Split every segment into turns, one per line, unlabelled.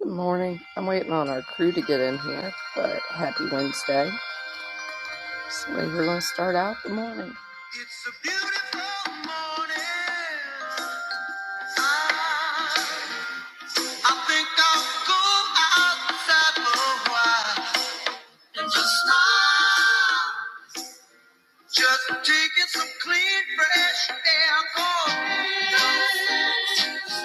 Good morning. I'm waiting on our crew to get in here, but happy Wednesday. So we're going to start out the morning. It's a beautiful morning. I, think I'll go outside for a while and just smile. Just taking some clean, fresh air. for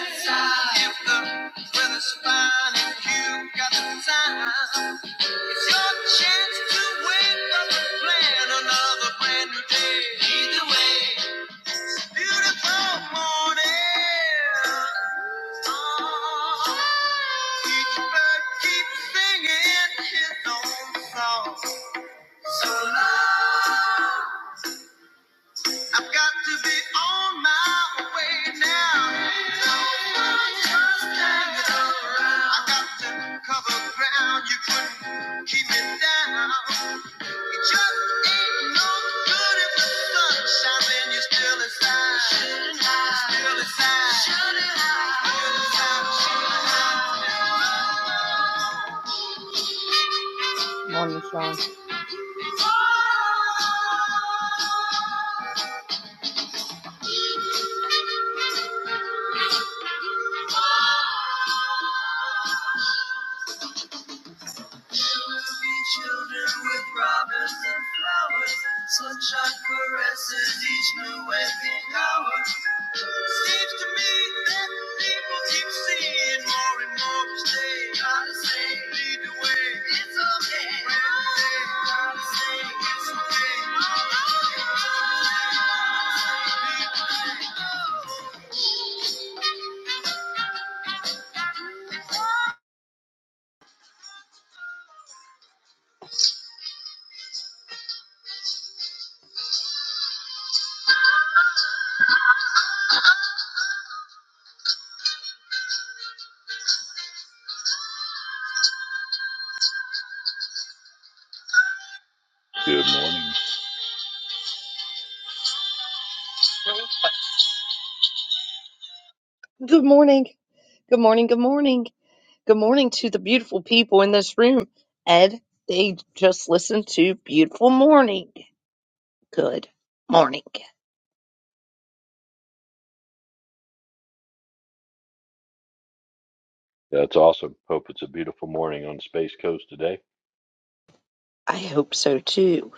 inside. If the weather's fine and you got the time. It's your chance to wake up and plan another brand new day. Either way, beautiful morning. Oh, each bird keeps singing his own song. So long, I've got to be on my way now. Just hang it got to cover ground you couldn't keep me down. It no sun Morning, Sean. children with robins and flowers. Sunshine caresses each new waking hour. Seems to me that people keep seeing more and more mistakes. Gotta say, lead the way. It's okay. Gotta say, it's
Good morning.
okay. Good morning. Good morning. Good morning. Good morning to the beautiful people in this room. Ed, they just listened to Beautiful Morning. Good morning.
That's awesome. Hope it's a beautiful morning on the Space Coast today.
I hope so too,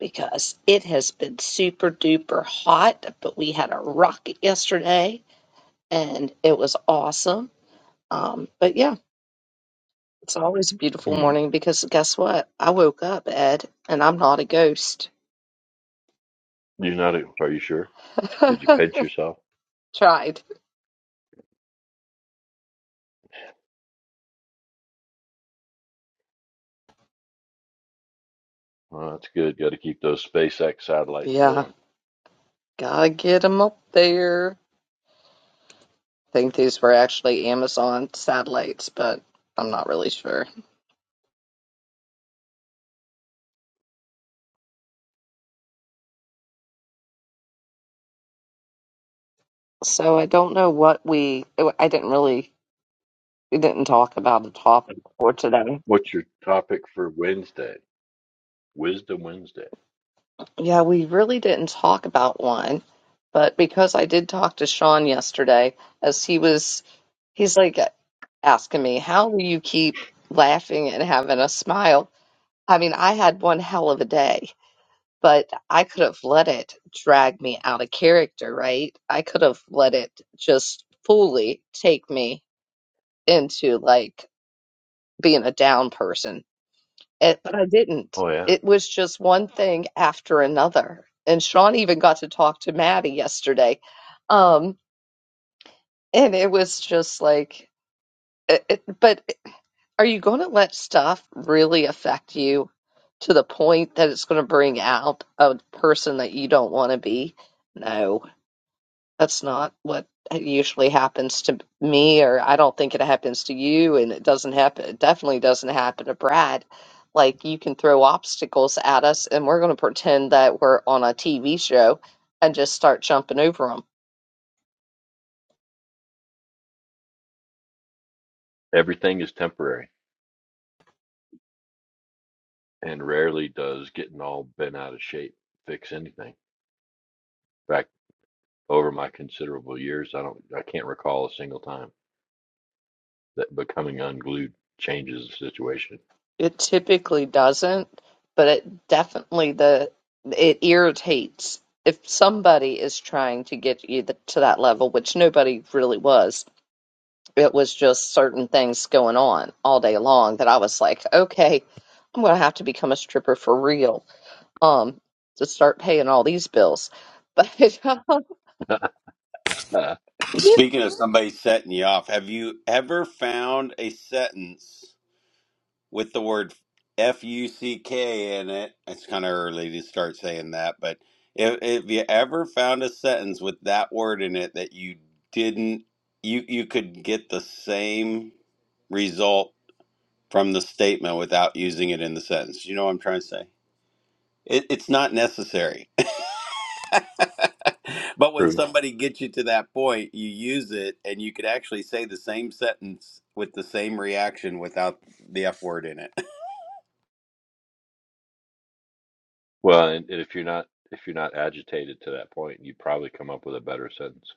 because it has been super duper hot, but we had a rocket yesterday and it was awesome. Um, but yeah, it's always a beautiful
Mm.
morning because guess what? I woke up, Ed, and I'm not a ghost.
You're not, are you sure? Did you pinch yourself?
Tried.
Well, that's good. Got to keep those SpaceX satellites
Yeah,
going.
gotta get 'em up there. think these were actually Amazon satellites, but I'm not really sure. So I don't know what we, I didn't really, we didn't talk about a topic for today.
What's your topic for Wednesday? Wisdom Wednesday.
Yeah, we really didn't talk about one, but because I did talk to Sean yesterday, as he was, he's like asking me, how do you keep laughing and having a smile? I mean, I had one hell of a day. but I could have let it drag me out of character, right? I could have let it just fully take me into like being a down person. It, but I didn't.
Oh, yeah.
It was just one thing after another. And Sean even got to talk to Maddie yesterday. Um, and it was just like, it, it, but are you going to let stuff really affect you to the point that it's going to bring out a person that you don't want to be? No. That's not what usually happens to me, or I don't think it happens to you, and it doesn't happen. It definitely doesn't happen to Brad. Like you can throw obstacles at us, and we're going to pretend that we're on a TV show and just start jumping over them.
Everything is temporary, and rarely does getting all bent out of shape fix anything. In fact, over my considerable years, I don't, I can't recall a single time that becoming unglued changes the situation.
It typically doesn't, but it definitely the it irritates if somebody is trying to get you th to that level, which nobody really was. It was just certain things going on all day long that I was like, okay, I'm gonna have to become a stripper for real, um, to start paying all these bills. But um,
Speaking of somebody setting you off, have you ever found a sentence with the word F U C K in it? It's kind of early to start saying that, but if, if you ever found a sentence with that word in it that you didn't, you, you could get the same result from the statement without using it in the sentence. You know what I'm trying to say? It, it's not necessary. But when
Proven
somebody gets you to that point, you use it and you could actually say the same sentence with the same reaction without the F word in it.
Well, and and if you're not if you're not agitated to that point, you probably come up with a better sentence,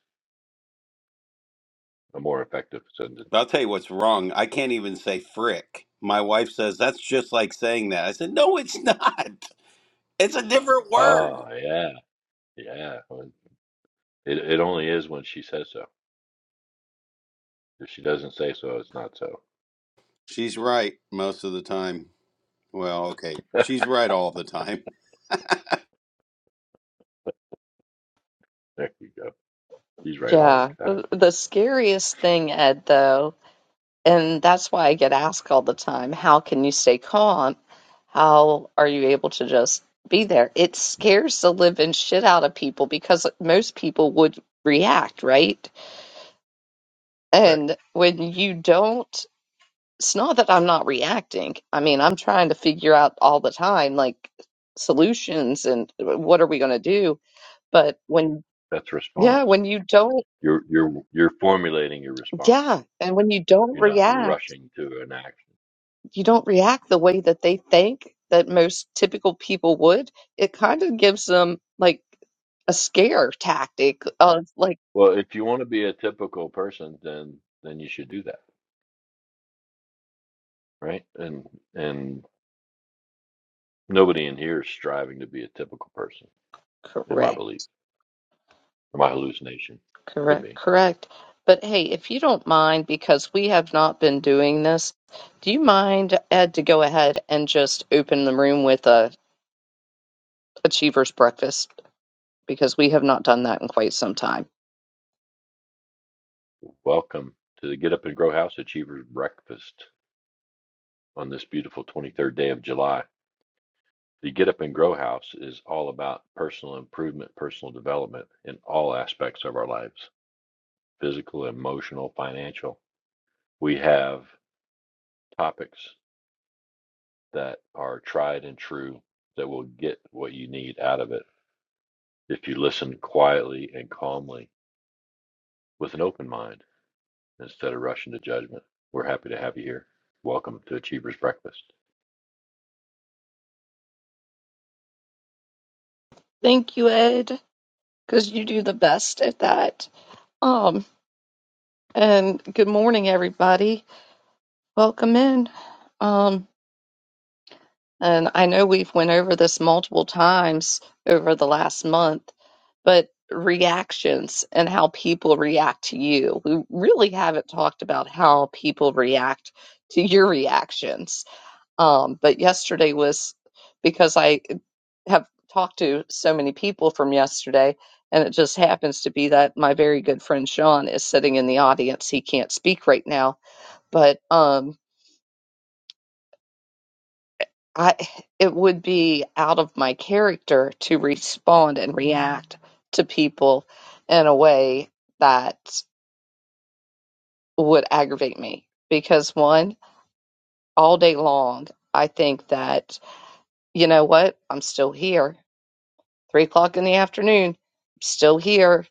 a more effective sentence.
But I'll tell you what's wrong. I can't even say frick. My wife says that's just like saying that. I said, no, it's not. It's a different word.
Oh yeah, yeah. When- It it only is when she says so. If she doesn't say so, it's not so.
She's right most of the time. Well, okay. She's right all the time.
There you go. She's right all
yeah,
the time.
the scariest thing, Ed, though. And that's why I get asked all the time, how can you stay calm? How are you able to just be there? It scares the living shit out of people because most people would react, right?
Correct.
And when you don't, it's not that I'm not reacting. I mean, I'm trying to figure out all the time, like solutions and uh, what are we going to do? But when,
That's response.
yeah, when you don't,
You're you're you're formulating your response.
yeah, and when you don't
You're not
react,
rushing to an action.
you don't react the way that they think that most typical people would, it kind of gives them like a scare tactic of like,
Well, if you want to be a typical person, then then you should do that, right? And and nobody in here is striving to be a typical person in my
correct,
belief, or my hallucination. Could
correct,
be.
correct. But hey, if you don't mind, because we have not been doing this, do you mind, Ed, to go ahead and just open the room with a Achievers Breakfast? Because we have not done that in quite some time.
Welcome to the Get Up and Grow House Achievers Breakfast on this beautiful 23rd day of July. The Get Up and Grow House is all about personal improvement, personal development in all aspects of our lives physical, emotional, financial. We have topics that are tried and true that will get what you need out of it if you listen quietly and calmly with an open mind Instead of rushing to judgment, we're happy to have you here. Welcome to Achiever's Breakfast.
Thank you, Ed, because you do the best at that. Um, and good morning, everybody. Welcome in. Um, and I know we've went over this multiple times over the last month, but reactions and how people react to you. We really haven't talked about how people react to your reactions. Um, but yesterday was because I have talked to so many people from yesterday, and it just happens to be that my very good friend Sean is sitting in the audience. He can't speak right now, but um I it would be out of my character to respond and react to people in a way that would aggravate me because one, all day long, I think that you know what, I'm still here. Three o'clock in the afternoon, I'm still here.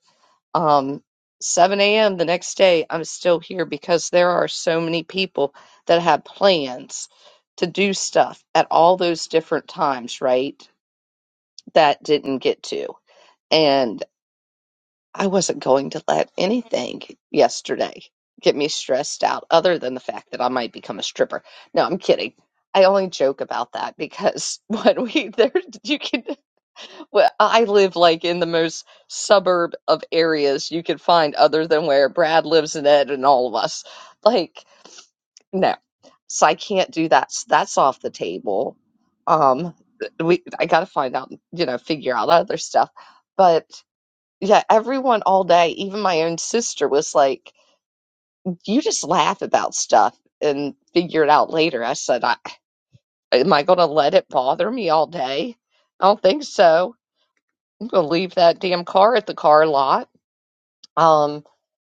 Um, 7 a.m. the next day, I'm still here because there are so many people that have plans to do stuff at all those different times, right? That didn't get to. and I wasn't going to let anything yesterday get me stressed out other than the fact that I might become a stripper. No, I'm kidding. I only joke about that because when we there you can well, I live like in the most suburb of areas you could find other than where Brad lives and Ed and all of us. Like no. So I can't do that. So that's off the table. Um we I got to find out, you know, figure out other stuff. But yeah, everyone all day, even my own sister was like, "You just laugh about stuff and figure it out later." I said, I, "Am I going to let it bother me all day?" I don't think so. I'm going to leave that damn car at the car lot um,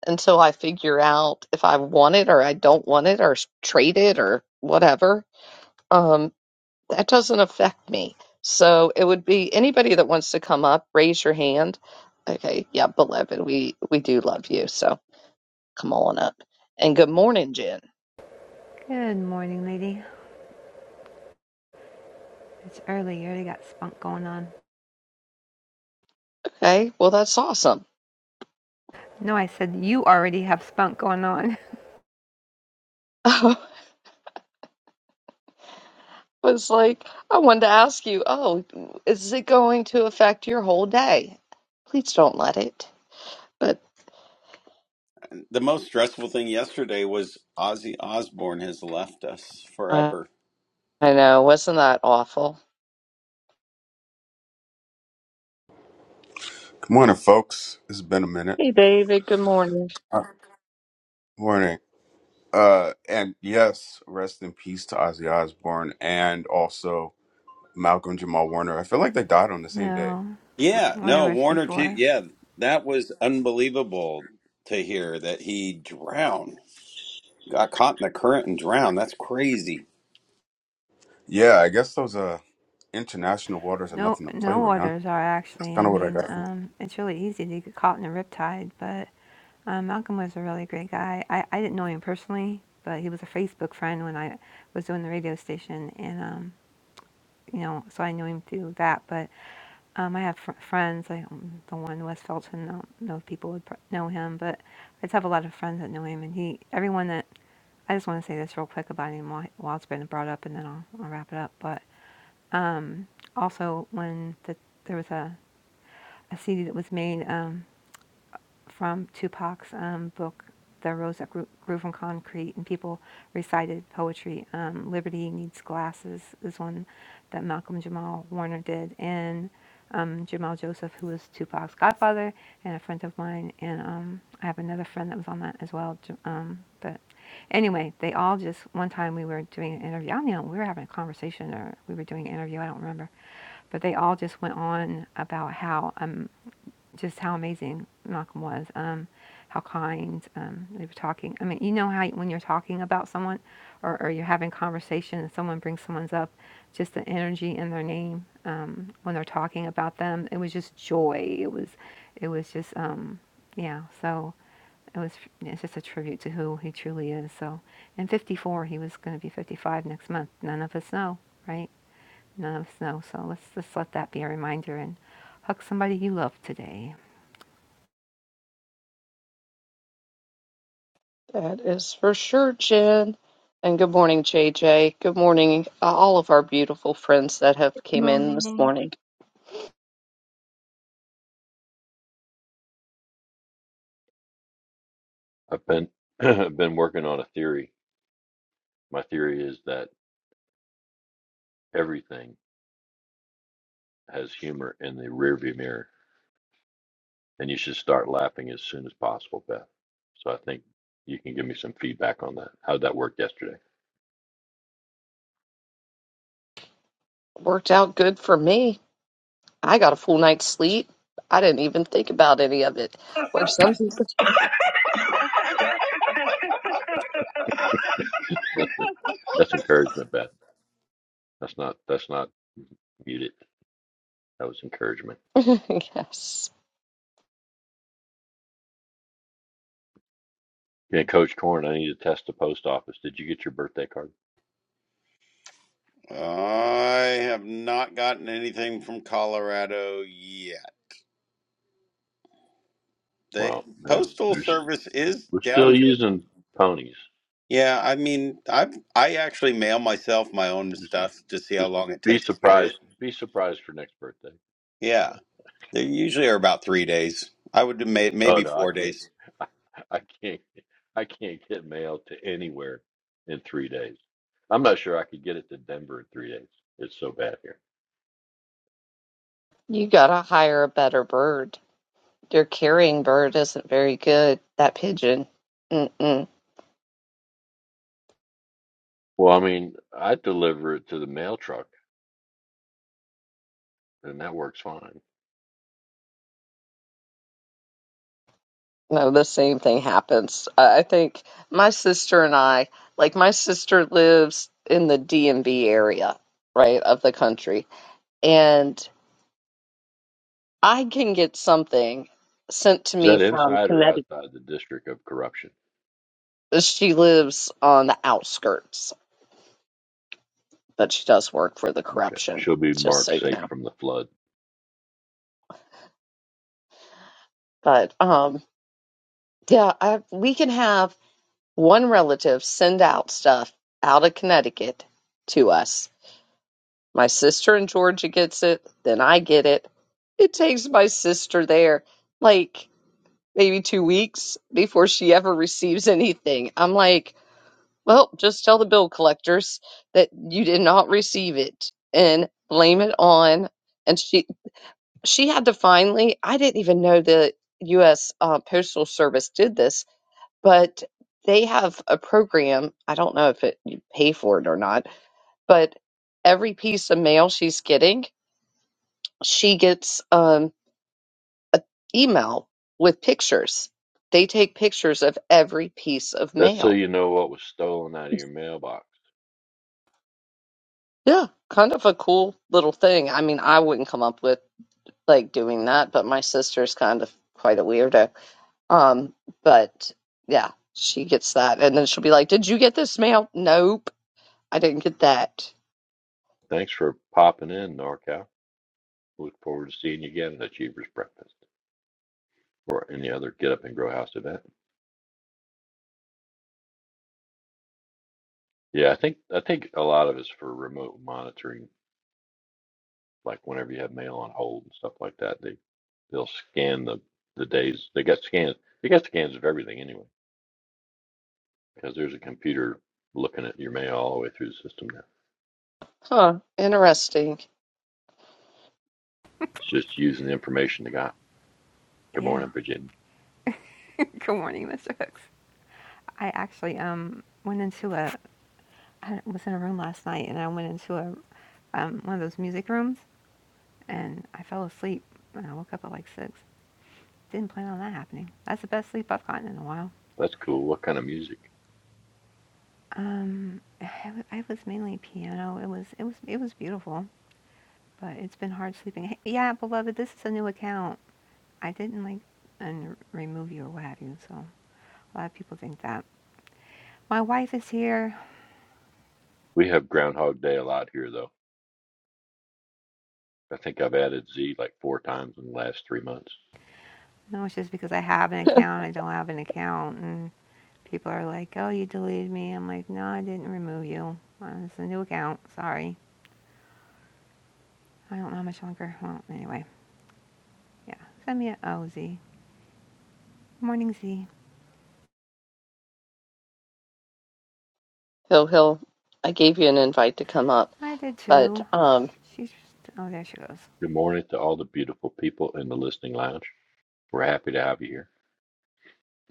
until I figure out if I want it or I don't want it or s- trade it or whatever. Um, that doesn't affect me. So it would be anybody that wants to come up, raise your hand. Okay, yeah, beloved, we we do love you. So. come on up. And good morning, Jen.
Good morning, lady. It's early. You already got spunk going on.
Okay, well, that's awesome.
No, I said you already have spunk going on.
I was like, I wanted to ask you, oh, is it going to affect your whole day? Please don't let it. But
the most stressful thing yesterday was Ozzy Osbourne has left us
I,
forever.
I know, wasn't that awful?
Good morning, folks. It's been a minute.
Hey, David, good morning.
Uh, morning. Uh, and yes, rest in peace to Ozzy Osbourne and also Malcolm Jamal Warner. I feel like they died on the same day.
No,
Yeah, no,
orderers
Warner too.
before.
Yeah, that was unbelievable to hear that he drowned, got caught in the current and drowned. That's crazy.
Yeah, I guess those uh international waters are
No,
nothing to play
no
with, huh?
orders are
That's
actually.
kind
I
of what I
mean,
got from.
um, it's really easy to get caught in a riptide. But um, Malcolm was a really great guy. I, I didn't know him personally, but he was a Facebook friend when I was doing the radio station, and. um, you know, so I knew him through that. But um, I have fr- friends. I um, the one in West Felton. I don't know if people would pr- know him, but I just have a lot of friends that know him. And he, everyone that I just want to say this real quick about him while, while it's been brought up, and then I'll, I'll wrap it up. But also when the, there was a, a CD that was made. Um, from Tupac's um, book, The Rose That Grew, Grew from Concrete, and people recited poetry. Um, Liberty Needs Glasses is one that Malcolm Jamal Warner did, and um, Jamal Joseph, who was Tupac's godfather and a friend of mine, and um, I have another friend that was on that as well. Um, but anyway, they all just one time we were doing an interview. I don't know, we were having a conversation or we were doing an interview. I don't remember, but they all just went on about how. um just how amazing Malcolm was, um, how kind um, they were talking. I mean, you know how when you're talking about someone or, or you're having conversation and someone brings someone's up, just the energy in their name um, when they're talking about them, it was just joy. It was, it was just, um, yeah. So it was, yeah, it's just a tribute to who he truly is. So, and 54, he was going to be 55 next month. None of us know, right? None of us know. So let's just let that be a reminder and hug somebody you love today.
That is for sure, Jen. And good morning, JJ. Good morning, uh, all of our beautiful friends that have came in this
Morning.
morning.
I've been I've been working on a theory. My theory is that everything has humor in the rearview mirror, and you should start laughing as soon as possible, Beth. So I think you can give me some feedback on that. How'd that work yesterday?
Worked out good for me. I got a full night's sleep. I didn't even think about any of it where some people
that's encouragement, Beth. That's not that's not muted. That was encouragement.
Yes.
Yeah, Coach Corn, I need to test the post office. Did you get your birthday card?
I have not gotten anything from Colorado yet. The
Well, they're,
postal
they're,
service is
we're still
down to
using ponies.
Yeah, I mean, I I actually mail myself my own
Just,
stuff to see how
just
long it
be
takes to get it.
surprised. Be surprised for next birthday.
Yeah, they usually are about three days. I would do may,
Oh
maybe
no, I
four
can't.
days.
I, can't. I can't get mail to anywhere in three days. I'm not sure I could get it to Denver in three days. It's so bad here.
You gotta hire a better bird. Your carrying bird isn't very good. That pigeon. Mm-mm.
Well, I mean, I deliver it to the mail truck, and that works fine.
No, the same thing happens. I I think my sister and I, like my sister lives in the DMV area, right, of the country. And I can get something sent to
Is
me
that
from
inside or
Connecticut.
outside the district of corruption?
She lives on the outskirts, but she does work for the
Okay.
corruption,
She'll be
just so
marked
you
safe
know.
from the flood.
But um yeah, I, we can have. One relative send out stuff out of Connecticut to us. My sister in Georgia gets it, then I get it. It takes my sister there like maybe two weeks before she ever receives anything. I'm like, well, just tell the bill collectors that you did not receive it and blame it on. And she she had to finally, I didn't even know the U.S. Uh, Postal Service did this but they have a program. I don't know if it you pay for it or not, but every piece of mail she's getting, she gets um an email with pictures. They take pictures of every piece of
That's so
mail.
you know what was stolen out of your mailbox.
Yeah, kind of a cool little thing. I mean, I wouldn't come up with like doing that, but my sister's kind of quite a weirdo. Um, but yeah, she gets that, and then she'll be like, "Did you get this mail?" Nope, I didn't get that.
Thanks for popping in, NorCal. Look forward to seeing you again at Achievers Breakfast. or any other Get Up and Grow House event. Yeah, I think I think a lot of it's for remote monitoring. Like whenever you have mail on hold and stuff like that, they they'll scan the the days. They got scans. They got scans of everything anyway, because there's a computer looking at your mail all the way through the system now.
Huh,
So
interesting.
it's just using the information they got. Good
Yeah.
morning, Virginia.
Good morning, Mr. Hooks. I actually um went into a I was in a room last night and I went into a um one of those music rooms and I fell asleep and I woke up at like six. Didn't plan on that happening. That's the best sleep I've gotten in a while.
That's cool. What kind of music?
Um, I, w- I was mainly piano. It was it was it was beautiful, but it's been hard sleeping. Hey, yeah, beloved, this is a new account. I didn't like and remove you or what have you, so a lot of people think that. My wife is here.
We have Groundhog Day a lot here, though. I think I've added Z like four times in the last three months.
No, it's just because I have an account, I don't have an account, and people are like, "Oh, you deleted me." I'm like, "No, I didn't remove you. Uh, It's a new account. Sorry. I don't know how much longer." Well, anyway, yeah. Send me a O Z. Morning Z.
Hill Hill, I gave you an invite to come up,
I did
but
too.
um,
She's just, oh, there she goes.
Good morning to all the beautiful people in the listening lounge. We're happy to have you here.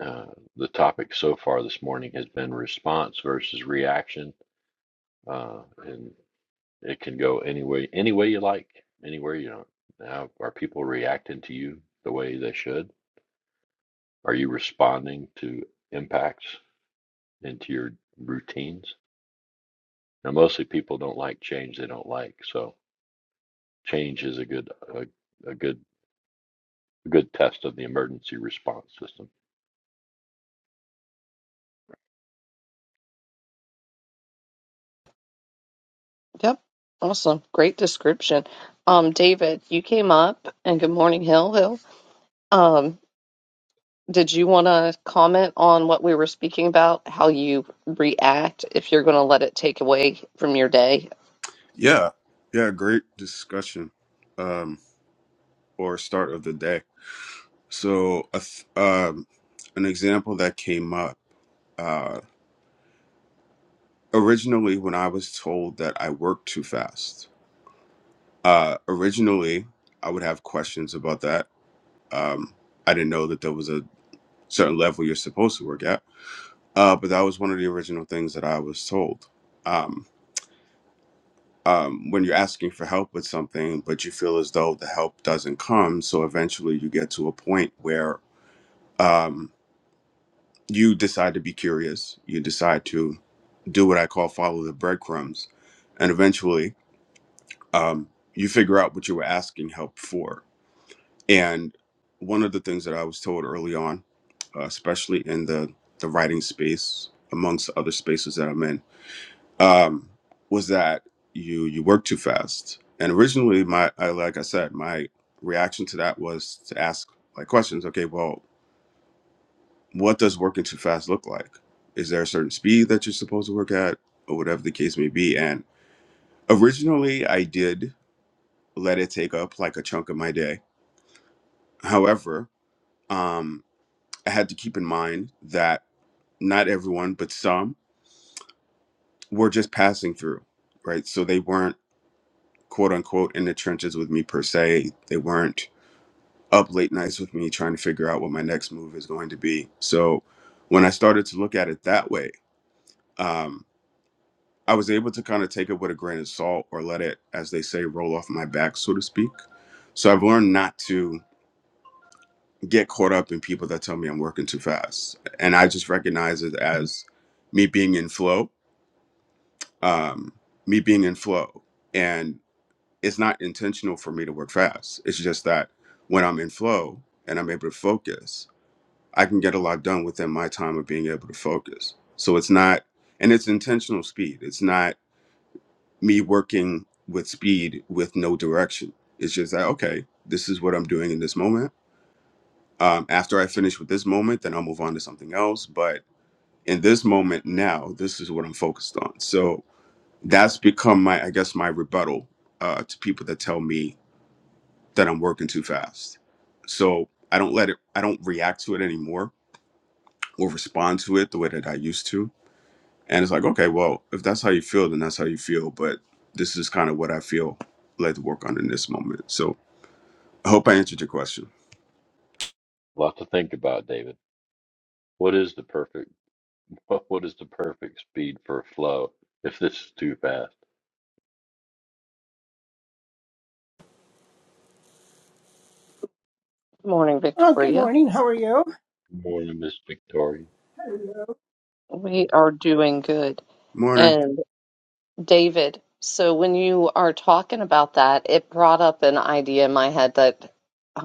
Uh, the topic so far this morning has been response versus reaction, uh, and it can go any way, any way you like, anywhere you don't. Now, are people reacting to you the way they should? Are you responding to impacts into your routines? Now, mostly people don't like change they don't like, so change is a good a, a good a good test of the emergency response system.
yep, awesome, great description. Um, David, you came up, and good morning, Hill Hill. Um, did you want to comment on what we were speaking about, how you react if you're going to let it take away from your day?
Yeah, yeah. Great discussion, um, or start of the day. So, a th- um, an example that came up uh, originally when I was told that I worked too fast. Uh, originally, I would have questions about that. Um, I didn't know that there was a certain level you're supposed to work at, uh, but that was one of the original things that I was told. Um, um, when you're asking for help with something, but you feel as though the help doesn't come, so eventually you get to a point where um, you decide to be curious. You decide to do what I call follow the breadcrumbs, and eventually um, you figure out what you were asking help for And one of the things that I was told early on, uh, especially in the, the writing space, amongst other spaces that I'm in, um, was that you you work too fast. And originally, my I, like I said, my reaction to that was to ask like questions. Okay, well, what does working too fast look like? Is there a certain speed that you're supposed to work at, or whatever the case may be? And originally, I did let it take up like a chunk of my day. However, um, I had to keep in mind that not everyone, but some were just passing through, right? So they weren't quote unquote in the trenches with me per se. They weren't up late nights with me trying to figure out what my next move is going to be. So when I started to look at it that way, um, I was able to kind of take it with a grain of salt or let it, as they say, roll off my back, so to speak. So I've learned not to get caught up in people that tell me I'm working too fast. And I just recognize it as me being in flow um, me being in flow. And it's not intentional for me to work fast. It's just that when I'm in flow and I'm able to focus, I can get a lot done within my time of being able to focus. So it's not, and it's intentional speed. It's not me working with speed with no direction. It's just that, okay, this is what I'm doing in this moment. Um, after I finish with this moment, then I'll move on to something else. But in this moment now, this is what I'm focused on. So, that's become my i guess my rebuttal uh, to people that tell me that i'm working too fast so i don't let it i don't react to it anymore or respond to it the way that i used to and it's like okay well if that's how you feel then that's how you feel but this is kind of what i feel led to work on in this moment so i hope i answered your question
A lot to think about, David. What is the perfect But what is the perfect speed for a flow if this is too fast?
Good morning,
Oh, good
Victoria.
morning. How are you?
Good morning, Miss Victoria.
We are doing good,
morning
David, so when you are talking about that, it brought up an idea in my head that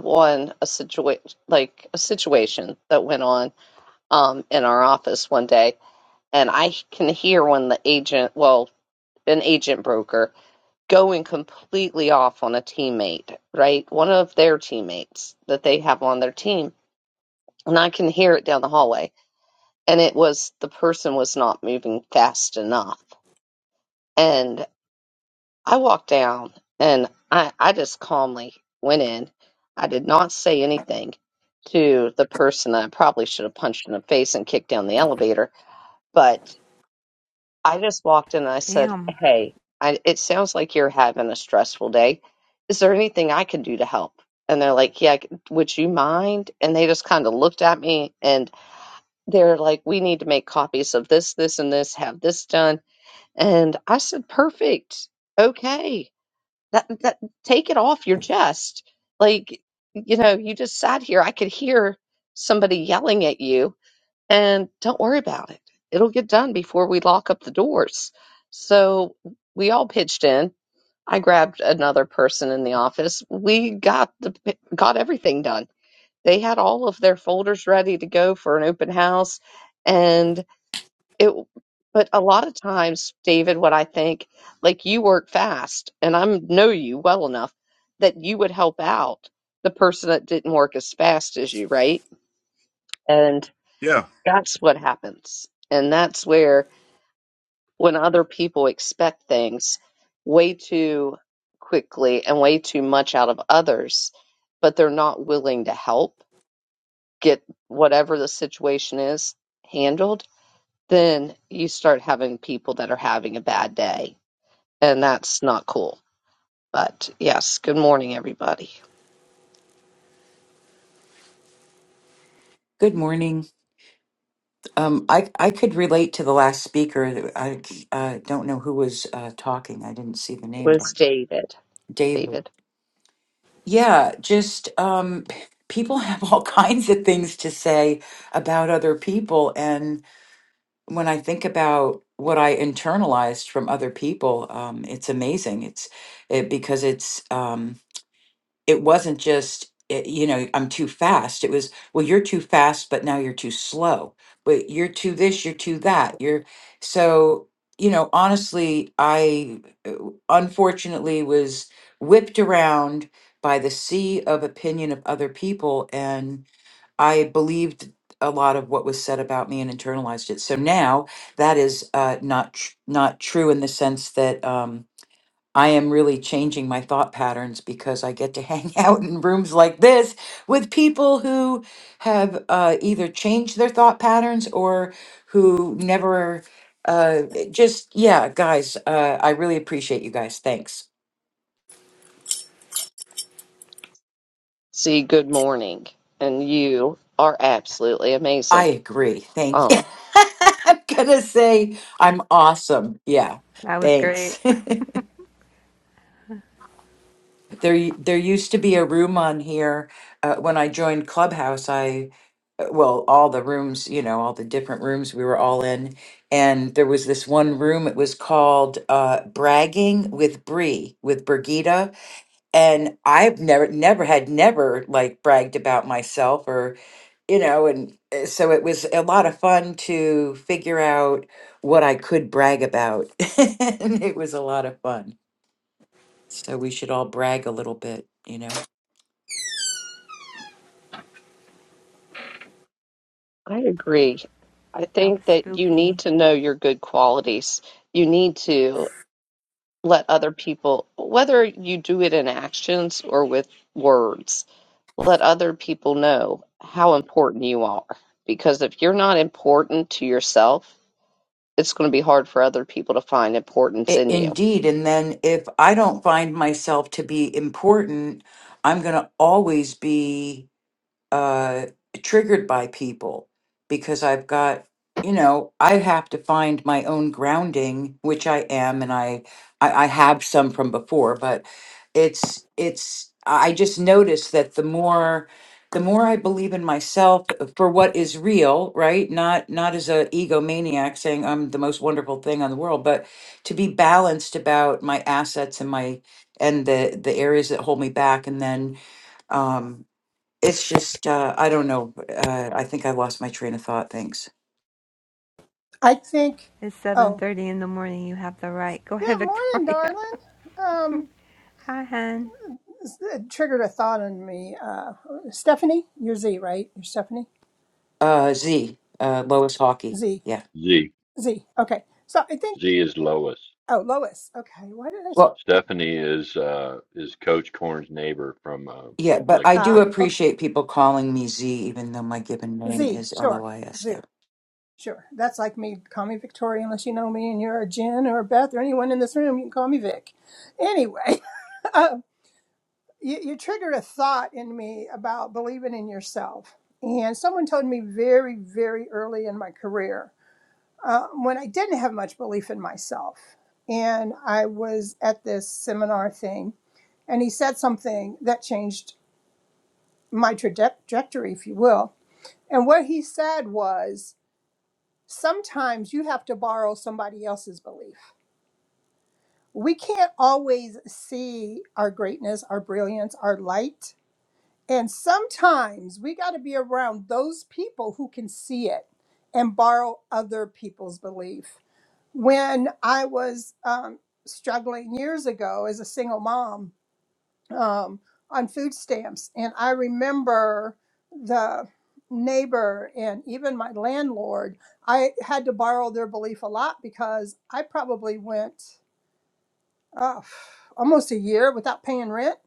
one a situation like a situation that went on um in our office one day, and I can hear when the agent, well, an agent broker going completely off on a teammate, right? One of their teammates that they have on their team, and I can hear it down the hallway. And it was the person was not moving fast enough. and. I walked down and I, I just calmly went in. I did not say anything to the person I probably should have punched in the face and kicked down the elevator, but I just walked in and I said,
Damn,
Hey, I, it sounds like you're having a stressful day. Is there anything I can do to help? And they're like, Yeah, would you mind? And they just kind of looked at me and they're like, We need to make copies of this, this, and this, have this done. And I said, Perfect. Okay that, that take it off your chest like you know you just sat here i could hear somebody yelling at you and don't worry about it it'll get done before we lock up the doors so we all pitched in i grabbed another person in the office we got the got everything done they had all of their folders ready to go for an open house and it but a lot of times david what i think like you work fast and i know you well enough that you would help out the person that didn't work as fast as you right and
yeah
that's what happens and that's where when other people expect things way too quickly and way too much out of others but they're not willing to help get whatever the situation is handled then you start having people that are having a bad day and that's not cool. But yes, good morning, everybody. It
Good morning. Um, I I could relate to the last speaker. I uh, don't know who was uh, talking. I didn't see the name, but
was David.
David.
David.
Yeah, just um, people have all kinds of things to say about other people, and when I think about what I internalized from other people, um, it's amazing. It's it, because it's. um, it wasn't just eh, you know i'm too fast it was well you're too fast but now you're too slow but you're too this you're too that you're so you know honestly i uh, unfortunately was whipped around by the sea of opinion of other people and i believed a lot of what was said about me and internalized it so now that is uh, not tr- not true in the sense that um, I am really changing my thought patterns because I get to hang out in rooms like this with people who have uh, either changed their thought patterns or who never uh, it just, yeah, guys, uh, I really appreciate you guys. Thanks.
See, good morning. And you are absolutely
I
amazing.
agree. Thank you.
Um,
I'm going to say I'm awesome. Yeah.
that was great.
Thanks. There, there used to be a room on here uh, when I joined Clubhouse. I, uh, well, all the rooms, you know, all the different rooms we were all in, and there was this one room. It was called uh, "Bragging with Bree" with Brigida, and I've never, never had never like bragged about myself or, you know, and uh, so it was a lot of fun to figure out what I could brag about, and it was a lot of fun. So we should all brag a little bit, you know.
I agree. I
That was
think that you need
spooky.
to know your good qualities. You need to let other people, whether you do it in actions or with words, let other people know how important you are. Because if you're not important to yourself, it's going to be hard for other people to find importance
I-
in you.
Indeed. And then if I don't find myself to be important, I'm going to always be. uh, triggered by people because I've got, you know, I have to find my own grounding, which I am, and I, I, I have some from before, but it's, it's, I just noticed that the more, the more I believe in myself for what is real, right? Not, not as a egomaniac saying I'm the most wonderful thing on the world, but to be balanced about my assets and my, and the, the areas that hold me back. And then, um, it's just uh, I don't know. Uh, I think I lost my train of thought. Thanks.
I think.
It's
Oh,
7:30 in the morning. You have the right. Go ahead,
good morning,
Victoria.
darling. Um,
Hi, Hen
this- it triggered a thought on me. Uh, Stephanie, you're Z, right? You're Stephanie
Uh, Z uh, Lois Hockey.
Z
Yeah.
Z.
Z. Okay. So I think.
Z is Lois.
Oh, Lois. Okay. Why did I? say
Well,
Steph-
Stephanie is uh is Coach Corn's neighbor from uh,
yeah, but
Lake
I do
Ah,
Winnebago.
okay.
appreciate people calling me Z, even though my given name
Z.
is L O
Sure.
I S.
Zoo.
Yeah.
Sure. That's like me. Call me Victoria unless you know me, and you're a Jen or a Beth or anyone in this room. You can call me Vic. Anyway, you, you triggered a thought in me about believing in yourself. And someone told me very, very early in my career uh, when I didn't have much belief in myself. And I was at this seminar thing, and he said something that changed my traje- trajectory, if you will. And what he said was sometimes you have to borrow somebody else's belief. We can't always see our greatness, our brilliance, our light And sometimes we got to be around those people who can see it and borrow other people's belief. When I was um, struggling years ago as a single mom um, on food stamps, and I remember the neighbor and even my landlord, I had to borrow their belief a lot because I probably went uh, almost a year without paying rent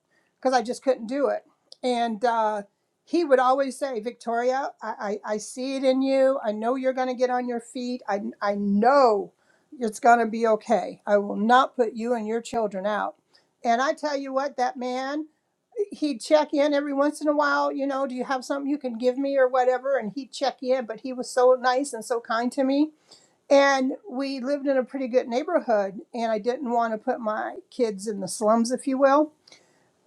because I just couldn't do it. And uh, he would always say, Victoria, I, I, I see it in you. I know you're going to get on your feet. I, I know it's going to be okay. I will not put you and your children out. And I tell you what, that man, he'd check in every once in a while, you know, do you have something you can give me or whatever? And he'd check in, but he was so nice and so kind to me and we lived in a pretty good neighborhood, and I didn't want to put my kids in the slums, if you will.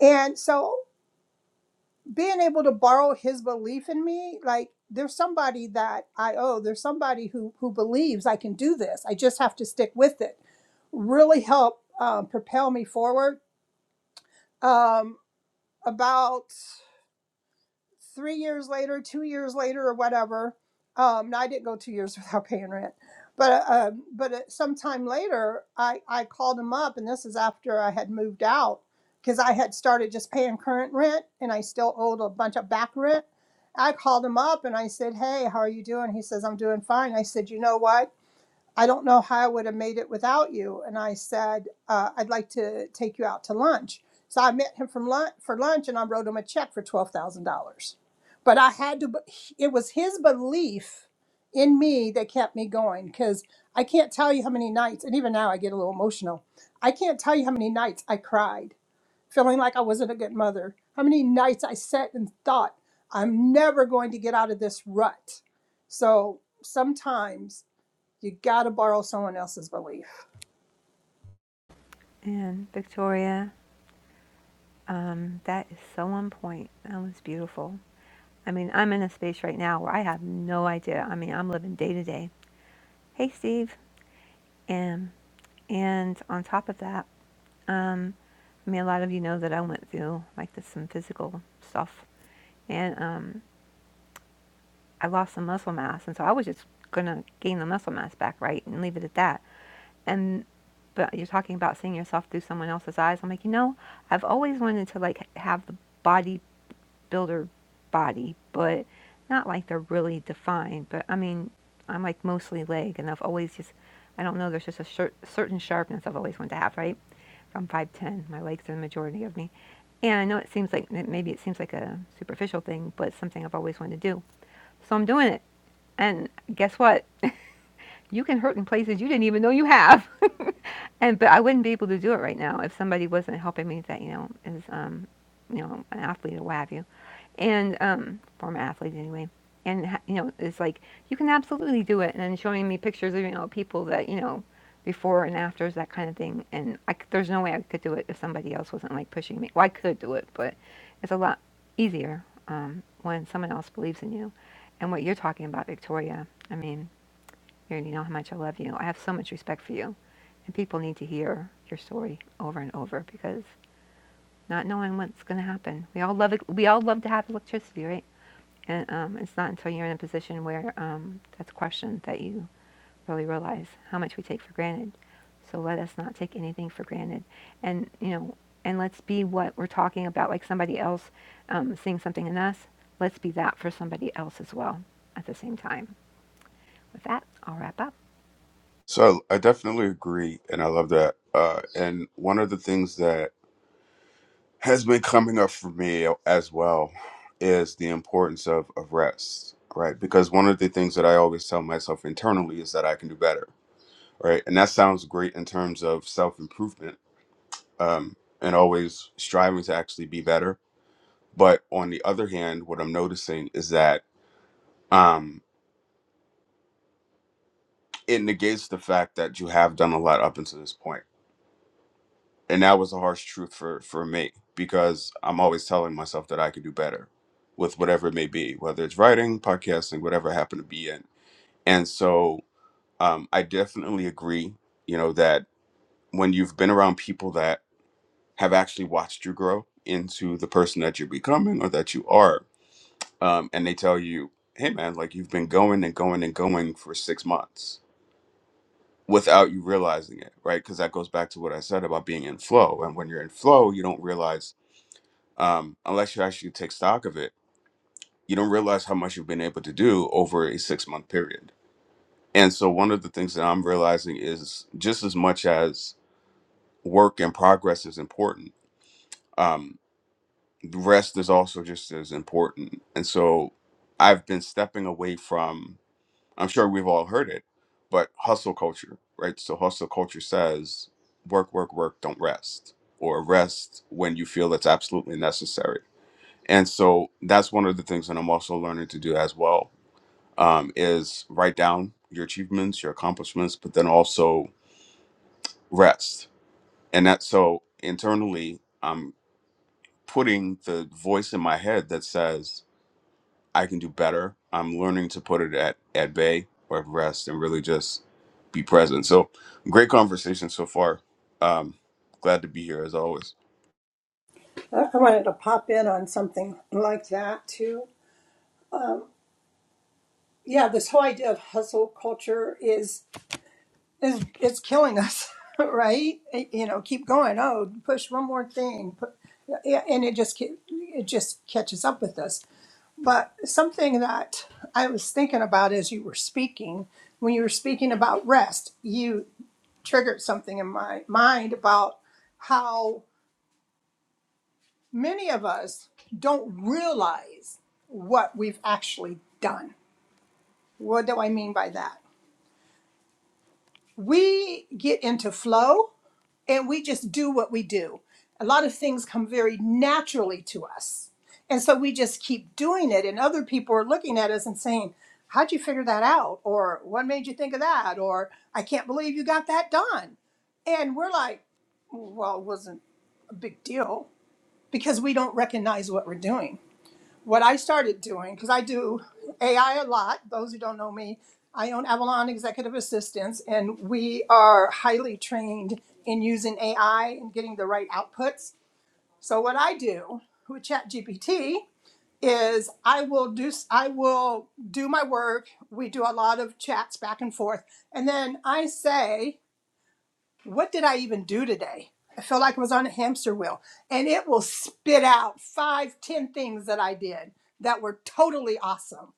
And so being able to borrow his belief in me, like there's somebody that I owe, there's somebody who who believes I can do this. I just have to stick with it. Really helped um, propel me forward. Um, about three years later, two years later, or whatever. Um, now I didn't go two years without paying rent, but uh, um, but uh, sometime later, I I called him up, and this is after I had moved out because I had started just paying current rent, and I still owed a bunch of back rent. I called him up and I said, "Hey, how are you doing?" He says, "I'm doing fine." I said, "You know what? I don't know how I would have made it without you. And I said, uh, I'd like to take you out to lunch. So I met him from lunch, for lunch and I wrote him a check for $12,000. But I had to, it was his belief in me that kept me going because I can't tell you how many nights, and even now I get a little emotional. I can't tell you how many nights I cried, feeling like I wasn't a good mother. How many nights I sat and thought, I'm never going to get out of this rut. So sometimes you got to borrow someone else's belief.
and Victoria. Um, that is so on point. That was beautiful. I mean, I'm in a space right now where I have no idea. I mean, I'm living day to day. Hey, Steve. And, and on top of that, um, I mean, a lot of you know that I went through like this, some physical stuff, and um, I lost some muscle mass, and so I was just gonna gain the muscle mass back, right, and leave it at that. And but you're talking about seeing yourself through someone else's eyes. I'm like, you know, I've always wanted to like have the body builder body, but not like they're really defined. But I mean, I'm like mostly leg, and I've always just, I don't know, there's just a cer- certain sharpness I've always wanted to have, right? I'm 5'10, my legs are the majority of me. And I know it seems like, maybe it seems like a superficial thing, but it's something I've always wanted to do. So I'm doing it. And guess what? You can hurt in places you didn't even know you have and but I wouldn't be able to do it right now if somebody wasn't helping me that you know is um you know an athlete or what have you, and um former athlete anyway, and ha- you know it's like you can absolutely do it, and then showing me pictures of you know people that you know before and afters that kind of thing, and I c- there's no way I could do it if somebody else wasn't like pushing me. Well, I could do it, but it's a lot easier um, when someone else believes in you, and what you're talking about, Victoria. I mean. Mary, you know how much I love you. I have so much respect for you. And people need to hear your story over and over because not knowing what's going to happen. We all love it. We all love to have electricity, right? And um, it's not until you're in a position where um, that's questioned that you really realize how much we take for granted. So let us not take anything for granted, and you know, and let's be what we're talking about. Like somebody else um, seeing something in us, let's be that for somebody else as well. At the same time, with that, I'll wrap up.
so i definitely agree and i love that uh, and one of the things that has been coming up for me as well is the importance of, of rest, right? Because one of the things that I always tell myself internally is that I can do better, right? And that sounds great in terms of self improvement um, and always striving to actually be better. But on the other hand, what I'm noticing is that um, it negates the fact that you have done a lot up until this point and that was the harsh truth for for me because i'm always telling myself that i could do better with whatever it may be whether it's writing podcasting whatever i happen to be in and so um, i definitely agree you know that when you've been around people that have actually watched you grow into the person that you're becoming or that you are um, and they tell you hey man like you've been going and going and going for six months without you realizing it right because that goes back to what i said about being in flow and when you're in flow you don't realize um, unless you actually take stock of it, you don't realize how much you've been able to do over a six month period. And so, one of the things that I'm realizing is just as much as work and progress is important, um, the rest is also just as important. And so, I've been stepping away from, I'm sure we've all heard it, but hustle culture, right? So, hustle culture says work, work, work, don't rest, or rest when you feel it's absolutely necessary and so that's one of the things that i'm also learning to do as well um, is write down your achievements your accomplishments but then also rest and that so internally i'm putting the voice in my head that says i can do better i'm learning to put it at at bay or at rest and really just be present so great conversation so far um glad to be here as always
I wanted to pop in on something like that too. Yeah, this whole idea of hustle culture is is it's killing us, right? It- you know, keep going. Oh, push one more thing. Pu- yeah, and it just ca- it just catches up with us. But something that I was thinking about as you were speaking, when you were speaking about rest, you triggered something in my mind about how many of us don't realize what we've actually done. What do I mean by that? We get into flow and we just do what we do. A lot of things come very naturally to us. And so we just keep doing it. And other people are looking at us and saying, How'd you figure that out? Or what made you think of that? Or I can't believe you got that done. And we're like, Well, it wasn't a big deal because we don't recognize what we're doing what I started doing, because I do AI a lot, those who don't know me, I own Avalon Executive Assistants, and we are highly trained in using AI and getting the right outputs. So what I do with ChatGPT is I will do I will do my work. We do a lot of chats back and forth, and then I say what did I even do today? I feel like I was on a hamster wheel. And it will spit out five, ten things that I did that were totally awesome.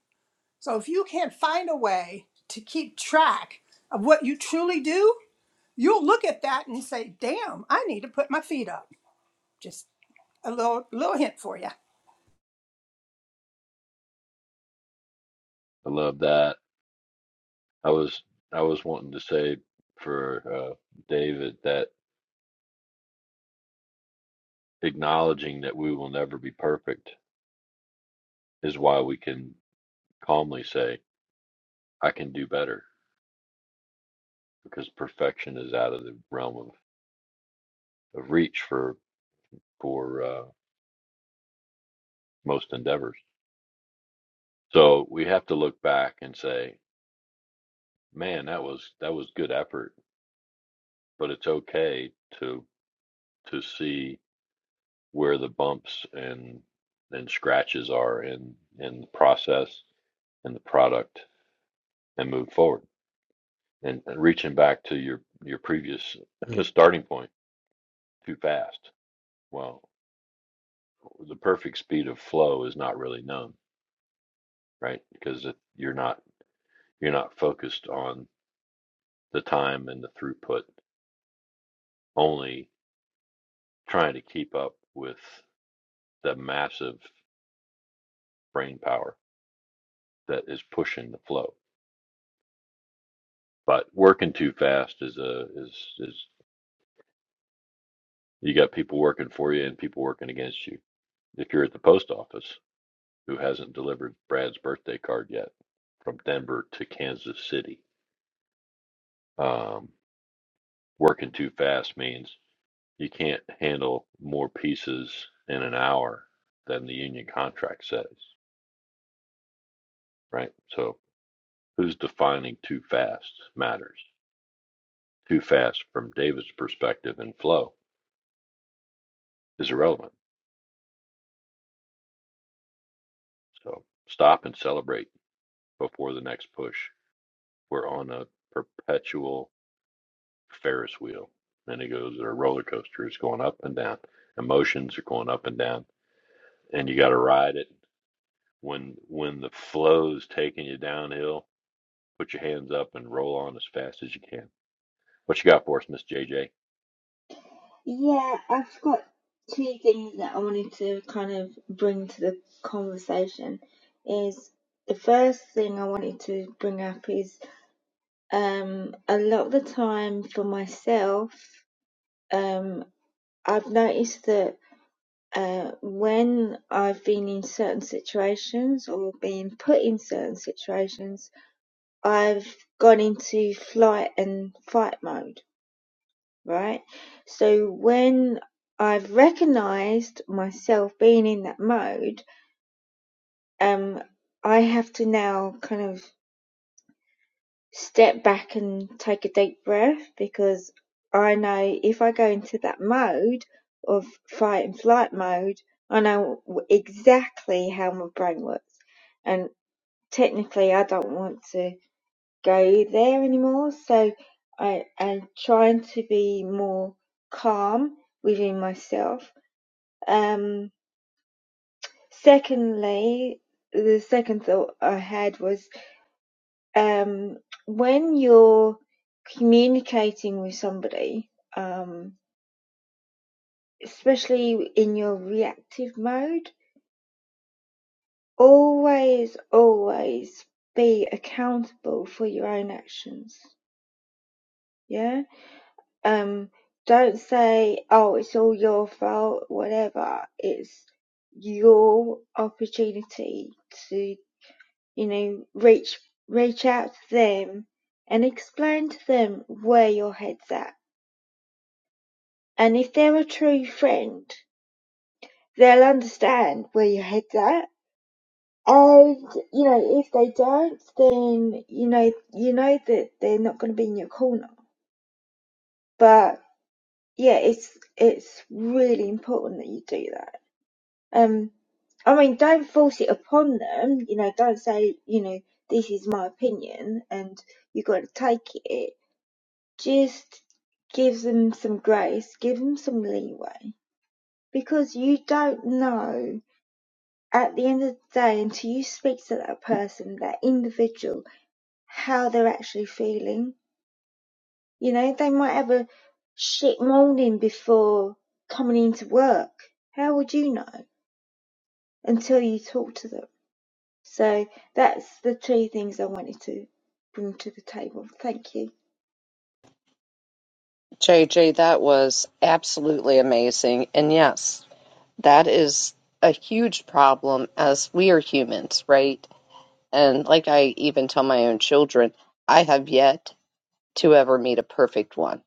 So if you can not find a way to keep track of what you truly do, you'll look at that and say, damn, I need to put my feet up. Just a little little hint for you.
I love that. I was I was wanting to say for uh, David that acknowledging that we will never be perfect is why we can calmly say I can do better because perfection is out of the realm of, of reach for for uh, most endeavors So we have to look back and say, man, that was that was good effort, but it's okay to to see where the bumps and and scratches are in in the process and the product and move forward. And, and reaching back to your your previous starting point too fast. Well, the perfect speed of flow is not really known, right? Because if you're not you're not focused on the time and the throughput, only trying to keep up with the massive brain power that is pushing the flow. But working too fast is a is is you got people working for you and people working against you. If you're at the post office, who hasn't delivered Brad's birthday card yet from Denver to Kansas City? Um, working too fast means you can't handle more pieces in an hour than the union contract says, right? So who's defining too fast matters. too fast from David's perspective and flow is irrelevant. So stop and celebrate before the next push. We're on a perpetual Ferris wheel. And it goes, or a roller coaster is going up and down. Emotions are going up and down. And you got to ride it. When when the flow's taking you downhill, put your hands up and roll on as fast as you can. What you got for us, Miss J J?
Yeah, I've got two things that I wanted to kind of bring to the conversation. Is the first thing I wanted to bring up is um a lot of the time for myself, um I've noticed that uh when I've been in certain situations or been put in certain situations, I've gone into flight and fight mode right? So when I've recognized myself being in that mode, um, I have to now kind of step back and take a deep breath because I know if I go into that mode of fight and flight mode, I know w- exactly how my brain works. And technically, I don't want to go there anymore. So I am trying to be more calm within myself Um, secondly, the second thought I had was um, when you're communicating with somebody, um, especially in your reactive mode, always, always be accountable for your own actions. Yeah. Um, don't say, "Oh, it's all your fault," whatever. It's your opportunity to you know, reach reach out to them and explain to them where your head's at. And if they're a true friend, they'll understand where your head's at. And you know, if they don't, then you know you know that they're not going to be in your corner. But yeah, it's it's really important that you do that. Um, I mean, don't force it upon them. You know, don't say you know this is my opinion and you've got to take it just give them some grace, give them some leeway because you don't know at the end of the day until you speak to that person, that individual, how they're actually feeling. You know, they might have a shit morning before coming into work. How would you know until you talk to them? So that's the three things I wanted to bring to the table. Thank you.
JJ, that was absolutely amazing. And yes, that is a huge problem as we are humans, right? And like I even tell my own children, I have yet to ever meet a perfect one.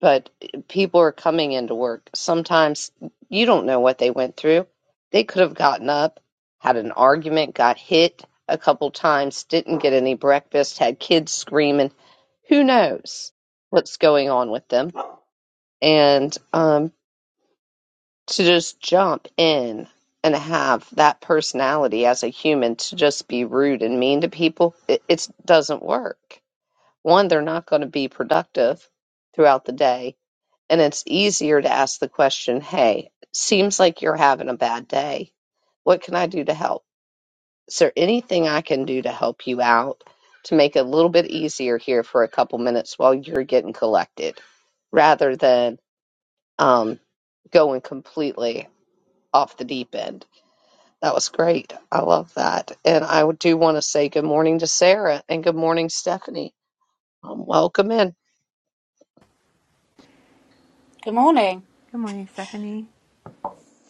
But people are coming into work. Sometimes you don't know what they went through. They could have gotten up, had an argument, got hit a couple times, didn't get any breakfast, had kids screaming who knows what's going on with them and um, to just jump in and have that personality as a human to just be rude and mean to people it, it doesn't work one they're not going to be productive throughout the day and it's easier to ask the question hey seems like you're having a bad day what can i do to help Is there anything I can do to help you out to make it a little bit easier here for a couple minutes while you're getting collected rather than um, going completely off the deep end? That was great. I love that. And I do want to say good morning to Sarah and good morning, Stephanie. Um, welcome in.
Good morning.
Good morning, Stephanie.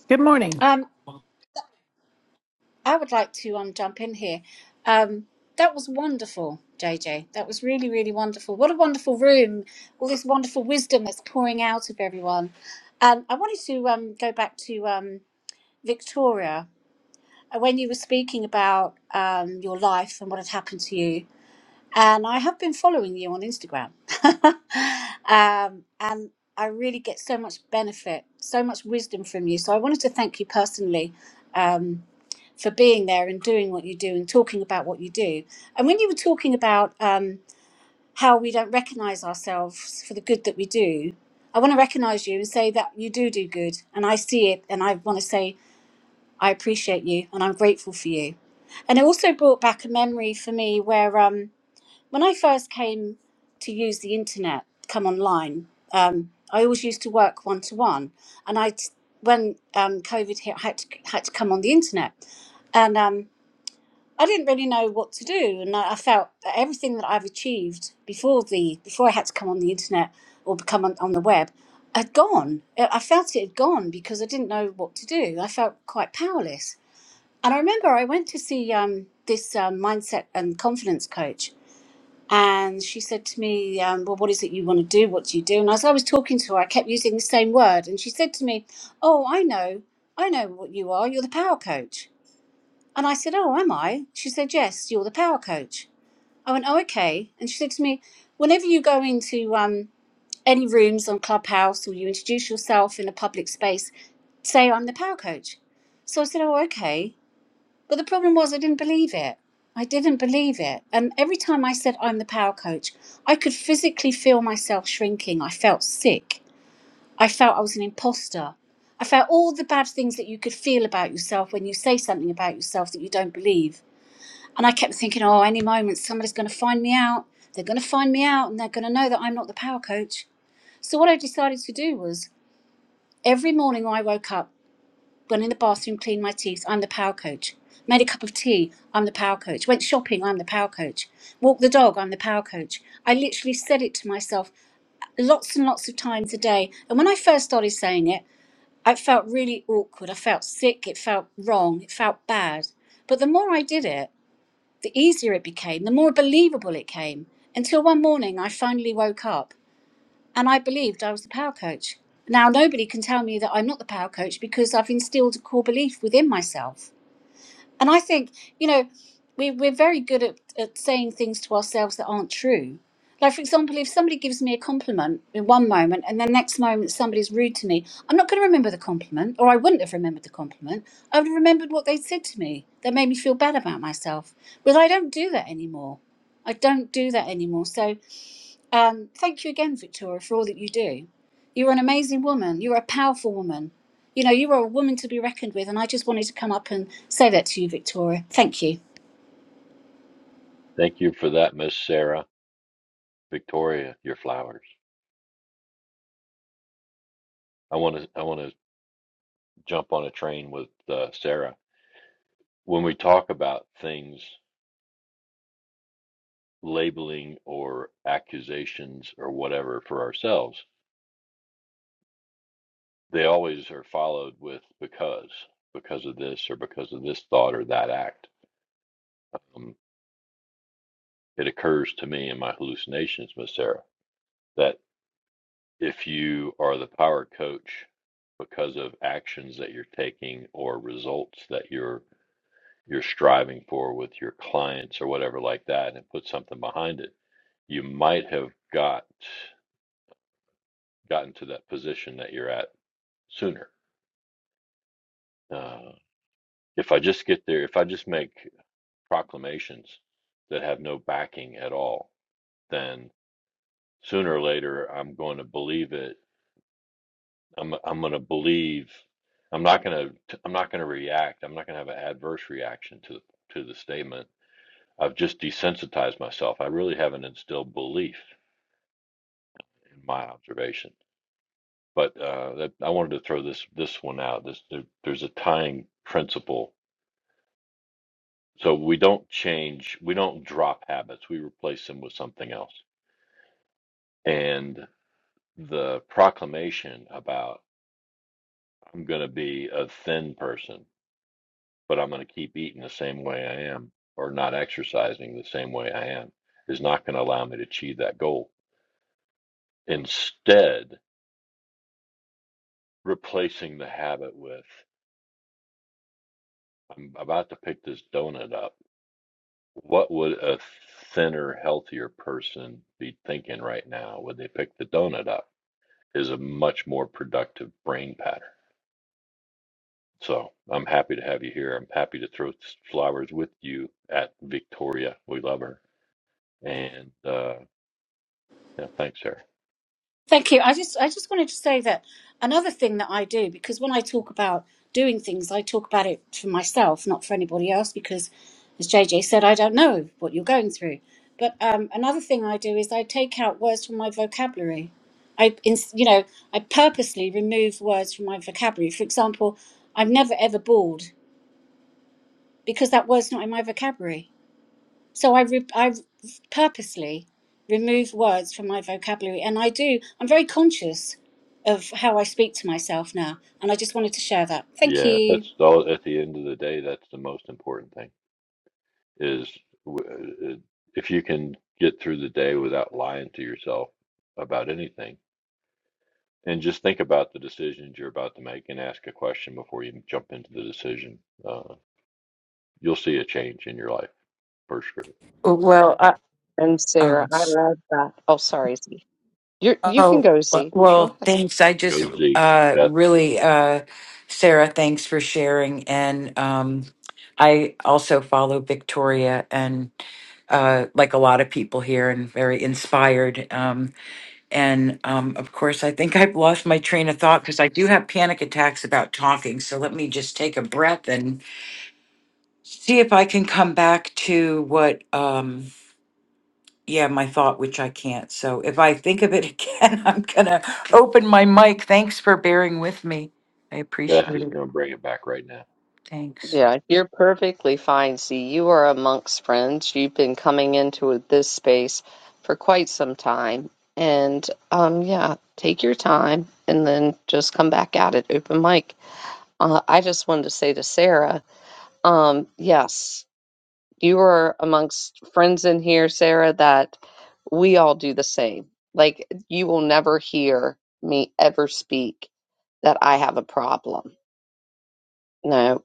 Good morning.
Um, I would like to um jump in here. Um, that was wonderful, JJ. That was really, really wonderful. What a wonderful room! All this wonderful wisdom that's pouring out of everyone. Um, I wanted to um go back to um Victoria uh, when you were speaking about um your life and what had happened to you. And I have been following you on Instagram, um, and I really get so much benefit, so much wisdom from you. So I wanted to thank you personally. Um, for being there and doing what you do and talking about what you do. And when you were talking about um, how we don't recognize ourselves for the good that we do, I want to recognize you and say that you do do good. And I see it. And I want to say, I appreciate you and I'm grateful for you. And it also brought back a memory for me where um, when I first came to use the internet, come online, um, I always used to work one to one. And I, when um, COVID hit, I had to, had to come on the internet. And um, I didn't really know what to do, and I, I felt that everything that I've achieved before the before I had to come on the internet or become on, on the web had gone. I I felt it had gone because I didn't know what to do. I felt quite powerless. And I remember I went to see um, this um, mindset and confidence coach, and she said to me, um, "Well, what is it you want to do? What do you do?" And as I was talking to her, I kept using the same word, and she said to me, "Oh, I know, I know what you are. You're the power coach." And I said, Oh, am I? She said, Yes, you're the power coach. I went, Oh, okay. And she said to me, Whenever you go into um, any rooms on Clubhouse or you introduce yourself in a public space, say, I'm the power coach. So I said, Oh, okay. But the problem was, I didn't believe it. I didn't believe it. And every time I said, I'm the power coach, I could physically feel myself shrinking. I felt sick. I felt I was an imposter. I felt all the bad things that you could feel about yourself when you say something about yourself that you don't believe and I kept thinking, oh, any moment somebody's going to find me out. They're going to find me out and they're going to know that I'm not the power coach. So, what I decided to do was every morning I woke up, went in the bathroom, cleaned my teeth, I'm the power coach. Made a cup of tea, I'm the power coach. Went shopping, I'm the power coach. Walked the dog, I'm the power coach. I literally said it to myself lots and lots of times a day. And when I first started saying it, I felt really awkward. I felt sick. It felt wrong. It felt bad. But the more I did it, the easier it became, the more believable it came. Until one morning, I finally woke up and I believed I was the power coach. Now, nobody can tell me that I'm not the power coach because I've instilled a core belief within myself. And I think, you know, we, we're very good at, at saying things to ourselves that aren't true. Like, for example, if somebody gives me a compliment in one moment and the next moment somebody's rude to me, I'm not going to remember the compliment, or I wouldn't have remembered the compliment. I would have remembered what they said to me that made me feel bad about myself. But I don't do that anymore. I don't do that anymore. So, um, thank you again, Victoria, for all that you do. You're an amazing woman. You're a powerful woman. You know, you are a woman to be reckoned with, and I just wanted to come up and say that to you, Victoria. Thank you.
Thank you for that, Miss Sarah. Victoria, your flowers. I want to I want to jump on a train with uh, Sarah when we talk about things, labeling or accusations or whatever for ourselves, they always are followed with because, because of this or because of this thought or that act. Um, it occurs to me in my hallucinations, Miss Sarah, that if you are the power coach because of actions that you're taking or results that you're you're striving for with your clients or whatever like that and put something behind it, you might have got gotten to that position that you're at sooner. Uh, if I just get there, if I just make proclamations that have no backing at all, then sooner or later I'm going to believe it. I'm I'm going to believe. I'm not going to I'm not going to react. I'm not going to have an adverse reaction to to the statement. I've just desensitized myself. I really haven't instilled belief in my observation. But uh, that, I wanted to throw this this one out. This there, there's a tying principle So we don't change, we don't drop habits, we replace them with something else. And the proclamation about I'm going to be a thin person, but I'm going to keep eating the same way I am or not exercising the same way I am is not going to allow me to achieve that goal. Instead, replacing the habit with I'm about to pick this donut up. What would a thinner, healthier person be thinking right now? Would they pick the donut up? is a much more productive brain pattern. So I'm happy to have you here. I'm happy to throw flowers with you at Victoria. We love her. And uh, yeah, thanks, Sarah.
Thank you. I just I just wanted to say that another thing that I do because when I talk about doing things, I talk about it for myself, not for anybody else, because as JJ said, I don't know what you're going through. But um, another thing I do is I take out words from my vocabulary. I, ins- you know, I purposely remove words from my vocabulary. For example, I'm never ever bored because that word's not in my vocabulary so I re- I purposely remove words from my vocabulary, and I do. I'm very conscious of how I speak to myself now, and I just wanted to share that. Thank
Yeah,
you.
that's all. At the end of the day, that's the most important thing is w- uh, if you can get through the day without lying to yourself about anything, and just think about the decisions you're about to make and ask a question before you jump into the decision, uh, you'll see a change in your life for sure.
Well, I,
And Sarah,
um,
I love that. Oh, sorry, Z. You're, you can
oh,
go, Z. Go
well,
ahead.
thanks. I just
Goes Z.
uh, really, uh, Sarah, thanks for sharing. And um, I also follow Victoria and uh, like a lot of people here and very inspired. Um, And um, of course, I think I've lost my train of thought because I do have panic attacks about talking. So let me just take a breath and see if I can come back to what, um, yeah, my thought, which I can't. So if I think of it again, I'm going to open my mic. Thanks for bearing with me. I
Beth
appreciate
is
it.
going to bring it back right now.
Thanks.
Yeah, you're perfectly fine, Z. You are amongst friends. You've been coming into this space for quite some time. And um, yeah, take your time and then just come back at it, open mic. Uh, I just wanted to say to Sarah, um, yes, you are amongst friends in here, Sarah, that we all do the same. Like, you will never hear me ever speak that I have a problem. No,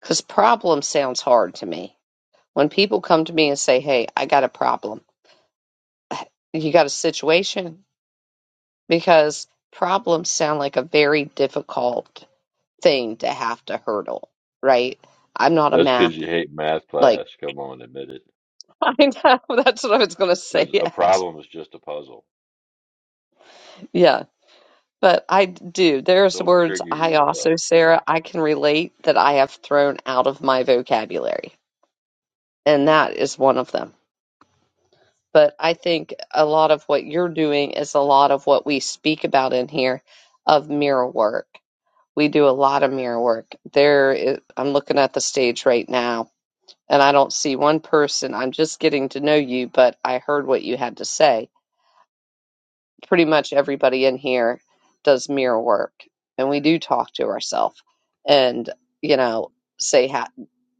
Because problem sounds hard to me. When people come to me and say, hey, I got a problem, you got a situation? Because problems sound like a very difficult thing to have to hurdle, right? I'm not a
That's
math,
because you hate math
like,
class. Come on, admit it.
I know that's what I was going to say
Because a
yet.
problem is just a puzzle.
Yeah. But I do. There's
Don't
words
trigger
I
yourself.
also, Sarah, I can relate that I have thrown out of my vocabulary. And that is one of them. but I think a lot of what you're doing is a lot of what we speak about in here of mirror work. We do a lot of mirror work. There, is, I'm looking at the stage right now, and I don't see one person. I'm just getting to know you, but I heard what you had to say. Pretty much everybody in here does mirror work, and we do talk to ourselves, and you know, say, ha-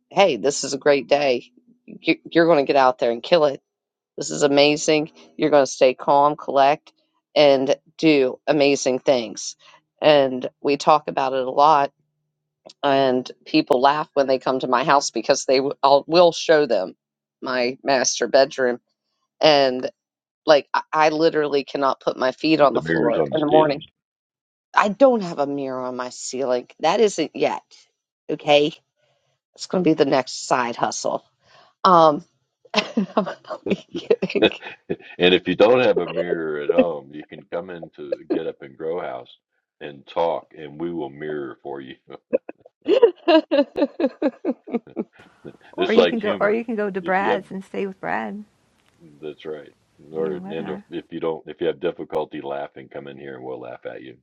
"Hey, this is a great day. You- You're going to get out there and kill it." This is amazing. You're going to stay calm, collect, and do amazing things. And we talk about it a lot, and people laugh when they come to my house because they w- I'll, will show them my master bedroom. And like, I, I literally cannot put my feet
Not
on
the
the
mirrors
floor
on the
in the morning.
ceiling.
I don't have a mirror on my ceiling. That isn't yet. Okay. It's going to be the next side hustle. Um, I'm only kidding.
and if you don't have a mirror at home, you can come into Get Up and Grow House and talk, and we will mirror for you.
Or
it's
you
like
can go, or
humor.
you can go to
If you have,
Brad's and stay with Brad.
that's right.
Be
Or
on
and if
webinar.
if you don't, if you have difficulty laughing, come in here and we'll laugh at you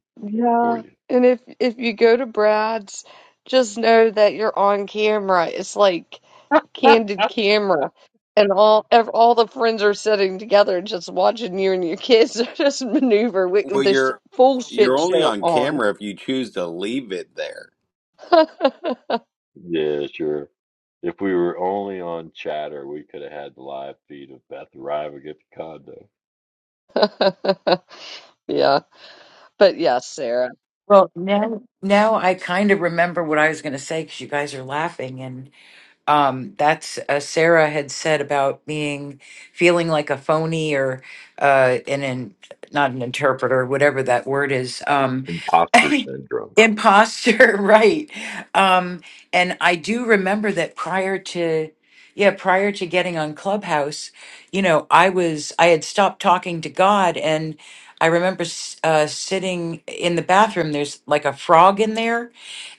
for
Yeah,
you.
and if if you go to Brad's, just know that you're on camera. It's like candid camera, and all ev all the friends are sitting together, just watching you and your kids just maneuver with,
Well,
with this
you're
full
you're
shit
only
show
on
on.
camera if you choose to leave it there.
Yeah, sure. If we were only on chatter, we could have had the live feed of Beth arriving at the condo.
Yeah, but yes, Sarah.
Well, now, now I kind of remember what I was going to say because you guys are laughing. um that's uh, sarah had said about being feeling like a phony or uh an in not an interpreter whatever that word is um
Imposter syndrome.
imposter right um and i do remember that prior to yeah prior to getting on clubhouse you know i was i had stopped talking to god and i remember s- uh, sitting in the bathroom there's like a frog in there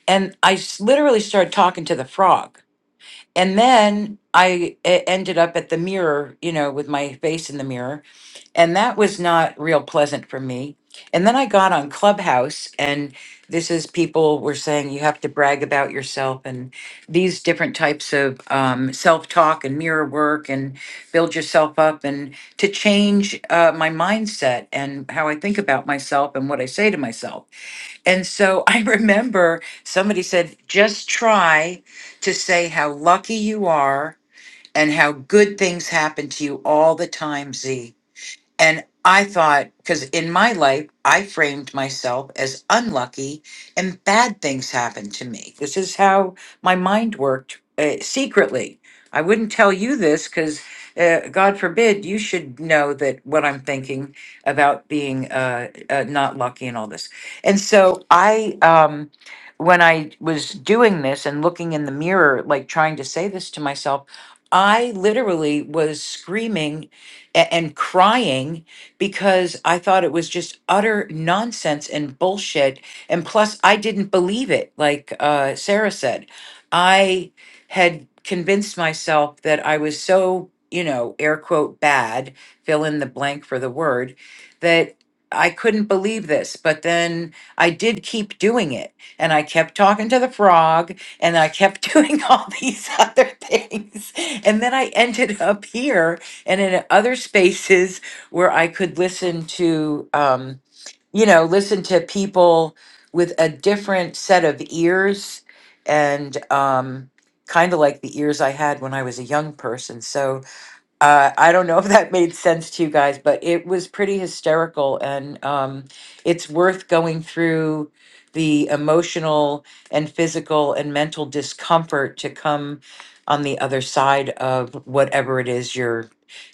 and i s- literally started talking to the frog and then I e- ended up at the mirror, you know, with my face in the mirror. And that was not real pleasant for me. And then I got on Clubhouse, and this is people were saying you have to brag about yourself and these different types of um, self talk and mirror work and build yourself up and to change uh, my mindset and how I think about myself and what I say to myself. And so I remember somebody said, just try to say how lucky you are and how good things happen to you all the time, Z. And I thought, because in my life, I framed myself as unlucky and bad things happened to me. This is how my mind worked uh, secretly. I wouldn't tell you this because, uh, God forbid, you should know that what I'm thinking about being uh, uh, not lucky and all this. And so I, um, when I was doing this and looking in the mirror, like trying to say this to myself, I literally was screaming a- and crying because I thought it was just utter nonsense and bullshit. And plus, I didn't believe it, like uh, Sarah said. I had convinced myself that I was so, you know, air quote bad, fill in the blank for the word, that I couldn't believe this. But then I did keep doing it. And I kept talking to the frog and I kept doing all these other things. And then I ended up here and in other spaces where I could listen to, um, you know, listen to people with a different set of ears and um, kind of like the ears I had when I was a young person. So, uh, I don't know if that made sense to you guys, but it was pretty hysterical. And um, it's worth going through the emotional and physical and mental discomfort to come on the other side of whatever it is you're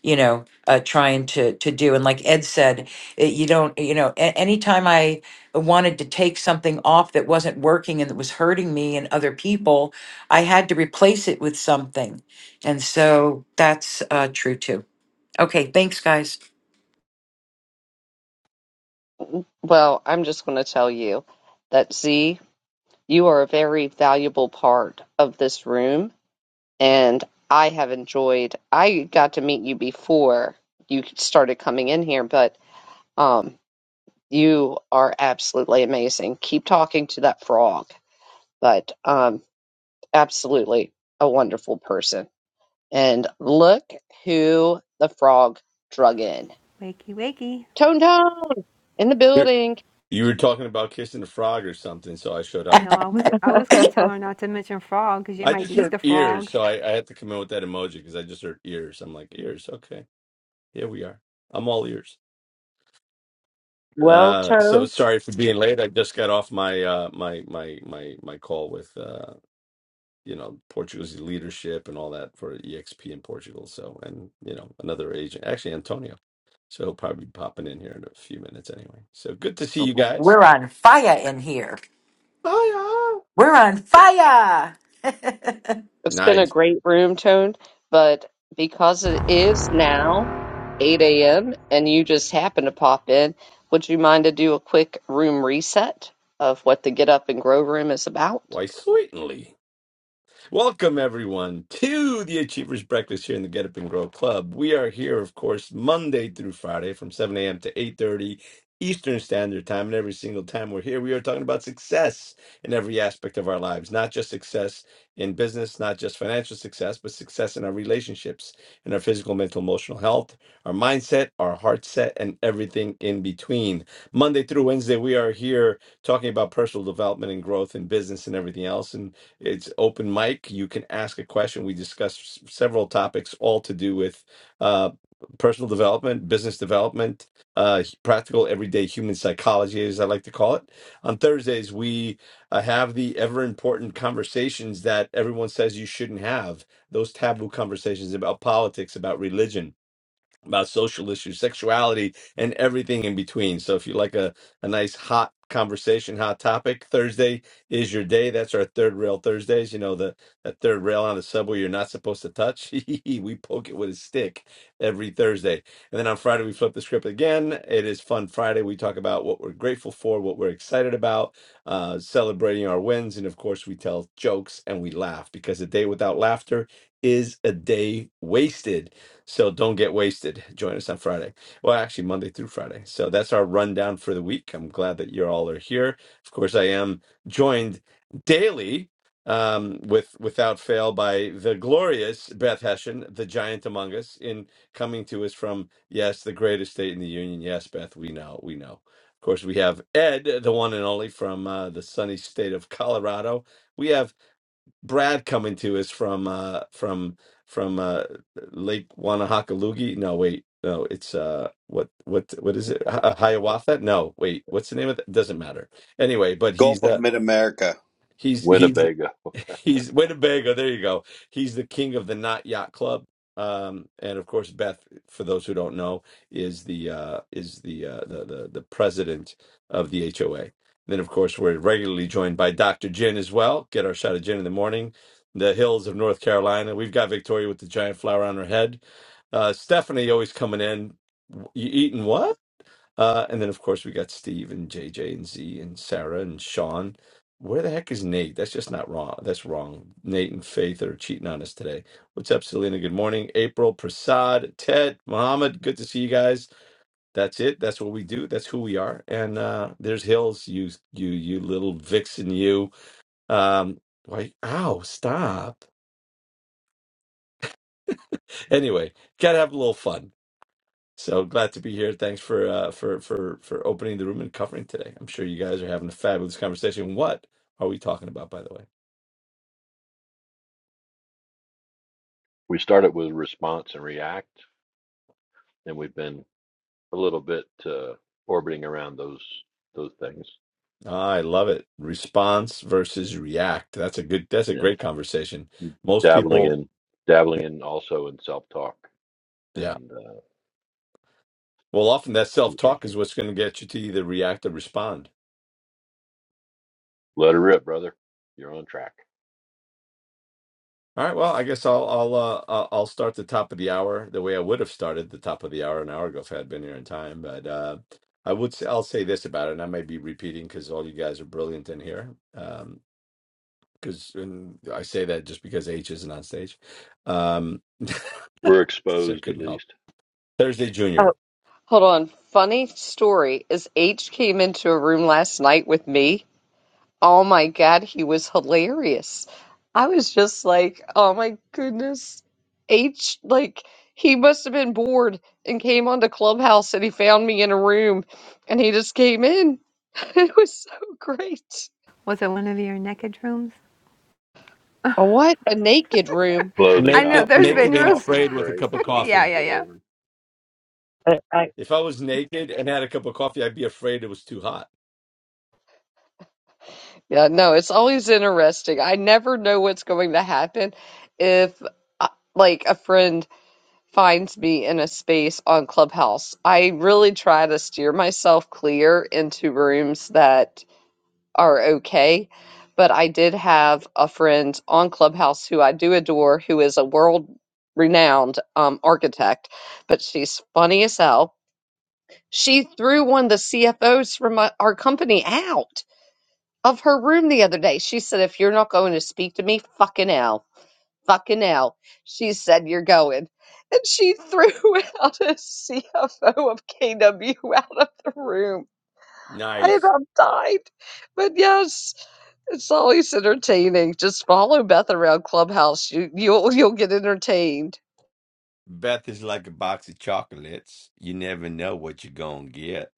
you know uh, trying to to do and like ed said it, you don't you know a- anytime i wanted to take something off that wasn't working and that was hurting me and other people i had to replace it with something and so that's uh, true too. Okay, thanks, guys.
Well, I'm just going to tell you that Z, you are a very valuable part of this room and I have enjoyed. I got to meet you before you started coming in here, but um, you are absolutely amazing. Keep talking to that frog, but um, absolutely a wonderful person. And look who the frog drug in.
Wakey, wakey.
Tone Tone in the
You
building.
you were talking about kissing a frog or something, so I showed up.
No, I was, I was going to tell her not to mention frog because you
I
might
just
eat
heard
the
ears,
frog.
so I, I had to come in with that emoji because I just heard ears. I'm like, ears, okay. Here we are. I'm all ears.
Well,
Uh so
Tone,
sorry for being late. I just got off my uh my my my my call with uh you know Portugal's leadership and all that for EXP in Portugal. So and you know, another agent, actually Antonio. So he'll probably be popping in here in a few minutes anyway. So good to see you guys.
We're on fire in here.
Hiya.
We're on fire. um,
it's been a
Nice.
great room, Tone, but because it is now. 8 a.m. and you just happen to pop in, would you mind to do a quick room reset of what the Get Up and Grow room is about?
Why sweetly. Welcome, everyone, to the Achievers Breakfast here in the Get Up and Grow Club. We are here, of course, Monday through Friday from 7 a.m. to 8.30 Eastern Standard Time. And every single time we're here, we are talking about success in every aspect of our lives, not just success in business, not just financial success, but success in our relationships, in our physical, mental, emotional health, our mindset, our heart set, and everything in between. Monday through Wednesday, we are here talking about personal development and growth in business and everything else. And it's open mic. You can ask a question. We discuss several topics, all to do with uh, personal development, business development, uh, practical everyday human psychology, as I like to call it. On Thursdays, we uh, have the ever important conversations that everyone says you shouldn't have. Those taboo conversations about politics, about religion, about social issues, sexuality, and everything in between. So if you like a, a nice hot conversation, hot topic, Thursday is your day. That's our third rail Thursdays. You know, the that third rail on the subway you're not supposed to touch. we poke it with a stick every Thursday. And then on Friday we flip the script again. It is fun Friday. We talk about what we're grateful for, what we're excited about, uh, celebrating our wins, and of course we tell jokes and we laugh because a day without laughter is a day wasted. So don't get wasted. Join us on Friday. Well, actually, Monday through Friday. So that's our rundown for the week. I'm glad that you all are here. Of course, I am joined daily um with without fail by the glorious beth hessian the giant among us in coming to us from yes the greatest state in the union yes beth we know we know of course we have ed the one and only from uh, the sunny state of colorado we have Brad coming to us from uh from from uh Lake Wanahakalugi. No, wait, no, it's uh what what what is it? Hi- Hiawatha? No, wait, what's the name of that? Doesn't matter. Anyway, but
Gulf
he's
of
uh
Mid America.
He's he's the-
Winnebago.
he's Winnebago. There you go. He's the king of the Not Yacht Club. Um, and of course, Beth, for those who don't know, is the uh, is the, uh, the the the president of the HOA. Then, of course, we're regularly joined by Dr. Gin as well. Get our shot of gin in the morning. The hills of North Carolina. We've got Victoria with the giant flower on her head. Uh, Stephanie always coming in. You eating what? Uh, and then, of course, we got Steve and JJ and Z and Sarah and Sean. Where the heck is Nate? That's just not wrong. That's wrong. Nate and Faith are cheating on us today. What's up, Selena? Good morning. April, Prasad, Ted, Mohammed. Good to see you guys. That's it. That's what we do. That's who we are. And uh, there's Hills. You, you, you little vixen. You. Um, why? Ow! Stop. Anyway, gotta have a little fun. So glad to be here. Thanks for uh, for for for opening the room and covering today. I'm sure you guys are having a fabulous conversation. What are we talking about, by the way?
We started with response and react, and we've been a little bit uh, orbiting around those those things.
Ah, I love it. Response versus react. That's a good. That's a
Yeah,
great conversation. Most
dabbling
people,
in dabbling in also in self talk
yeah.
and uh,
Well, often that self
things from-
talk is what's going to get you to either react or respond.
let her rip, brother. You're on track.
All right. Well, I guess I'll I'll uh, I'll I'll start the top of the hour the way I would have started the top of the hour an hour ago if I had been here in time. But uh, I would say I'll say this about it, and I may be repeating because all you guys are brilliant in here. Um, Because and I say that just because H isn't on stage, um,
We're
so I
exposed at
couldn't help.
least.
Thursday
Oh,
Junior,
Hold on. Funny story is H came into a room last night with me. Oh my God, he was hilarious. I was just like, oh my goodness. H, like, he must have been bored and came onto Clubhouse and he found me in a room and he just came in. It was so great.
Was it one of your naked rooms?
What a naked room.
I
Clothing
know
naked,
there's
optional,
been
naked and
rooms.
coffee
afraid with a cup of
breaks or
yeah,
coffee.
yeah, yeah.
whatever.
I, I,
If I was naked and had a cup of coffee, I'd be afraid it was too hot.
yeah, no, it's always interesting. I never know what's going to happen if, uh, like, a friend finds me in a space on Clubhouse. I really try to steer myself clear into rooms that are okay. But I did have a friend on Clubhouse who I do adore, who is a world renowned um, architect, but she's funny as hell. She threw one of the CFOs from my, our company out of her room the other day. She said, if you're not going to speak to me, fucking hell. Fucking hell. She said, you're going. And she threw out a CFO of KW out of the room. I
Nice.
about died. But yes, it's always entertaining. Just follow Beth around Clubhouse. You you'll you'll get entertained.
Beth is like a box of chocolates. You never know what you're going to get.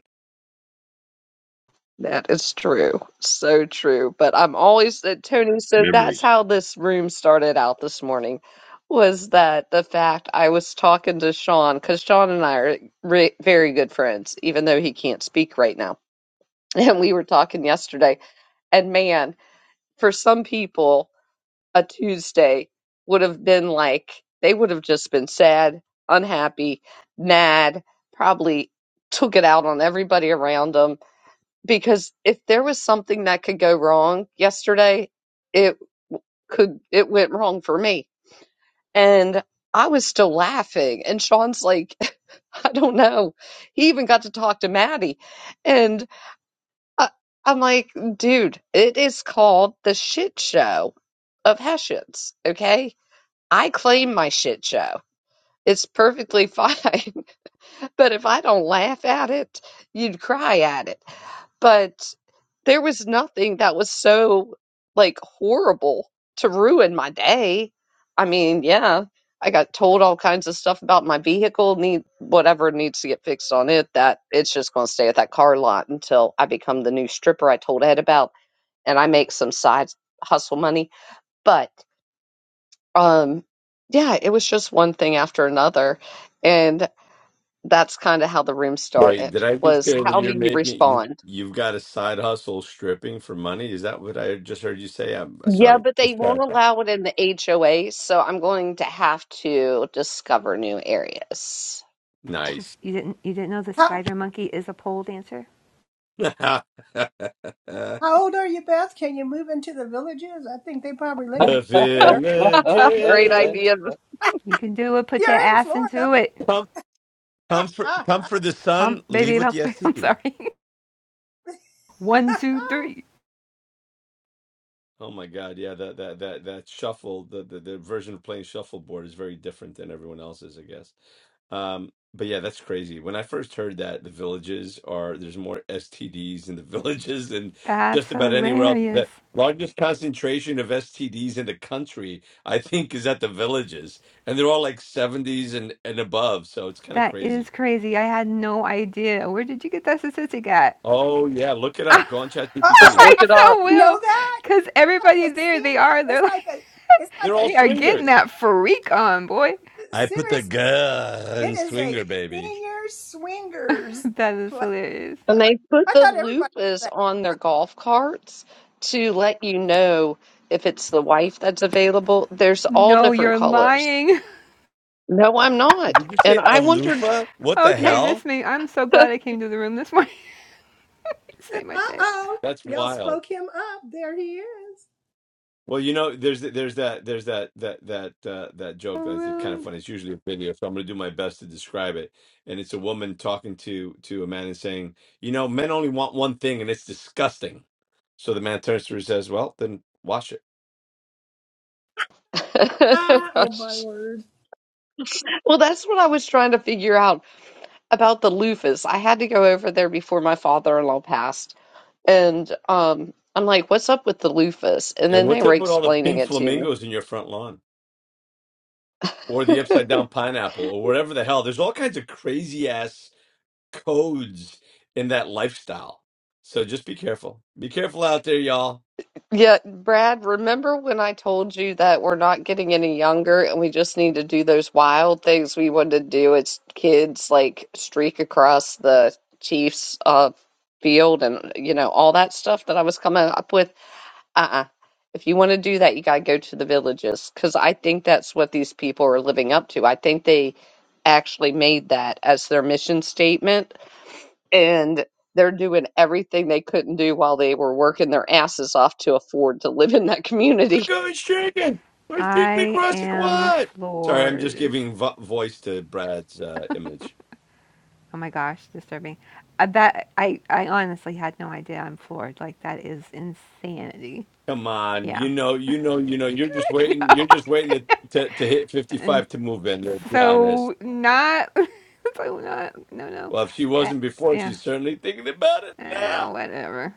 That is true. So true. But I'm always uh, Tony, so that's
Memories.
how this room started out this morning was that the fact I was talking to Sean because Sean and I are re very good friends, even though he can't speak right now. And we were talking yesterday, and man, for some people, a Tuesday would have been like they would have just been sad, unhappy, mad, probably took it out on everybody around them because if there was something that could go wrong yesterday, it could it went wrong for me. And I was still laughing. And Sean's like, I don't know. He even got to talk to Maddie. And I, I'm like, dude, it is called the shit show of Hessians. Okay. I claim my shit show. It's perfectly fine. But if I don't laugh at it, you'd cry at it but there was nothing that was so like horrible to ruin my day. I mean, yeah, I got told all kinds of stuff about my vehicle, need whatever needs to get fixed on it, that it's just going to stay at that car lot until I become the new stripper I told Ed about and I make some side hustle money. But um yeah, it was just one thing after another and that's kind of how the room
Wait,
started
did I just
was
hear that
how do
you're
you
making you,
respond?
you've got a side hustle stripping for money? Is that what I just heard you say? I'm uh,
Yeah,
sorry.
but they
Just
won't
clarify.
allow it in the HOA, so I'm going to have to discover new areas.
This,
Nice.
you didn't, you didn't know the
How,
spider monkey is a pole dancer.
the
how old are you, Beth? Can you move into the villages? I think they probably let you there.
Great
villages
idea.
You can do it. Put your
You're in
ass
Florida.
into it.
come come for
oh,
come for the
Pump,
sun,
baby,
leave with
pump.
the
I'm
STD.
sorry. one, two, three.
Oh my God, yeah, that that that that shuffle, the, the the version of playing shuffleboard is very different than everyone else's, I guess. Um, but yeah, that's crazy. When I first heard that the villages are there's more STDs in the villages than
That's
just about anywhere else.
hilarious.
The largest concentration of STDs in the country, I think, is at the villages, and they're all like 70s and and above, so it's kind of
That is
crazy.
crazy. I had no idea. Where did you get that statistic at?
Oh yeah, look it up. Go on
oh
Just
ChatGPT.
my
I
look
God.
it up.
so
you Know
will,
that?
cause everybody
a
there, they
senior
are, they're
it's
like,
like a it's
They're
like
all
they are getting
swingers.
that freak on, boy.
a
I put the
seriously
gun
it is a
swinger, baby.
senior swingers
That is
play
hilarious.
And they put
i
the
thought everybody
loopers
knew that
on their golf carts to let you know if it's the wife that's available. There's all
No,
different
you're
colors.
lying.
No, I'm not.
Did you
And
say
I wondered,
aloofa? What the
yeah.
Okay,
hell?
this made. I'm so
well,
glad I came to the room this morning. this made my day.
uh-oh
That's
y'all
wild.
spoke him up there he is
Well, you know, there's there's that there's that that that uh, that joke that's kind of
Haroon,
funny. It's usually a video, so I'm going to do my best to describe it. And it's a woman talking to to a man and saying, "You know, men only want one thing, and it's disgusting." So the man turns to her and says, "Well, then wash it."
ah, oh my word
that's what I was trying to figure out about the loofahs. I had to go over there before my father-in-law passed. And um, I'm like, what's up with the loofahs? And
And
then they
what's
were
up with all the
explaining
pink
it to me.
flamingos in your front lawn, or the upside down pineapple, or whatever the hell? There's all kinds of crazy ass codes in that lifestyle. So just be careful. Be careful out there, y'all.
Yeah, Brad, remember when I told you that we're not getting any younger and we just need to do those wild things we wanted to do as kids, like streak across the Chiefs uh field and you know, all that stuff that I was coming up with? Uh-uh. If you want to do that, you got to go to the villages because I think that's what these people are living up to. I think they actually made that as their mission statement and they're doing everything they couldn't do while they were working their asses off to afford to live in that
We're
community.
going shaking. I think we
I
crossed the
am
quad. Sorry, I'm just
floors.
giving vo- voice to Brad's uh, image.
Oh my gosh, disturbing. Uh, that I, I honestly had no idea. I'm floored. Like that is insanity.
Come on,
Yeah.
you know, you know, you know. You're just
no
waiting. You're
I
just waiting to to, to hit
didn't.
55 to move in. Let's be honest.
So not so not no no.
Well, if she
I,
wasn't before,
yeah.
she's certainly thinking about it now.
Uh, whatever.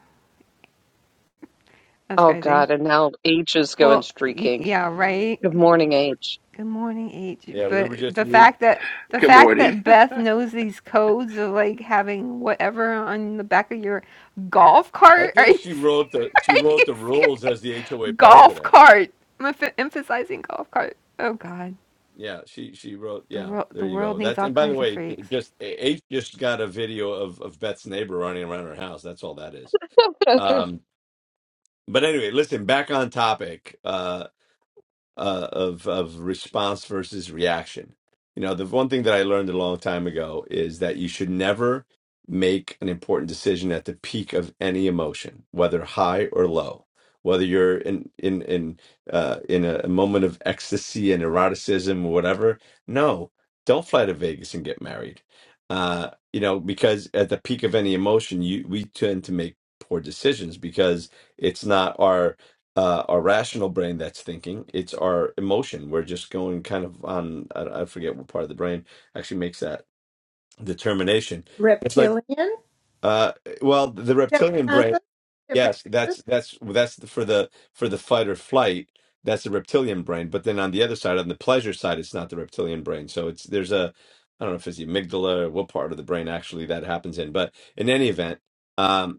That's
Oh
crazy.
God, and now H is going
Well, y-
streaking.
yeah, right.
Good morning, H.
Good morning, H.
Yeah, we were
But
just.
the
We,
fact that the
Good
fact
morning.
that Beth knows these codes of like having whatever on the back of your golf
I
cart. Are
think
you
she wrote the she
are you
wrote the
serious?
rules as the HOA
Golf
president.
cart. I'm emph- emphasizing golf cart. Oh God,
Yeah, she she wrote.
the
Yeah,
world
there
the
you
world
go.
needs
That
all
and by the
kinds of
way,
freaks.
just H just got a video of of Beth's neighbor running around her house. That's all that is. Um, but anyway, listen. Back on topic. Uh uh, of of response versus reaction. You know, the one thing that I learned a long time ago is that you should never make an important decision at the peak of any emotion, whether high or low. Whether you're in in in uh, in a, a moment of ecstasy and eroticism or whatever, no, don't fly to Vegas and get married. Uh, you know, because at the peak of any emotion, you we tend to make poor decisions because it's not our uh, our rational brain that's thinking. It's our emotion. We're just going kind of on, I, I forget what part of the brain actually makes that determination. It's like,
reptilian
uh, well, the reptilian brain,
hippocampus
yes,
hippocampus
that's that's that's the- for the for the fight or flight. That's the reptilian brain. But then on the other side, on the pleasure side, it's not the reptilian brain. So it's there's a, I don't know if it's the amygdala or what part of the brain actually that happens in. But in any event. Um,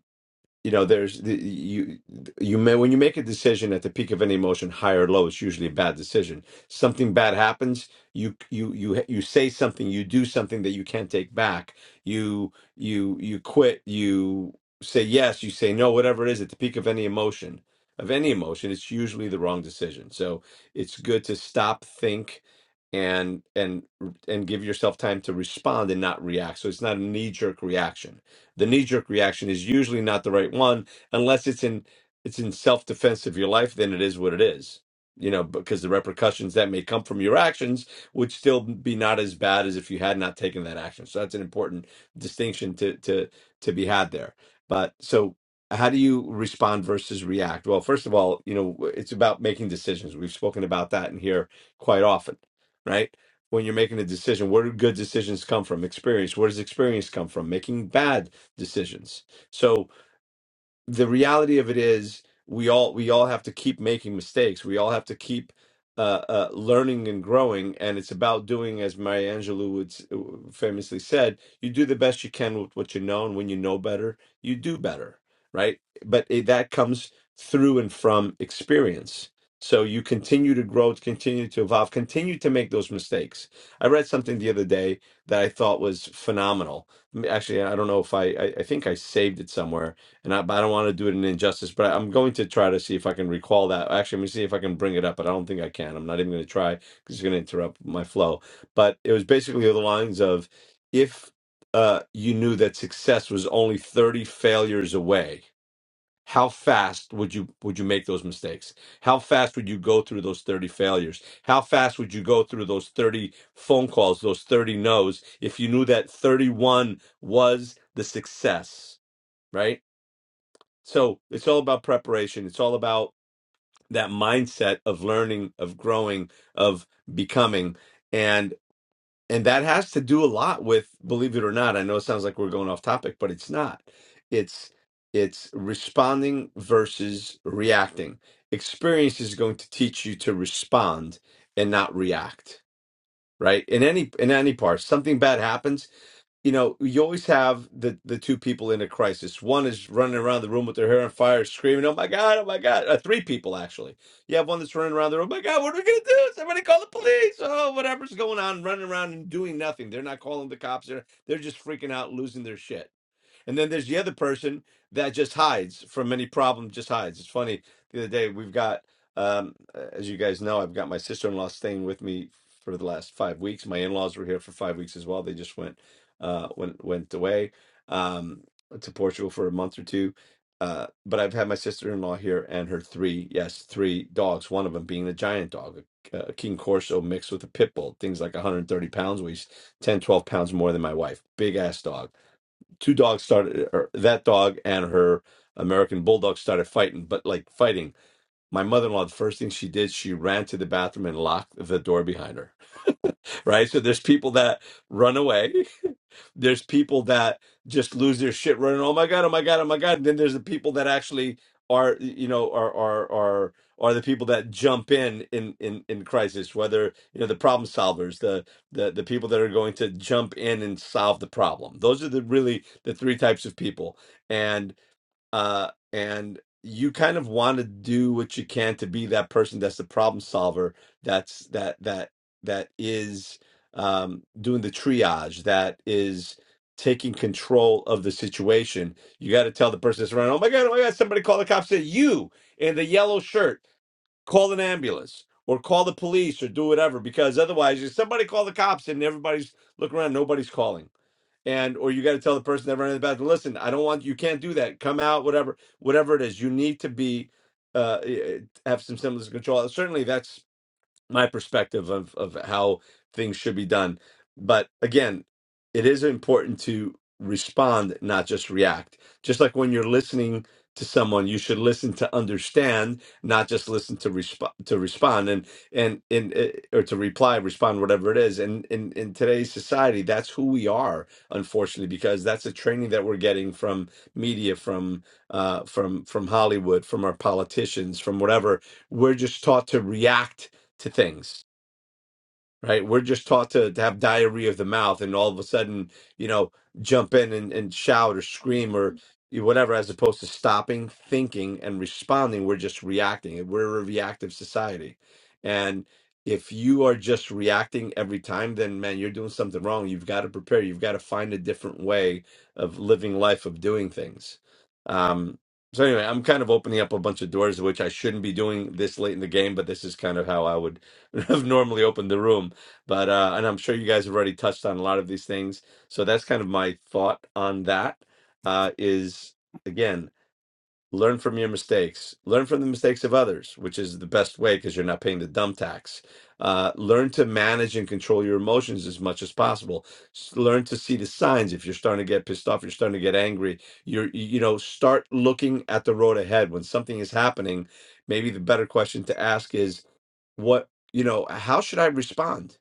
you know there's the- you you may when you make a decision at the peak of any emotion high or low it's usually a bad decision something bad happens you you you you say something you do something that you can't take back you you you quit you say yes you say no whatever it is at the peak of any emotion of any emotion it's usually the wrong decision so it's good to stop think and and and give yourself time to respond and not react so it's not a knee jerk reaction the knee jerk reaction is usually not the right one unless it's in it's in self defense of your life then it is what it is you know because the repercussions that may come from your actions would still be not as bad as if you had not taken that action so that's an important distinction to to to be had there but so how do you respond versus react well first of all you know it's about making decisions we've spoken about that in here quite often right when you're making a decision where do good decisions come from experience where does experience come from making bad decisions. So the reality of it is we all we all have to keep making mistakes we all have to keep uh, uh, learning and growing and it's about doing as Maya Angelou would s- famously said you do the best you can with what you know and when you know better you do better right but it, that comes through and from experience so you continue to grow continue to evolve continue to make those mistakes i read something the other day that i thought was phenomenal actually i don't know if i i, I think i saved it somewhere and I, but I don't want to do it an injustice. But I, am going to try to see if I can recall that. Actually, I'm gonna see if I can bring it up, but I don't think I can. I'm not even gonna try because it's gonna interrupt my flow. But it was basically the lines of, if uh, you knew that success was only 30 failures away, how fast would you would you make those mistakes? How fast would you go through those 30 failures? How fast would you go through those 30 phone calls, those 30 no's, if you knew that 31 was the success? right? So it's all about preparation. It's all about that mindset of learning, of growing, of becoming. And and that has to do a lot with, believe it or not, I know it sounds like we're going off topic, but it's not. It's it's responding versus reacting. Experience is going to teach you to respond and not react, right? In any in any part. Something bad happens, you know, you always have the the two people in a crisis. One is running around the room with their hair on fire, screaming, "Oh my god! Oh my god!" Uh, three people actually. You have one that's running around the room. "Oh my god! What are we gonna do? Somebody call the police! Oh, whatever's going on, running around and doing nothing. They're not calling the cops. They're they're just freaking out, losing their shit and then there's the other person that just hides from any problem, just hides. It's funny. The other day, we've got, um, uh, as you guys know, I've got my sister in law staying with me for the last five weeks. My in laws were here for five weeks as well. They just went, uh, went went away um, to Portugal for a month or two. Uh, but I've had my sister in law here and her three, yes, three dogs. One of them being the giant dog, a, a King Corso mixed with a pit bull. Things like 130 pounds, weighs 10, 12 pounds more than my wife. Big ass dog two dogs started or that dog and her american bulldog started fighting but like fighting my mother-in-law the first thing she did she ran to the bathroom and locked the door behind her right? So there's people that run away. There's people that just lose their shit running. Oh my god! Oh my god! Oh my god! And then there's the people that actually are, you know, are are are are the people that jump in in in in crisis. Whether you know the problem solvers, the the the people that are going to jump in and solve the problem. Those are the really the three types of people uh, and you kind of want to do what you can to be that person that's the problem solver that's that that that is um, doing the triage that is taking control of the situation you got to tell the person that's running oh my god oh my god somebody call the cops say you in the yellow shirt call an ambulance or call the police or do whatever because otherwise if somebody call the cops and everybody's looking around nobody's calling and or you got to tell the person that ran in the bathroom, listen, I don't want you can't do that. Come out, whatever, whatever it is. You need to be uh eh, eh, have some semblance of control. Certainly, that's my perspective of of how things should be done. But again, it is important to respond, not just react. Just like when you're listening to someone, you should listen to understand, not just listen to respond to respond and and and uh, or to reply, respond, whatever it is. And in in today's society, that's who we are, unfortunately, because that's a training that we're getting from media, from uh, from from Hollywood, from our politicians, from whatever. We're just taught to react to things right? We're just taught to, to have diarrhea of the mouth and all of a sudden, you know, jump in and, and shout or scream or whatever, as opposed to stopping, thinking, and responding. We're just reacting. We're a reactive society. And if you are just reacting every time, then man, you're doing something wrong. You've got to prepare. You've got to find a different way of living life, of doing things. Um, so anyway, I'm kind of opening up a bunch of doors, which I shouldn't be doing this late in the game, but this is kind of how I would have normally opened the room but uh, and I'm sure you guys have already touched on a lot of these things. So that's kind of my thought on that. Uh, is again, learn from your mistakes, learn from the mistakes of others, which is the best way because you're not paying the dumb tax. Uh, learn to manage and control your emotions as much as possible. S- Learn to see the signs. If you're starting to get pissed off, you're starting to get angry. You're you know start looking at the road ahead when something is happening. Maybe the better question to ask is what you know how should i respond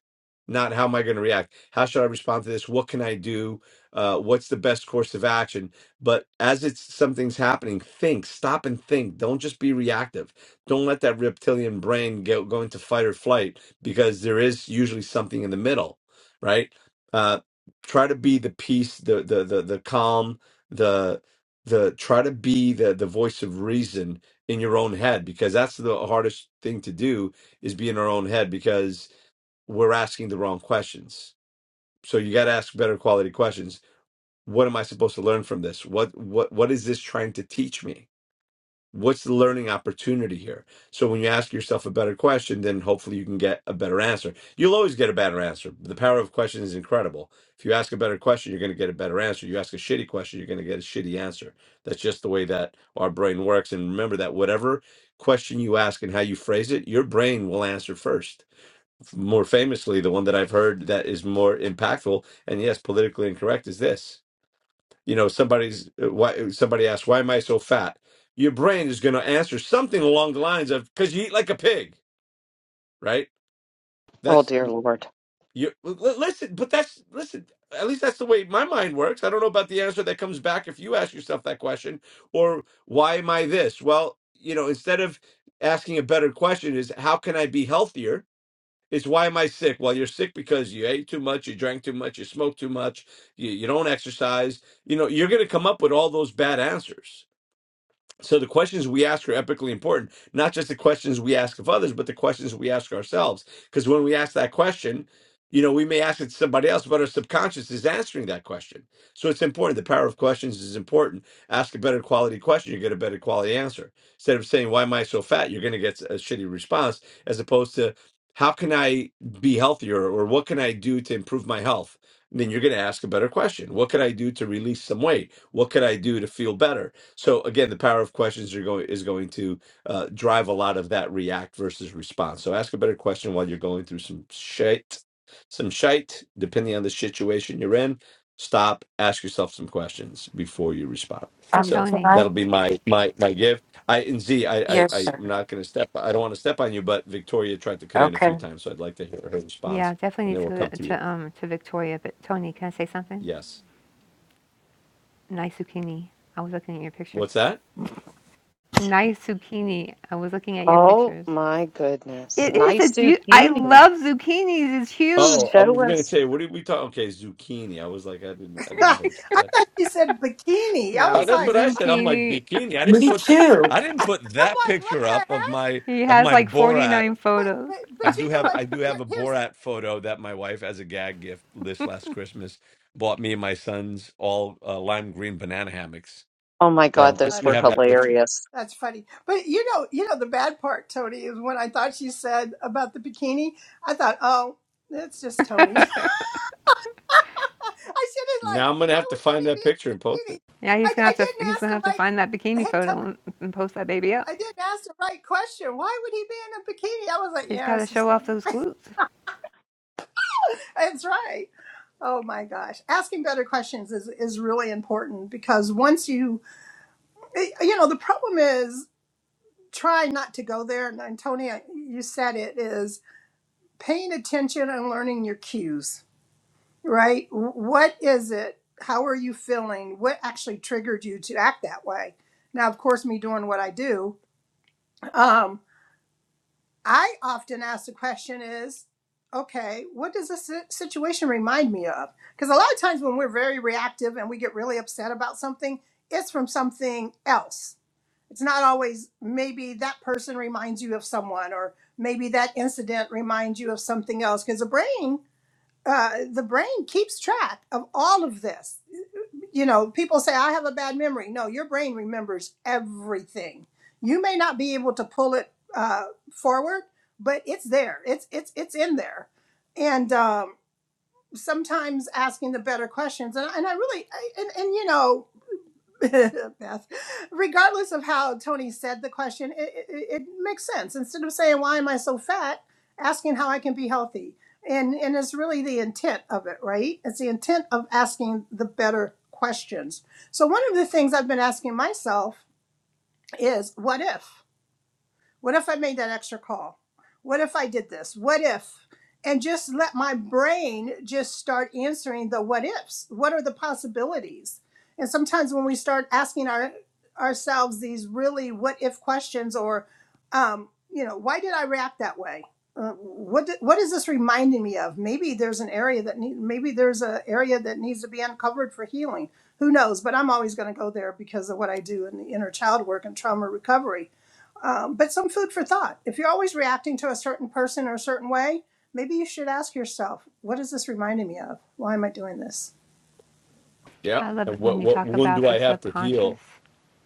not how am i going to react how should i respond to this what can i do uh, what's the best course of action but as it's something's happening think stop and think don't just be reactive don't let that reptilian brain go, go into fight or flight because there is usually something in the middle right uh, try to be the peace the the the, the calm the the try to be the the voice of reason in your own head because that's the hardest thing to do is be in our own head because we're asking the wrong questions. So you got to ask better quality questions. What am I supposed to learn from this? What what what is this trying to teach me? What's the learning opportunity here? So when you ask yourself a better question, then hopefully you can get a better answer. You'll always get a better answer. The power of question is incredible. If you ask a better question, you're going to get a better answer. You ask a shitty question, you're going to get a shitty answer. That's just the way that our brain works. And remember that whatever question you ask and how you phrase it, your brain will answer first more famously, the one that I've heard that is more impactful and yes, politically incorrect is this. You know, somebody's uh, why uh, somebody asks, "Why am I so fat?" Your brain is going to answer something along the lines of, "Because you eat like a pig," right?
oh
That's
dear Lord.
you. l- l- Listen, but that's listen. At least that's the way my mind works. I don't know about the answer that comes back if you ask yourself that question or why am I this? Well, you know, instead of asking a better question, is how can I be healthier? It's why am I sick? Well, you're sick because you ate too much, you drank too much, you smoked too much, you, you don't exercise. You know, you're going to come up with all those bad answers. So the questions we ask are epically important, not just the questions we ask of others, but the questions we ask ourselves. Because when we ask that question, you know, we may ask it to somebody else, but our subconscious is answering that question. So it's important. The power of questions is important. Ask a better quality question, you get a better quality answer. Instead of saying, Why am I so fat? You're going to get a shitty response, as opposed to, How can I be healthier? Or what can I do to improve my health? Then you're going to ask a better question. What could I do to release some weight? What could I do to feel better? So again, the power of questions are going is going to uh, drive a lot of that react versus response. So ask a better question while you're going through some shit, some shite, depending on the situation you're in. Stop, ask yourself some questions before you respond.
Hey
So
can
Tony.
I?
that'll be my my my give. I and Z, I I
Yes,
I-
sir.
I'm not going to step. I don't want to step on you, but Victoria tried to cut in a
Okay.
few times, so I'd like to hear her
Yeah,
response,
definitely
and
needs
then
to
we'll
go
come to you.
to um to Victoria. But Tony, can I say something?
Yes.
Nice zucchini. I was looking at your pictures.
What's that?
Nice zucchini. I was looking at your
Oh
pictures.
my goodness.
It is.
Nice
It's beautiful. I
zucchini.
love zucchinis. It's
Oh,
huge.
I was
Show
gonna
us.
say, what did we talk? Okay, zucchini. I was like, I didn't, I
i
didn't hear.
thought you said bikini i
Uh,
No
was
that's what
like
I said. I'm like
zucchini.
bikini. I didn't
Me
put th-
too.
I didn't put
i'm
that
like what
picture
the
up of
heck
my
He
of
has
my
like forty
Borat.
nine
but
photos.
but
I
but you
do
know
have
what
I do have
Here,
a
here's
Borat photo that my wife as a gag gift this last Christmas bought me and my sons all uh, lime green banana hammocks.
Oh
oh,
my God,
So I
I
those
do
were
have that picture.
hilarious.
That's funny. But you know, you know the bad part, Tony, is when I thought she said about the bikini, I thought, oh, that's just Tony. I should have
Now
like,
I'm gonna
why
have to
would
find
Tony
that
be in
picture
a
and post it.
bikini?
Yeah, he's
I,
gonna
I
have to.
didn't
He's
ask
gonna
the
have to
right
find that bikini
hey,
photo
t-
and, and post that baby up.
I didn't ask the right question. Why would he be in a bikini? I was like,
He's
yeah,
got to
it's just
show off
Tony.
those glutes.
That's right. Oh my gosh. Asking better questions is, is really important because once you, eh, you know, the problem is try not to go there. And, and Tony, you said it is paying attention and learning your cues, right? What is it? How are you feeling? What actually triggered you to act that way? Now, of course, me doing what I do, um, I often ask the question is, okay, what does this si- situation remind me of? Because a lot of times when we're very reactive and we get really upset about something, it's from something else. It's not always maybe that person reminds you of someone, or maybe that incident reminds you of something else. Because the brain uh, the brain keeps track of all of this. You know, people say, I have a bad memory. No, your brain remembers everything. You may not be able to pull it uh, forward, but it's there. It's it's it's in there, and um, sometimes asking the better questions. And, and I really, I, and and you know, Beth, regardless of how Tony said the question, it, it, it makes sense. Instead of saying, Why am I so fat? asking how I can be healthy. And, and it's really the intent of it, right? It's the intent of asking the better questions. So, one of the things I've been asking myself is, What if? What if I made that extra call? What if I did this? What if? And just let my brain just start answering the what ifs. What are the possibilities? And sometimes when we start asking our ourselves these really what if questions, or um, you know, why did I react that way? Uh, what did, what is this reminding me of? Maybe there's an area that need, maybe there's an area that needs to be uncovered for healing. Who knows? But I'm always going to go there because of what I do in the inner child work and trauma recovery um, but some food for thought. If you're always reacting to a certain person or a certain way, maybe you should ask yourself, what is this reminding me of? Why am I doing this?
Yeah.
I love
And
it when
what
you
what
talk
wound
about
do
the
I have to
subconscious.
heal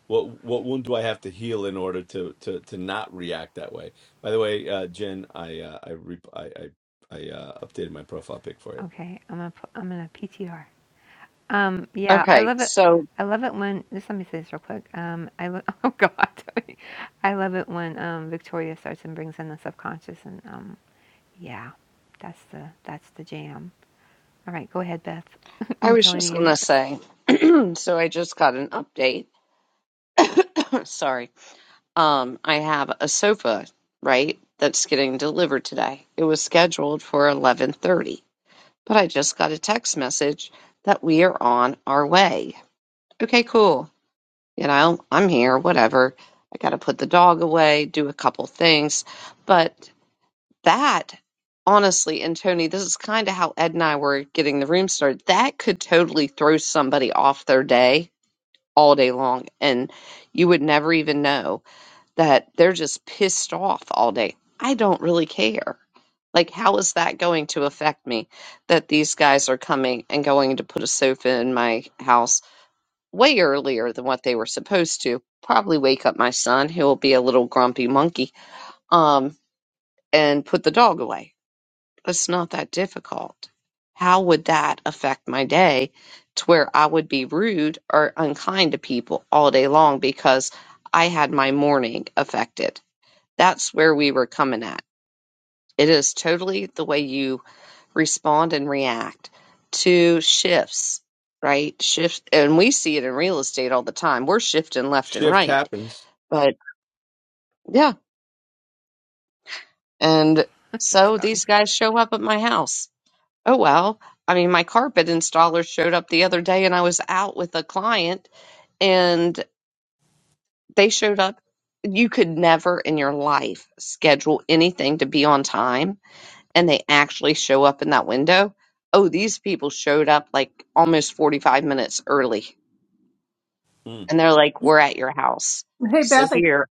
What what wound do I have to heal in order to to to not react that way? By the way, uh, Jen, I uh, I, re- I I I uh, updated my profile pic for you.
Okay, I'm gonna. pu- I'm gonna PTR. Um, yeah, I
Okay,
love it.
so
I love it when just let me say this real quick. Um, I lo- oh god, I love it when um, Victoria starts and brings in the subconscious and um, yeah, that's the that's the jam. All right, go ahead, Beth.
I
And
was just
Tony, you're
gonna
nuts.
say, so I just got an update. Sorry Um, I have a sofa, right, that's getting delivered today. It was scheduled for 11:30, but I just got a text message that we are on our way. Okay, cool. You know, I'm here, whatever. I got to put the dog away, do a couple things, but that honestly, and Tony, this is kind of how Ed and I were getting the room started. That could totally throw somebody off their day all day long and you would never even know that they're just pissed off all day. I don't really care. Like, how is that going to affect me that these guys are coming and going to put a sofa in my house way earlier than what they were supposed to? Probably wake up my son, who will be a little grumpy monkey, um, and put the dog away. It's not that difficult. How would that affect my day to where I would be rude or unkind to people all day long because I had my morning affected? That's where we were coming at. It is totally the way you respond and react to shifts, right? Shift, and we see it in real estate all the time. We're shifting left and
Shift
right.
happens.
But yeah, and so
Tony,
these guys show up at my house. Oh well, I mean, my carpet installer showed up the other day and I was out with a client and they showed up. You could never in your life schedule anything to be on time and they actually show up in that window, oh, these people showed up like almost 45 minutes early.
Mm.
And they're like, we're at your house.
Hey,
So
Beth, I
here,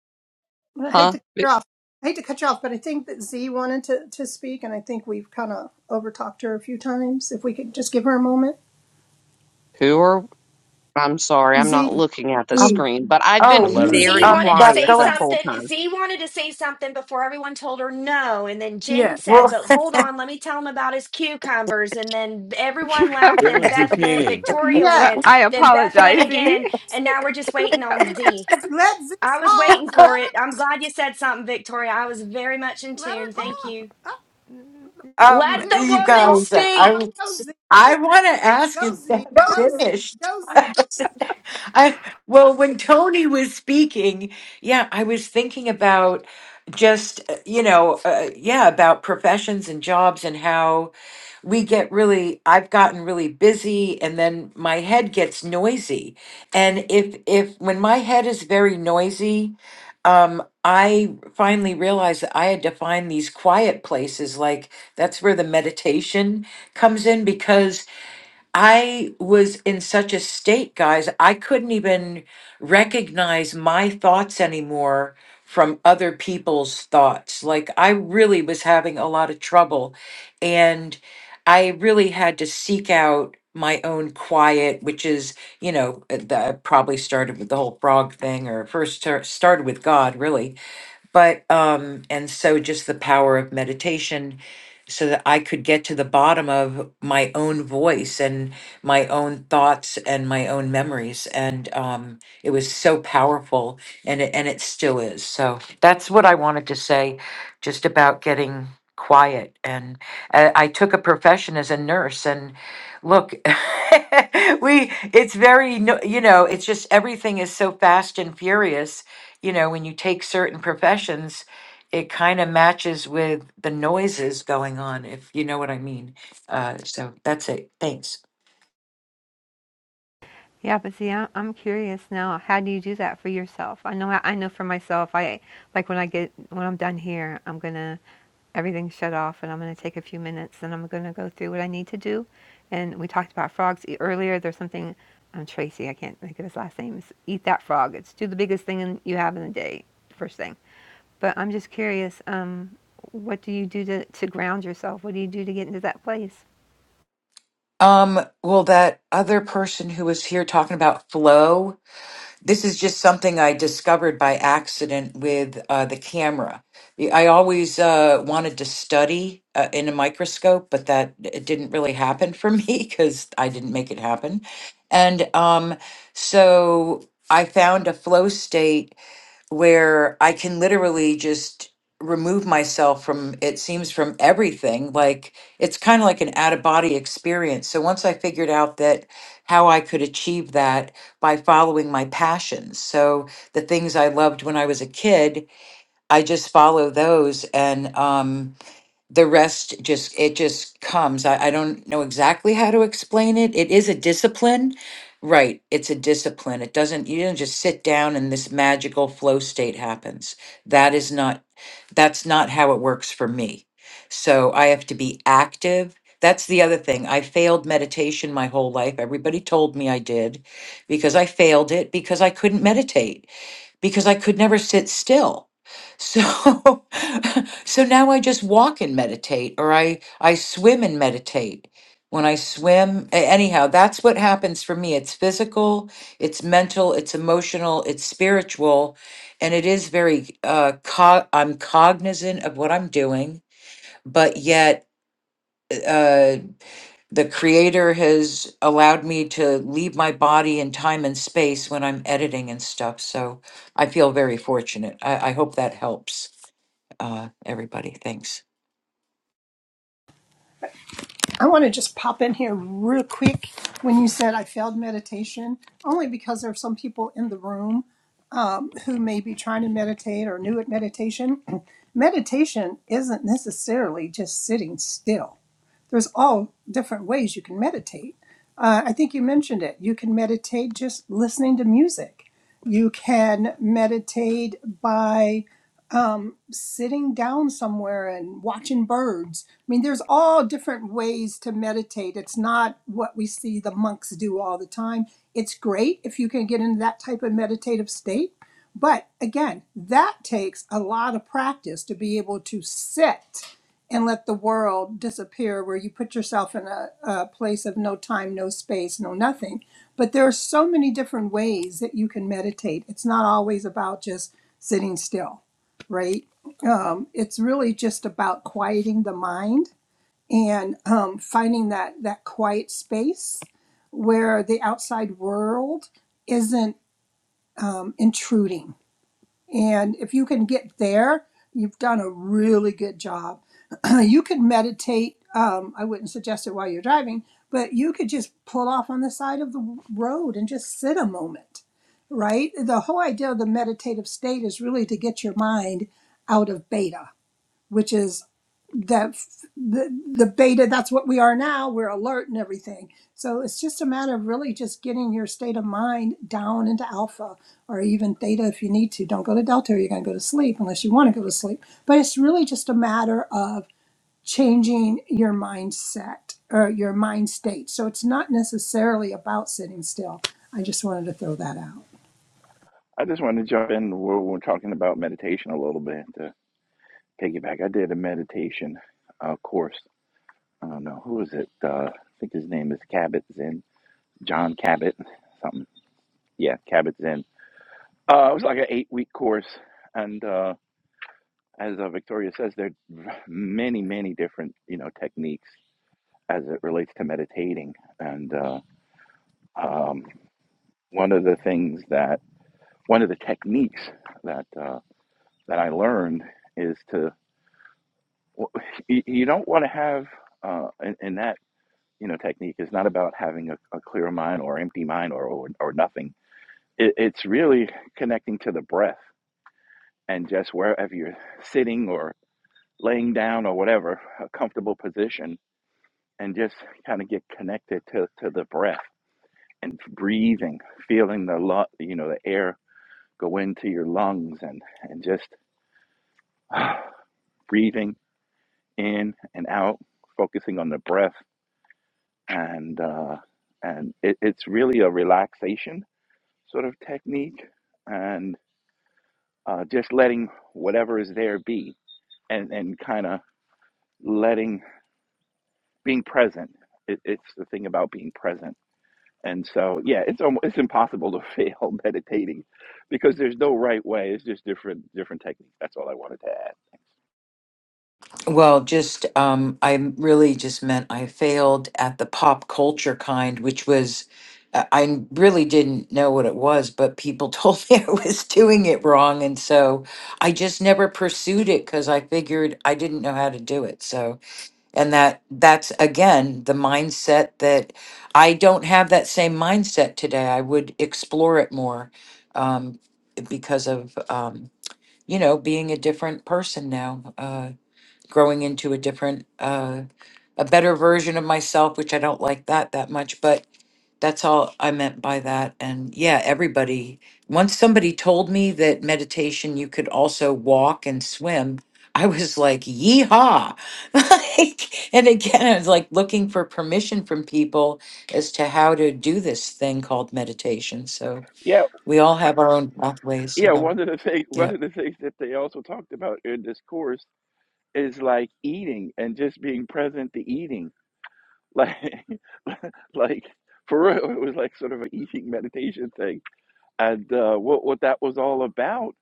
hate
huh?
to cut you
But
off. I hate to cut you off, but I think that Z wanted to, to speak, and I think we've kind of overtalked her a few times. If we could just give her a moment.
Who are, I'm sorry, I'm not
Z,
looking at the
Z,
Um.
screen, but I've
The
been
Oh.
letter
Z.
Z
very
Z.
Um.
wanted to
That's
quiet
say
the
going.
whole
something.
time.
Z wanted to say something before everyone told her no. And then Jen
Yes.
said,
Well.
But hold on, let me tell him about his cucumbers. And then everyone laughed.
It
cucumber.
Then
was
Beth went,
zucchini.
Victoria
well,
Yeah.
went,
I
then Beth went
apologize.
again. And now we're just waiting on
cucumber.
Z.
Let Z
I was
talk.
waiting
Let
for it.
her,
I'm glad you said something, Victoria. I was very much in
let her
tune. Thank
talk.
you.
Up,
Let
Um,
the
yeah.
you
No,
woman
guys,
let her
I
talk.
speak.
Go
was-
Z,
I
Z,
want to ask is
go Z,
that
go Z,
finished?
go Z.
I well, when Tony was speaking, yeah, I was thinking about just uh, you know, uh, yeah, about professions and jobs and how we get really i've gotten really busy and then my head gets noisy and if if when my head is very noisy um i finally realized that i had to find these quiet places like that's where the meditation comes in because I was in such a state, guys, I couldn't even recognize my thoughts anymore from other people's thoughts. Like, I really was having a lot of trouble. And I really had to seek out my own quiet, which is, you know, uh, that probably started with the whole frog thing or first tar- started with God, really but um and so just the power of meditation so that i could get to the bottom of my own voice and my own thoughts and my own memories and um it was so powerful and it, and it still is so that's what i wanted to say just about getting quiet and uh, i took a profession as a nurse and look we it's very no- you know it's just everything is so fast and furious you know, when you take certain professions, it kind of matches with the noises going on, if you know what I mean. Uh, so that's it. Thanks.
Yeah, but see, I- I'm curious now. How do you do that for yourself? I know, I know for myself. I like when I get when I'm done here, I'm gonna everything shut off, and I'm gonna take a few minutes, and I'm gonna go through what I need to do. And we talked about frogs e- earlier. There's something. I'm Tracy. I can't think of his last name. It's eat that frog. It's do the biggest thing in, you have in the day, first thing. But I'm just curious. Um, what do you do to to ground yourself? What do you do to get into that place?
Um, well, that other person who was here talking about flow, this is just something I discovered by accident with uh, the camera. Y- I always uh, wanted to study uh, in a microscope, but that it didn't really happen for me because I didn't make it happen. And um, so I found a flow state where I can literally just remove myself from it seems from everything like it's kind of like an out of body experience so once i figured out that how i could achieve that by following my passions so the things i loved when i was a kid i just follow those and um the rest just it just comes I, I don't know exactly how to explain it it is a discipline right it's a discipline it doesn't you don't just sit down and this magical flow state happens that is not that's not how it works for me so i have to be active that's the other thing i failed meditation my whole life everybody told me i did because i failed it because i couldn't meditate because I could never sit still. So so now I just walk and meditate or I I swim and meditate. When I swim, a- anyhow, that's what happens for me. It's physical, it's mental, it's emotional, it's spiritual, and it is very uh co- I'm cognizant of what I'm doing, but yet uh, the creator has allowed me to leave my body in time and space when I'm editing and stuff. So I feel very fortunate. I, I hope that helps uh, everybody. Thanks.
I want to just pop in here real quick when you said I failed meditation, only because there are some people in the room um, who may be trying to meditate or new at meditation. meditation isn't necessarily just sitting still, there's all different ways you can meditate. Uh, I think you mentioned it. You can meditate just listening to music, you can meditate by um, sitting down somewhere and watching birds. I mean, there's all different ways to meditate. It's not what we see the monks do all the time. It's great if you can get into that type of meditative state. But again, that takes a lot of practice to be able to sit and let the world disappear, where you put yourself in a, a place of no time, no space, no nothing. But there are so many different ways that you can meditate. It's not always about just sitting still right? Um, it's really just about quieting the mind and um, finding that that quiet space where the outside world isn't um, intruding. And if you can get there, you've done a really good job. you could meditate. Um, I wouldn't suggest it while you're driving, but you could just pull off on the side of the road and just sit a moment, right? The whole idea of the meditative state is really to get your mind out of beta which is that the the beta that's what we are now we're alert and everything so it's just a matter of really just getting your state of mind down into alpha or even theta if you need to don't go to delta or you're going to go to sleep unless you want to go to sleep but it's really just a matter of changing your mindset or your mind state so it's not necessarily about sitting still i just wanted to throw that out
I just wanted to jump in. We're, we're talking about meditation a little bit to take it back. I did a meditation uh, course. I don't know who is it. Uh, I think his name is Cabot Zen, John Cabot, something. Yeah, Cabot Zen. Uh, it was like an eight-week course, and uh, as uh, Victoria says, there are many, many different you know techniques as it relates to meditating. And uh, um, one of the things that, one of the techniques that uh, that I learned is to Well, you you don't want to have uh, in, in that you know technique is not about having a, a clear mind or empty mind or or, or nothing. It, it's really connecting to the breath and just wherever you're sitting or laying down or whatever, a comfortable position, and just kind of get connected to, to the breath and breathing, feeling the lu- you know the air go into your lungs and and just breathing in and out, focusing on the breath and uh, and it, it's really a relaxation sort of technique, and uh, just letting whatever is there be, and and kind of letting being present. It, it's the thing about being present, and so yeah, it's almost, it's impossible to fail meditating, because there's no right way. It's just different different techniques. That's all I wanted to add.
Well, just um, I m- really just meant I failed at the pop culture kind, which was uh, I really didn't know what it was, but people told me I was doing it wrong, and so I just never pursued it because I figured I didn't know how to do it. So and that that's again the mindset that i don't have that same mindset today i would explore it more um, because of um, you know being a different person now uh, growing into a different uh, a better version of myself which i don't like that that much but that's all I meant by that. And yeah, everybody, once somebody told me that meditation, you could also walk and swim, I was like, yeehaw. like, and again, I was like looking for permission from people as to how to do this thing called meditation. So
Yeah,
we all have our own pathways.
yeah.
Yeah.
One of the things one
Yeah.
of the things that they also talked about in this course is like eating and just being present to eating like like for real it was like sort of an eating meditation thing and uh, what what that was all about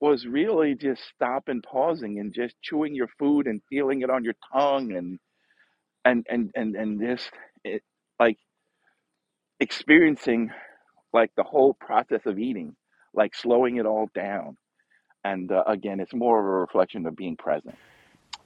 was really just stopping pausing and just chewing your food and feeling it on your tongue and and and and, and just it, like experiencing like the whole process of eating like slowing it all down and uh, again it's more of a reflection of being present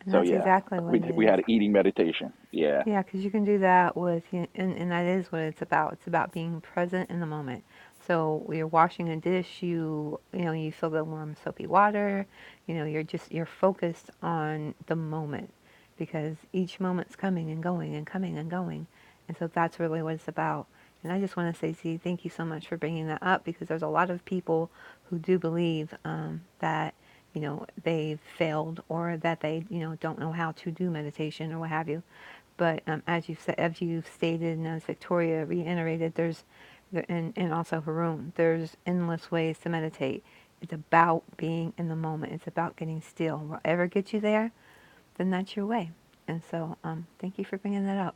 And
so
that's
yeah
exactly what
we
it
did, we
is.
had an eating meditation yeah
Yeah, because you can do that with, you- and, and that is what it's about. It's about being present in the moment. So when you're washing a dish, you you know you feel the warm soapy water. You know you're just you're focused on the moment because each moment's coming and going and coming and going, and so that's really what it's about. And I just want to say, Z, thank you so much for bringing that up because there's a lot of people who do believe um, that you know, they have failed or that they, you know, don't know how to do meditation or what have you. But um, as you said, as you stated, and as Victoria reiterated, there's, there- and, and also Haroon, there's endless ways to meditate. It's about being in the moment. It's about getting still. Whatever gets you there, then that's your way. And so, um, thank you for bringing that up.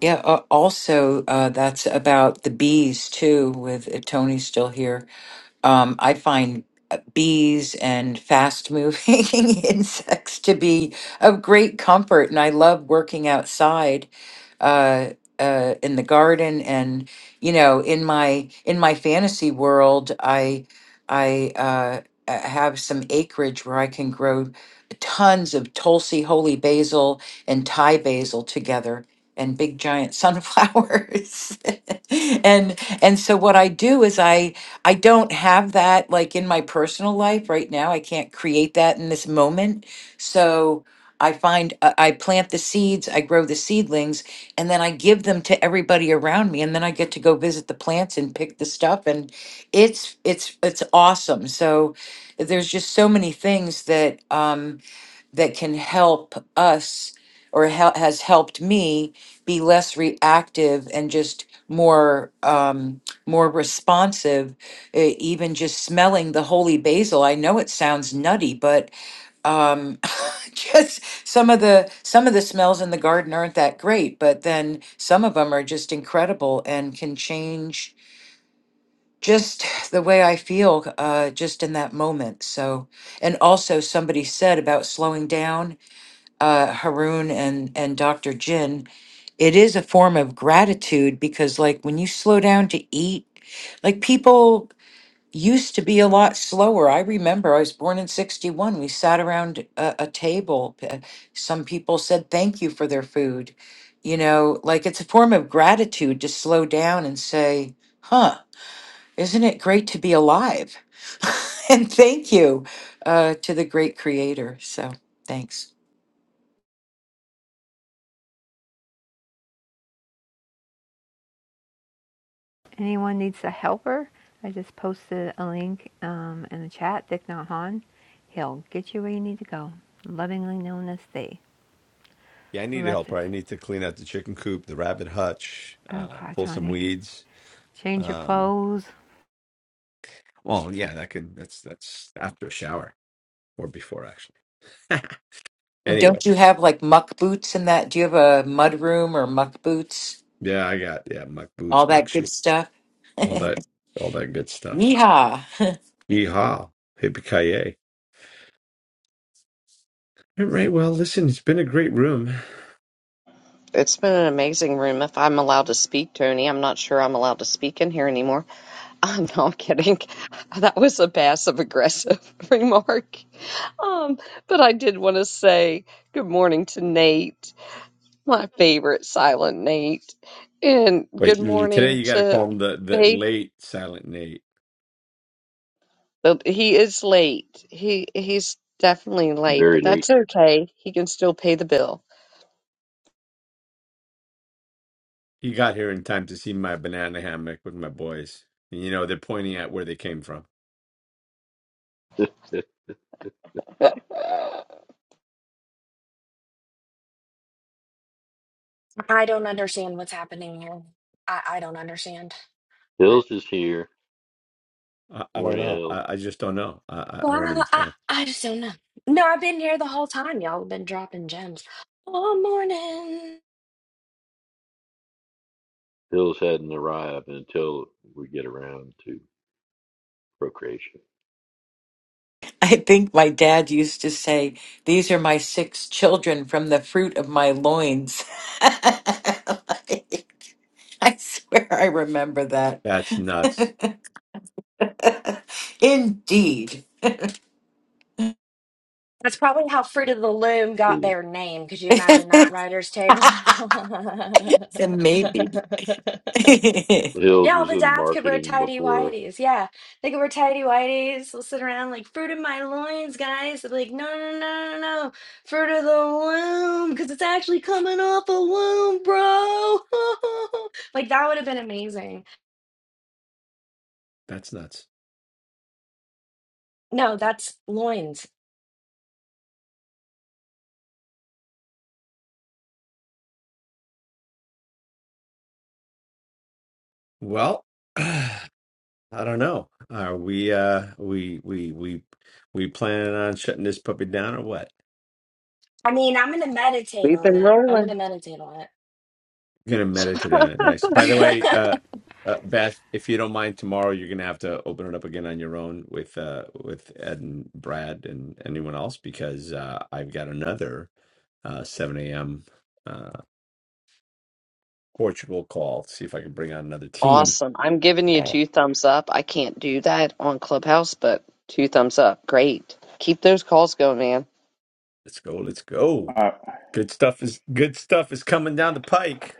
Yeah. Uh, also, uh, that's about the bees too, with if Tony's still here Um, I find uh, bees and fast moving insects to be of great comfort, and I love working outside uh, uh, in the garden. And you know, in my in my fantasy world, I I uh, uh, have some acreage where I can grow tons of Tulsi, holy basil, and Thai basil together. And big giant sunflowers, and and so what I do is I I don't have that like in my personal life right now. I can't create that in this moment. So I find uh, I plant the seeds, I grow the seedlings, and then I give them to everybody around me, and then I get to go visit the plants and pick the stuff, and it's it's it's awesome. So there's just so many things that. Um, that can help us or hel- has helped me be less reactive and just more um, more responsive E- even just smelling the holy basil i know it sounds nutty but um, just some of the some of the smells in the garden aren't that great but then some of them are just incredible and can change just the way i feel uh, just in that moment so and also somebody said about slowing down uh, Haroon and, and Dr. Jin, it is a form of gratitude because, like, when you slow down to eat, like, people used to be a lot slower. I remember I was born in 61. We sat around a, a table. P- uh, Some people said thank you for their food. You know, like, it's a form of gratitude to slow down and say, huh, isn't it great to be alive? and thank you uh, to the great creator. So, thanks.
anyone needs a helper, I just posted a link um, in the chat. Thich Nhat Hanh, he'll get you where you need to go. Lovingly known as they
Yeah, I
who
need
left
help.
us.
Right, I need to clean out the chicken coop, the rabbit hutch,
Oh
uh,
God,
pull some
Tony,
weeds.
change your
Um,
clothes.
well, yeah, that could that's that's after a shower or before actually.
Well,
anyway,
don't you have like muck boots and that? Do you have a mud room or muck boots?
yeah, I got yeah, muck boots,
All
muck
that good
shoes,
stuff?
all that, all that good stuff.
Yeehaw!
Yeehaw. Yippee-ki-yay. All right. Well, listen, it's been a great room.
It's been an amazing room. If I'm allowed to speak, Tony, I'm not sure I'm allowed to speak in here anymore. I'm not kidding. That was a passive aggressive remark. Um, but I did want to say good morning to Nate my favorite silent Nate. And
Wait,
good
mm, today
morning
you got to
to
call him the, the
Faith.
late Silent Nate.
But He is late. He he's definitely late,
Very
but that's
late.
okay. He can still pay the bill.
He got here in time to see my banana hammock with my boys. And, you know, they're pointing at where they came from.
I don't understand what's happening here. I, I don't understand.
Hills is here.
I, I don't
Morning,
know.
Hills.
I, I just don't know. I, I I don't
Wow, I,
understand.
I just don't know. No, I've been here the whole time. Y'all have been dropping gems all morning.
Hills hadn't arrived until we get around to procreation.
I think my dad used to say, These are my six children from the fruit of my loins. Like, I swear I remember that.
That's nuts.
Indeed.
That's probably how Fruit of the Loom got
Truly,
their name. Could you imagine that writer's table?
Maybe.
yeah,
Hills
all
was
the
in
dads could wear
marketing
tidy
before.
whities. Yeah, they could wear tidy whities. They'll sit around like fruit of my loins, guys. They're like, no, no, no, no, no, fruit of the loom, because it's actually coming off a womb, bro. like that would have been amazing.
That's nuts.
No, that's loins.
Well, I don't know. Are we, uh, we, we, we, we planning on shutting this puppy down or what?
I mean, I'm gonna meditate
We've
on
been
it. I'm
rolling.
gonna meditate on
gonna meditate on it. Nice. By the way,
it.
uh, uh, Beth, if you don't mind, tomorrow you're gonna have to open it up again on your own with uh, with Ed and Brad and anyone else because uh, I've got another uh, 7 a.m. Uh, Portugal call. See if I can bring on another team.
Awesome. I'm giving you
Oh,
two thumbs up. I can't do that on Clubhouse, but two thumbs up. Great. Keep those calls going, man.
let's go. Let's go.
uh,
Good stuff is good stuff is coming down the pike.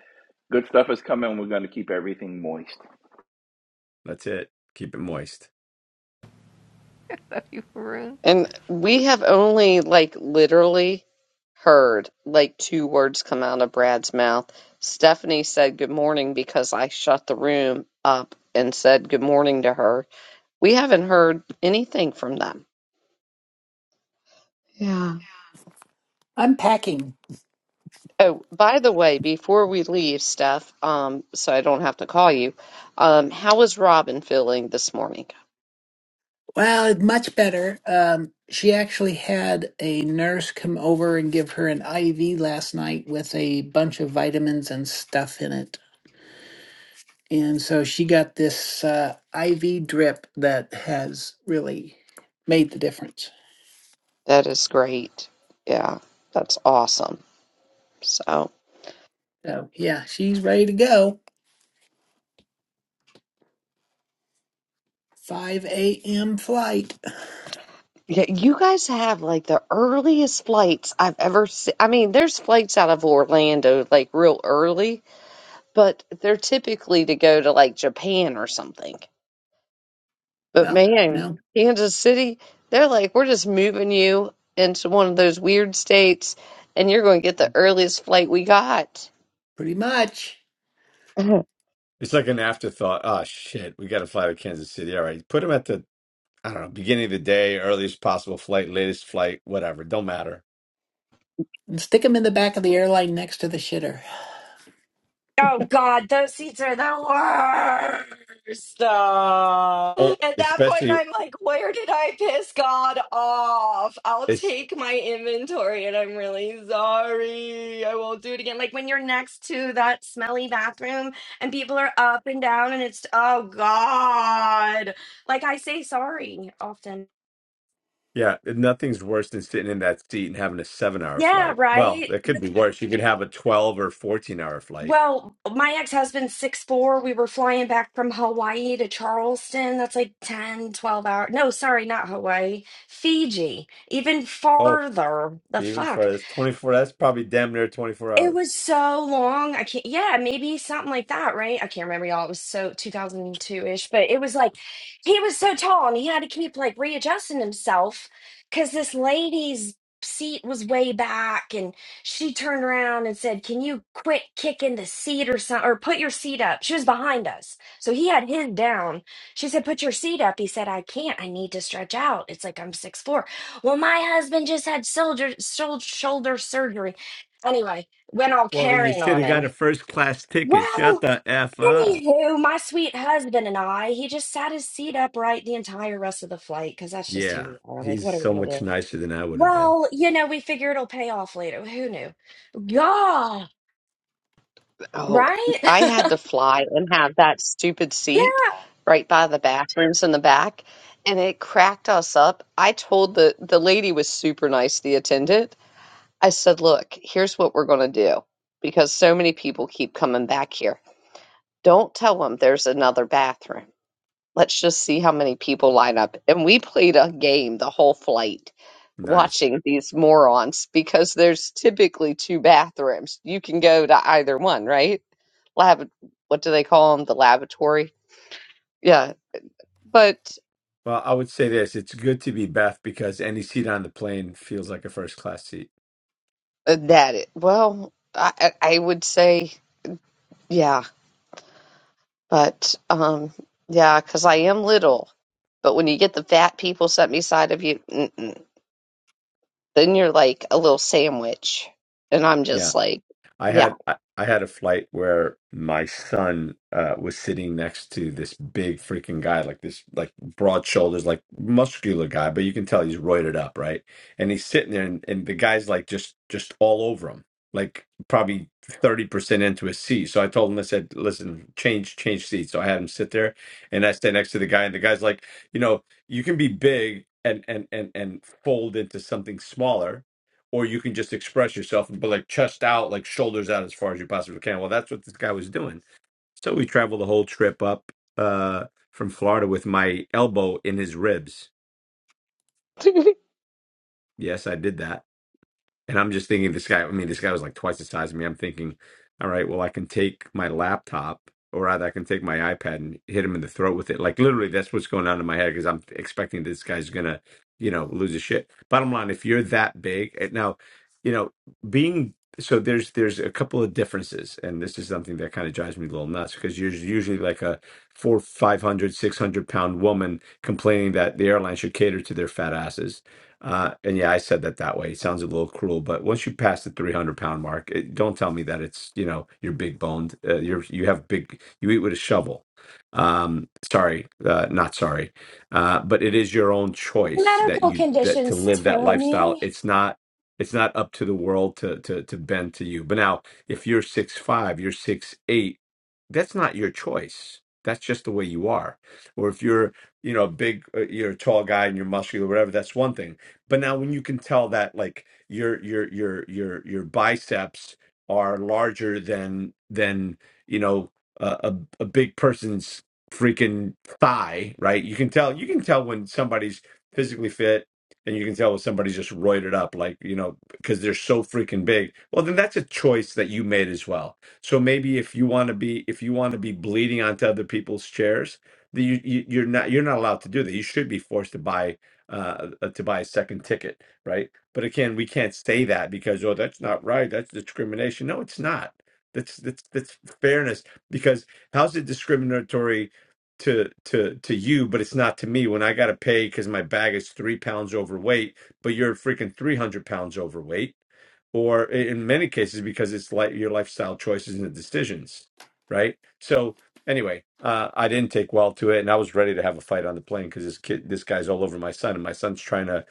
good stuff is coming we're going to keep everything moist
That's it. Keep it moist.
I love you, Haroon.
And we have only like literally heard like two words come out of Brad's mouth. Stephanie said good morning because I shut the room up and said good morning to her. We haven't heard anything from them. Yeah.
I'm packing.
Oh, by the way, before we leave, Steph, um, so I don't have to call you, um, how is Robin feeling this morning?
Well, much better. Um, she actually had a nurse come over and give her an IV last night with a bunch of vitamins and stuff in it. And so she got this uh, IV drip that has really made the difference.
That is great. Yeah, that's awesome. So.
So, yeah, she's ready to go. 5 a.m. flight.
Yeah, you guys have like the earliest flights I've ever seen. I mean, there's flights out of Orlando like real early, but they're typically to go to like Japan or something. But
Well,
man,
no,
Kansas City, they're like, we're just moving you into one of those weird states and you're going to get the earliest flight we got.
pretty much.
It's like an afterthought. Oh shit, we got to fly to Kansas City. All right, put them at the I don't know, beginning of the day, earliest possible flight, latest flight, whatever. Don't matter.
And stick them in the back of the airline next to the shitter.
oh God, those seats are the worst. Uh,
Oh,
at that point,
especially
I'm like, where did I piss God off? I'll
it's
take my inventory, and I'm really sorry. I won't do it again. Like when you're next to that smelly bathroom, and people are up and down, and it's oh God. Like I say sorry often.
yeah, nothing's worse than sitting in that seat and having a seven hour
Yeah,
flight. Well,
right.
that could be worse. You could have a twelve or fourteen hour flight.
Well, my ex-husband's six four. We were flying back from Hawaii to Charleston. That's like 10, 12 hours. No, sorry, not Hawaii. Fiji. Even
Oh,
farther. The
even
fuck.
for this twenty four that's probably damn near twenty four
It
hours.
was so long. I can't, yeah, maybe something like that, right? I can't remember, y'all. It was so 2002-ish, but it was like he was so tall and he had to keep like readjusting himself because this lady's seat was way back and she turned around and said, Can you quit kicking the seat or something or put your seat up? She was behind us. So he had his down. She said, Put your seat up. He said, I can't. I need to stretch out. It's like I'm six four. Well, my husband just had shoulder shoul- shoulder surgery. Anyway went all
Well then you
Karen
should
on
have got a
him.
first class ticket. Shut
Well,
the F up.
anywho, my sweet husband and I, he just sat his seat upright the entire rest of the flight because that's just who
Yeah.
we are. Like,
He's
what are we
so
gonna
much
do?
nicer than I would have been.
Well, you know, we figure it'll pay off later. Who knew? Yeah,
Oh,
right?
I had to fly and have that stupid
yeah,
seat right by the bathrooms in the back, and it cracked us up. I told the the lady was super nice, the attendant. I said, "Look, here's what we're going to do because so many people keep coming back here. Don't tell them there's another bathroom. Let's just see how many people line up. And we played a game the whole flight
Nice.
watching these morons because there's typically two bathrooms. You can go to either one, right? Lab, what do they call them? The lavatory. Yeah. But
Well, I would say this. It's good to be Beth because any seat on the plane feels like a first class seat.
uh, that, it, well, I, I I would say, yeah. But, um, yeah, because I am little. But when you get the fat people sitting beside of you, mm-mm, then you're like a little sandwich. And I'm
Yeah.
just like,
I
yeah.
had I I had a flight where my son uh, was sitting next to this big freaking guy, like this, like broad shoulders, like muscular guy, but you can tell he's roided up, right? And he's sitting there, and, and the guy's like just just all over him, like probably thirty percent into his seat. So I told him, I said, "Listen, change change seats." So I had him sit there, and I sat next to the guy, and the guy's like, you know, you can be big and and and and fold into something smaller or you can just express yourself, but like chest out, like shoulders out as far as you possibly can. Well, that's what this guy was doing. So we traveled the whole trip up uh, from Florida with my elbow in his ribs. Yes, I did that And I'm just thinking this guy, I mean, this guy was like twice the size of me. I'm thinking, all right, well, I can take my laptop or rather I can take my iPad and hit him in the throat with it. Like literally that's what's going on in my head because I'm expecting this guy's gonna, you know, lose his shit. Bottom line, if you're that big and now, you know, being so there's there's a couple of differences and this is something that kind of drives me a little nuts because you're usually like a four, 500, 600 pound woman complaining that the airline should cater to their fat asses uh, and yeah, I said that that way. It sounds a little cruel, but once you pass the 300 pound mark, it, don't tell me that it's, you know, you're big boned. Uh, you're, you have big, you eat with a shovel. Um, sorry, uh, not sorry. Uh, but it is your own choice that
medical
you, that to
conditions,
live that lifestyle.
Tony.
It's not, it's not up to the world to, to, to bend to you. But now if you're six, five, you're six, eight, that's not your choice. That's just the way you are. Or if you're, you know, a big, uh, you're a tall guy and you're muscular, whatever, that's one thing but now when you can tell that like your your your your your biceps are larger than than you know a a, a big person's freaking thigh, right? You can tell you can tell when somebody's physically fit and you can tell when somebody's just roided up like, you know, because they're so freaking big. Well, then that's a choice that you made as well. So maybe if you want to be if you want to be bleeding onto other people's chairs, the, you, you- you're not you're not allowed to do that. You should be forced to buy uh, uh, to buy a second ticket, right? But again, we can't say that because oh, that's not right. That's discrimination. No, it's not. That's that's that's fairness. Because how's it discriminatory to to to you, but it's not to me when I got to pay because my bag is three pounds overweight, but you're freaking three hundred pounds overweight or i- in many cases because it's like your lifestyle choices and the decisions right so Anyway, uh, I didn't take well to it, and I was ready to have a fight on the plane because this kid, this guy's all over my son, and my son's trying to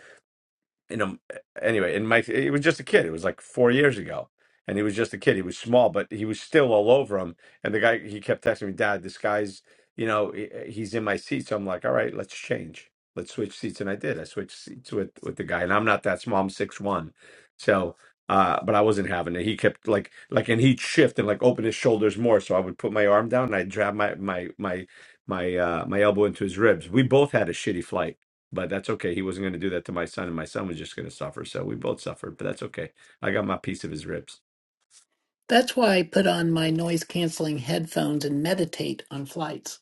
you know anyway and mike he was just a kid it was like four years ago and he was just a kid he was small but he was still all over him and the guy he kept texting me dad this guy's you know he- he's in my seat so i'm like all right let's change let's switch seats and i did i switched seats with with the guy and i'm not that small i'm six one so uh but i wasn't having it he kept like like and he'd shift and like open his shoulders more so i would put my arm down and i'd grab my my my my uh my elbow into his ribs we both had a shitty flight but that's okay. He wasn't going to do that to my son, and my son was just going to suffer. So we both suffered, but that's okay. I got my piece of his ribs.
That's why I put on my noise canceling headphones and meditate on flights.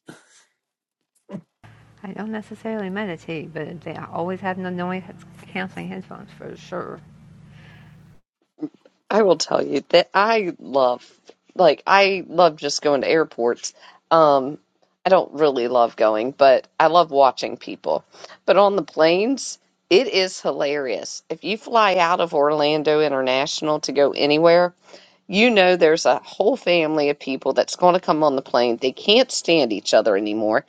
I don't necessarily meditate, but they I always have no noise canceling headphones for sure.
I will tell you that I love, like, I love just going to airports. Um, I don't really love going, but I love watching people. But on the planes, it is hilarious. If you fly out of Orlando International to go anywhere, you know there's a whole family of people that's going to come on the plane. They can't stand each other anymore.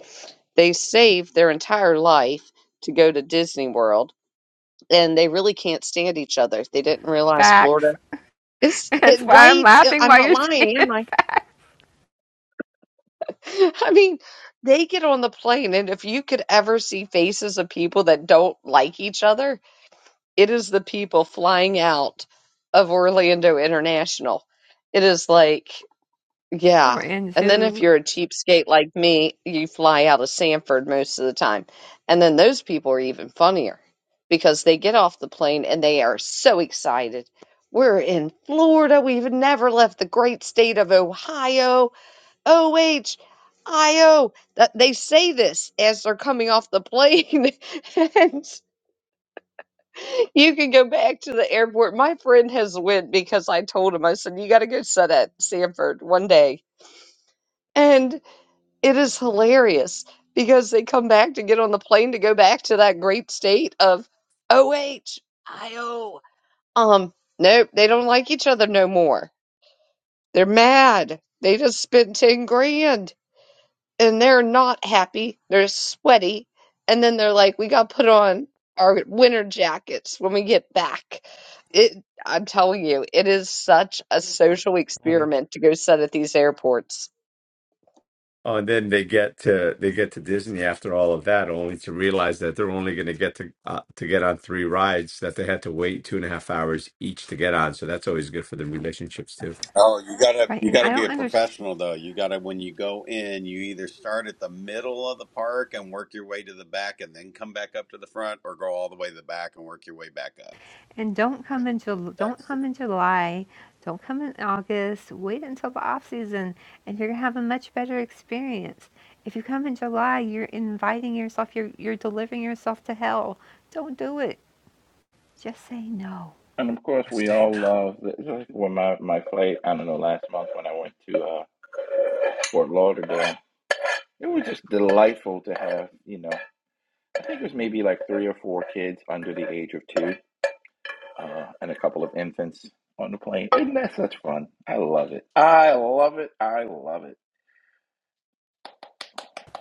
They saved their entire life to go to Disney World, and they really can't stand each other. They didn't realize
Facts.
Florida. It's it,
That's why I'm
right.
laughing
I'm
while
not
you're saying
lying, am I?
facts.
I mean, they get on the plane, and if you could ever see faces of people that don't like each other, it is the people flying out of Orlando International. It is like.
Or
Yeah. And then if
into
you're a cheapskate like me, you fly out of Sanford most of the time. And then those people are even funnier because they get off the plane and they are so excited. We're in Florida. We've never left the great state of Ohio. O H, I O. That they say this as they're coming off the plane. and you can go back to the airport. My friend has went because I told him, I said, you got to go set at Sanford one day. and. It is hilarious because they come back to get on the plane to go back to that great state of O H I O. Um, nope, they don't like each other no more. They're mad. They just spent 10 grand and they're not happy. They're sweaty. And then they're like, we got to put on our winter jackets when we get back. It, I'm telling you, it is such a social experiment to go set at these airports.
Oh, and then they get to they get to Disney after all of that, only to realize that they're only going to get to uh, to get on three rides that they had to wait two and a half hours each to get on. So that's always good for the relationships too.
Oh, you gotta
right,
you
and
gotta
I
be
don't
a
understand.
professional though. You gotta when you go in, you either start at the middle of the park and work your way to the back, and then come back up to the front, or go all the way to the back and work your way back up.
And don't come in Jul- don't
That's the
come in July, don't come in August. Wait until the off season, and you're gonna have a much better experience. If you come in July, you're inviting yourself. You're you're delivering yourself to hell. Don't do it. Just say no.
And of course,
Yes,
we
they
all
know.
love. The, well, my my flight. I don't know. Last month when I went to uh, Fort Lauderdale, it was just delightful to have. You know, I think it was maybe like three or four kids under the age of two, uh, and a couple of infants on the plane. Isn't that such fun? I love it. I love it. I love it.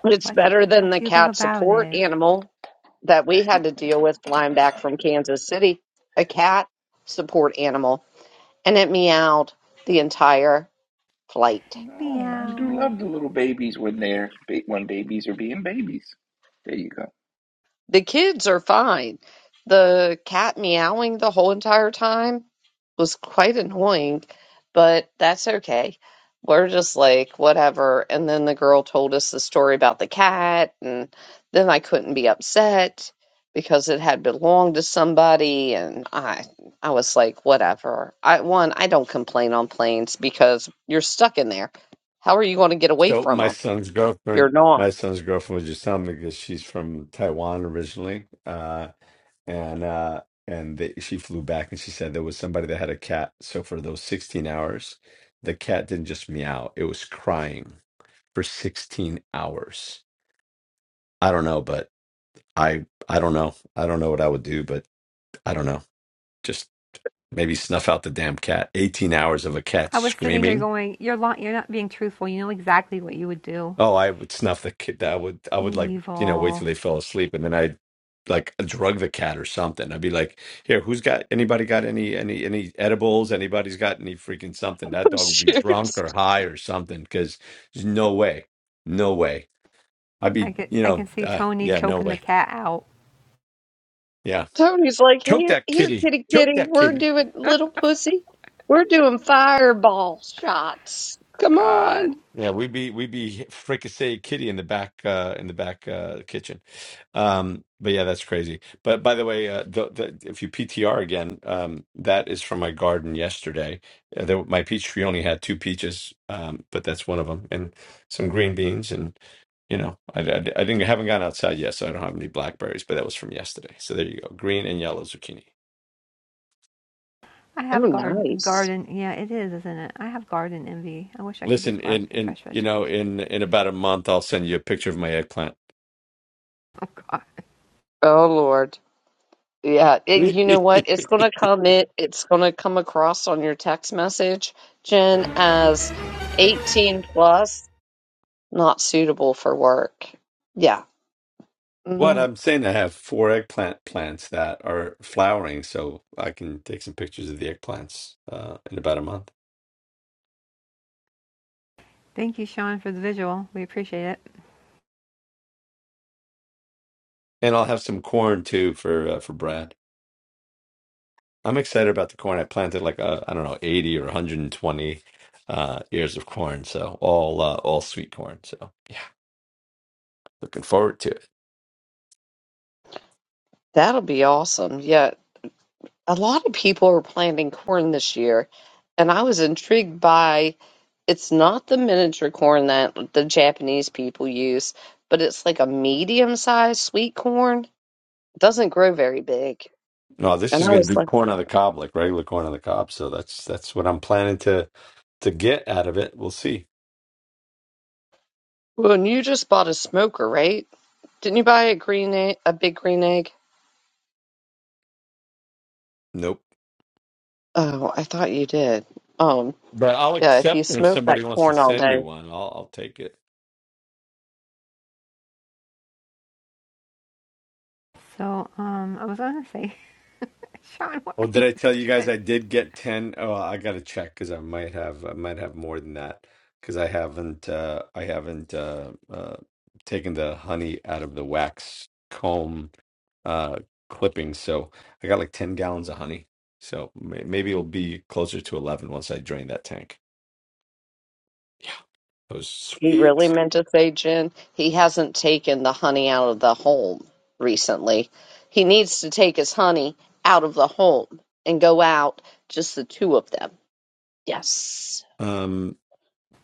It's
What do,
better than
what
the
do you love
cat
about
support
it?
animal. that we had to deal with flying back from Kansas City, a cat support animal, and it meowed the entire flight.
no, I do
Meow.
love the little babies when they're ba- when babies are being babies. There you go.
The kids are fine. The cat meowing the whole entire time was quite annoying, but that's okay. We're just like, whatever. And then the girl told us the story about the cat, and then I couldn't be upset because it had belonged to somebody and I I was like, whatever. I one, I don't complain on planes because you're stuck in there. How are you going to get away
So
from
my
them?
son's
You're
girlfriend,
not.
my son's girlfriend was just telling me because she's from Taiwan originally, Uh, and uh and they, she flew back and she said there was somebody that had a cat so for those 16 hours the cat didn't just meow it was crying for 16 hours i don't know but i i don't know i don't know what i would do but i don't know just maybe snuff out the damn cat 18 hours of a cat
I was sitting here
screaming
going, you're lo- you're not being truthful. You know exactly what you would do.
Oh, I would snuff the kid. I would, I would like, you know, wait till
Evil.
they fell asleep, and then I'd like drug the cat or something. I'd be like, "Here, who's got anybody got any any any edibles? Anybody's got any freaking something?" That dog would be
Shoot.
drunk or high or something. Because there's no way, no way. I'd
I
be,
get
you
I
know,
can see
uh,
Tony
yeah, no
choking the
way.
cat out.
Yeah,
Tony's like,
choke
here,
that
here,
kitty,
kitty,
choke
kitty,
that
we're
kitty.
doing little pussy. We're doing fireball shots. Come
God.
on.
Yeah, we be we be fricassee kitty in the back uh in the back uh kitchen. Um but yeah, that's crazy. But by the way, uh the, the if you PTR again, um that is from my garden yesterday. Uh, there, my peach tree only had two peaches, um but that's one of them and some green beans and you know, I, I, I didn't haven't gone outside yet, so I don't have any blackberries, but that was from yesterday. So there you go. Green and yellow zucchini.
I
They're
have garden
nice.
garden yeah, it is, isn't it? I have garden envy. I wish I could
Listen,
just go out
in
and get
in
fresh
you know,
vegetables.
in in about a month I'll send you a picture of my eggplant.
Oh god.
Oh, Lord. Yeah. It, you know what? It's going to come in, it's going to come across on your text message, Jen, as 18 plus, not suitable for work. Yeah.
What
hmm
I'm saying, I have four eggplant plants that are flowering, so I can take some pictures of the eggplants uh, in about a month,
Thank you, Sean, for the visual. We appreciate it.
and I'll have some corn too for uh, for Brad. I'm excited about the corn. I planted like uh, I don't know, 80 or 120 uh, ears of corn, so all uh, all sweet corn. So yeah, looking forward to it.
That'll be awesome. Yeah. A lot of people are planting corn this year, and I was intrigued by. It's not the miniature corn that the Japanese people use, but it's like a medium-sized sweet corn. It doesn't grow very big.
No, this
And
is
I
going
was
to be
like,
corn on the cob, like regular corn on the cob. So that's that's what I'm planning to to get out of it. We'll see.
"Well, and you just bought a smoker, right? Didn't you buy a green egg, a big green egg?"
Nope.
Oh, I thought you did. Um,
But I'll
yeah, if you
accept it if
smoke that
somebody wants to
corn all
send me
day,
one. I'll I'll take it.
So, um I was gonna say, Sean, what are
Well,
you
did I tell you guys
doing?
I did get 10? Oh, I gotta check because I might have I might have more than that because I haven't uh I haven't uh uh taken the honey out of the wax comb uh clipping. So I got like 10 gallons of honey. So may maybe it'll be closer to 11 once I drain that tank. Yeah, that was
he really
sweet.
meant to say, Jen, he hasn't taken the honey out of the home recently. He needs to take his honey out of the home and go out just the two of them Yes.
Um,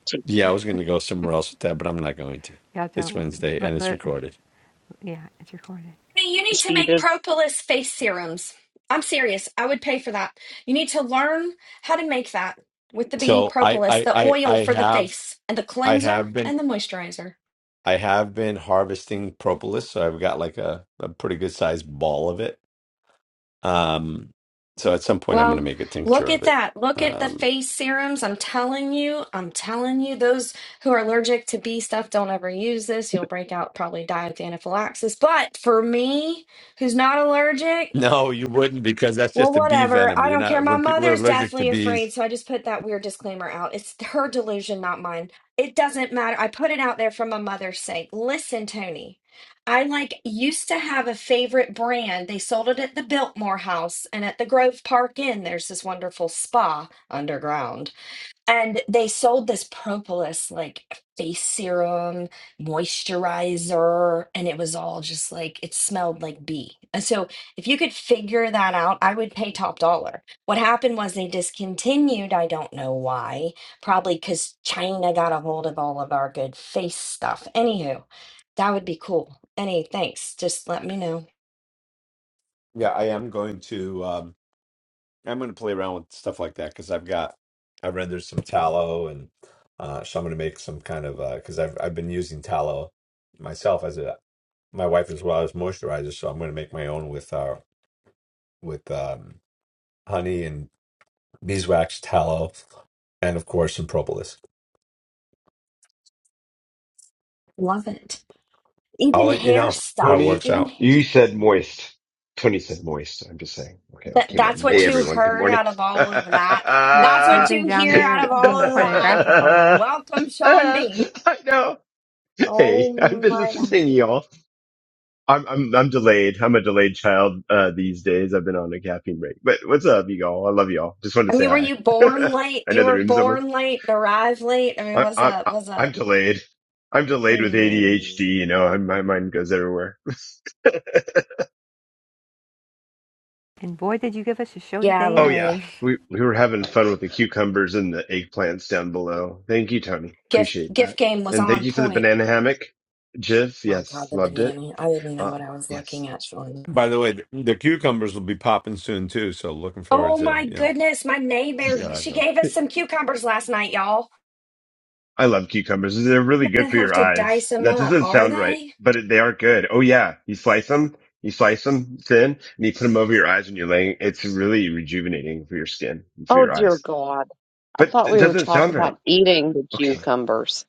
She,
yeah, I was gonna go somewhere else with that, but I'm not going to.
Yeah,
It's
don't
Wednesday and
let,
it's
let
recorded.
yeah, it's recorded.
Hey, You need to
she
make
does.
propolis face serums. I'm serious. I would pay for that. You need to learn how to make that with the bee
So I
propolis,
I
the
I
oil
I
for the
have
face, and the
I
cleanser
have been
and the moisturizer.
I have been harvesting propolis, so I've got like a, a pretty good sized ball of it. Um, so at some point I'm going to
Well,
make a
look
tincture of
at
it.
that. Look at the
Um,
face serums. I'm telling you, I'm telling you, those who are allergic to bee stuff don't ever use this. You'll break out, probably die of the anaphylaxis. But for me, who's not allergic,
no, you wouldn't because that's
well,
just a bee
whatever.
venom.
I
You're
don't care.
not
My
when people are
mother's
allergic to
deathly
bees.
afraid, so I just put that weird disclaimer out. It's her delusion, not mine. It doesn't matter. I put it out there for my mother's sake. Listen, Tony. I like used to have a favorite brand. They sold it at the Biltmore House and at the Grove Park Inn. There's this wonderful spa underground. And they sold this Propolis like face serum, moisturizer, and it was all just like it smelled like bee. And so if you could figure that out, I would pay top dollar. What happened was they discontinued, I don't know why, probably because China got a hold of all of our good face stuff. Anywho, that would be cool. Any thanks, just let me know.
Yeah, I am going to. Um, I'm going to play around with stuff like that because I've got I rendered some tallow and uh, so I'm going to make some kind of uh, because I've I've been using tallow myself as a my wife as well as moisturizer, so I'm going to make my own with our with um, honey and beeswax tallow and of course some propolis.
Love it.
I'll
Even
let you
hair
know how it
stuff,
Tony,
works
even
out.
hair.
you said moist. Tony said moist. I'm just saying. Okay, I
That
came
that's
up.
what
Hey,
you
Moist.
everyone. Good
heard
morning.
out of all of that.
You
That's
you've
what
I
been
you
down
hear
there
out of all
being
of that.
pornographic all morning.
Welcome, Sean B.
know.
Oh
Hey, I've been
my God.
listening, to y'all. I'm I'm I'm delayed. I'm a delayed child uh, these days. I've been on a caffeine break. But what's up, you all? I love y'all. Just wanted to
I
say
mean, were
hi.
you born late?
I
You
know the
were
room's almost.
born late and arrived late. I mean,
I,
what's
I,
up?
I,
What's
I'm
up?
delayed. I'm delayed with
Mm,
ADHD. You know, my mind goes everywhere.
And boy did you give us a show
Yeah,
today
Oh
in the
yeah,
really.
gifts.
we we were having fun with the cucumbers and the eggplants down below. Thank you, Tony.
Gift
Appreciate that,
gift game was
and thank
on
you for the
point.
banana hammock, Jiff.
Oh
Yes,
God, the
loved it.
banana. I didn't know
Uh,
what I was
yes,
looking at, Sean.
By the way, th- the cucumbers will be popping soon too, so looking forward
Oh my
to you know
goodness, my neighbor.
yeah. I
She
guess.
gave us some cucumbers last night, y'all.
I love cucumbers. They're
I'm
really good
gonna
for
have
your
to dice
eyes.
them
That
up.
doesn't
Are
sound right,
they?
but it, they are good. Oh yeah, you slice them, you slice them thin, and you put them over your eyes when you're laying. It's really rejuvenating for your skin and for
Oh,
your
dear
eyes.
God. I
But
thought
it
we were
doesn't sound
talking
right.
about eating the
Okay.
cucumbers,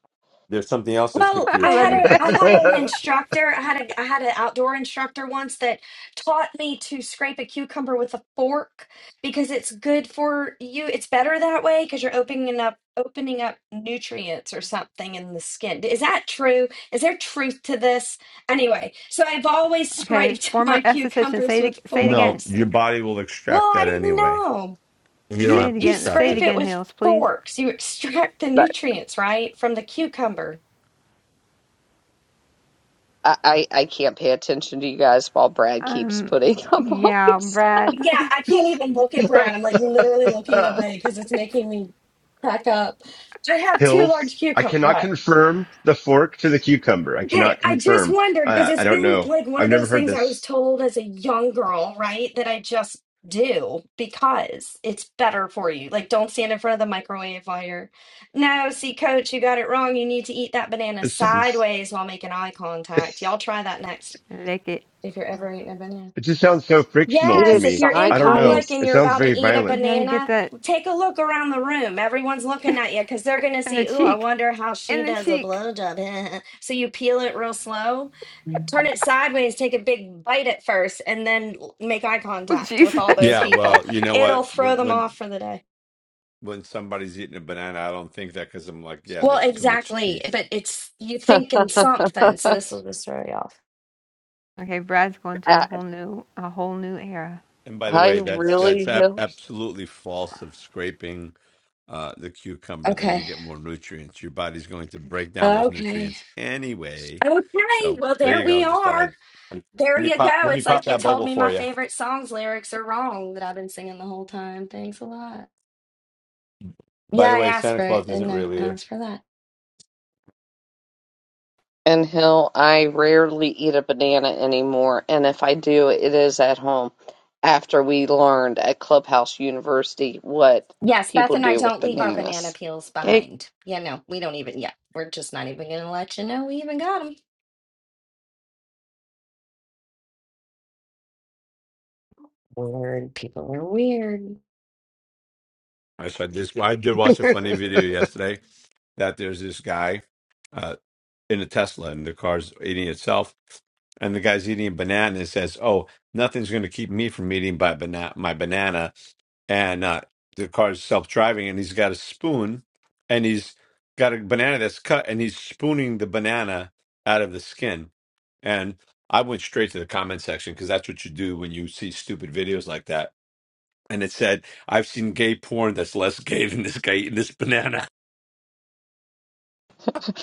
There's something else that's good
Well,
for your
I
I
love
had
skin.
you,
a
Beth.
I had an instructor. I had a I had an outdoor instructor once that taught me to scrape a cucumber with a fork because it's good for you. It's better that way because you're opening up opening up nutrients or something in the skin. Is that true? Is there truth to this? Anyway, so I've always
Okay,
scraped
former
my
esthetician,
cucumbers
say it
with
say it
No,
again.
forks.
your body will
Well,
extract
I
that
didn't
anyway.
know.
You don't
Say
You
it
have to
you
again. Say
scratch
it
scrape
it.
it
again,
with
Hills, please.
forks. You extract the
but
nutrients, right, from the cucumber.
I, I, I can't pay attention to you guys while Brad keeps
Um
putting up all
yeah,
these.
Brad.
Yeah, I can't even look at Brad. I'm like literally looking away because it's making me crack up. I have two
hills.
large
I
cucumber.
cannot
What?
confirm the fork to the cucumber. I
Okay,
cannot
I just
confirm.
wondered because
I, I
it's
don't
been
know.
like one
I've
of
never
those
heard
things I was
this.
told as a young girl, right? That I just do because it's better for you. Like, don't stand in front of the microwave while you're. No, see, coach, you got it wrong. You need to eat that banana
This sounds,
sideways while making eye
it
contact. Y'all try that next
Lick it.
if you're ever eating a banana.
just sounds so frictional
Eat
to
Yes,
it
if
me.
you're in
I don't know.
public and
sideways.
It
you're
sounds
about to
very
eat a
You
violent.
gotta get
banana,
that
take a look around the room. Everyone's looking at you because they're going to
in the
see, ooh, I
cheek.
wonder how she
In the
does a
cheek.
blowjob. so you peel it real slow, turn it sideways, take a big bite at first, and then l- make eye
Oh
contact with all
Jesus.
those
Yeah,
people.
well, you know
It'll
what?
throw
When
them
when
off for the day.
when somebody's eating a banana, I don't think that because I'm like, yeah,
Well,
that's too much
exactly.
teeth.
But it's you thinking something. So
I,
this will just throw you off.
okay, Brad's going to a whole new a whole new era.
And by the
I
way, that's
really,
that's ab-
Hill.
absolutely false of scraping uh, the cucumber that you
Okay.
get more nutrients. Your body's going to break down those
Okay.
nutrients anyway.
Okay.
So
Well,
there
there
you
we
go. Just thought
are.
I'd let
There
me
you
pop
go.
let me
It's
pop
like you
that
told
bubble
me my
for you.
favorite song's lyrics are wrong that I've been singing the whole time. Thanks a lot. Yeah,
By the
I
way,
asked
Santa
for it,
Claus isn't
didn't I?
real
I
either.
asked for that.
And Hill, I rarely eat a banana anymore. And if I do, it is at home after we learned at Clubhouse University what
Yes, Beth
people
and I
do with
don't leave our banana
bananas.
peels
okay.
behind. Yeah, no, we don't even. Yeah, we're just not even going to let you know we even got them. Weird. People are weird.
I said this. I did watch a
I
funny video yesterday that there's this guy uh, in a Tesla and the car's eating itself. And the guy's eating a banana and says, Oh, nothing's going to keep me from eating my, bana- my banana. And uh, the car's self driving and he's got a spoon and he's got a banana that's cut and he's spooning the banana out of the skin. And I went straight to the comment section because that's what you do when you see stupid videos like that. And it said, I've seen gay porn that's less gay than this guy eating this banana.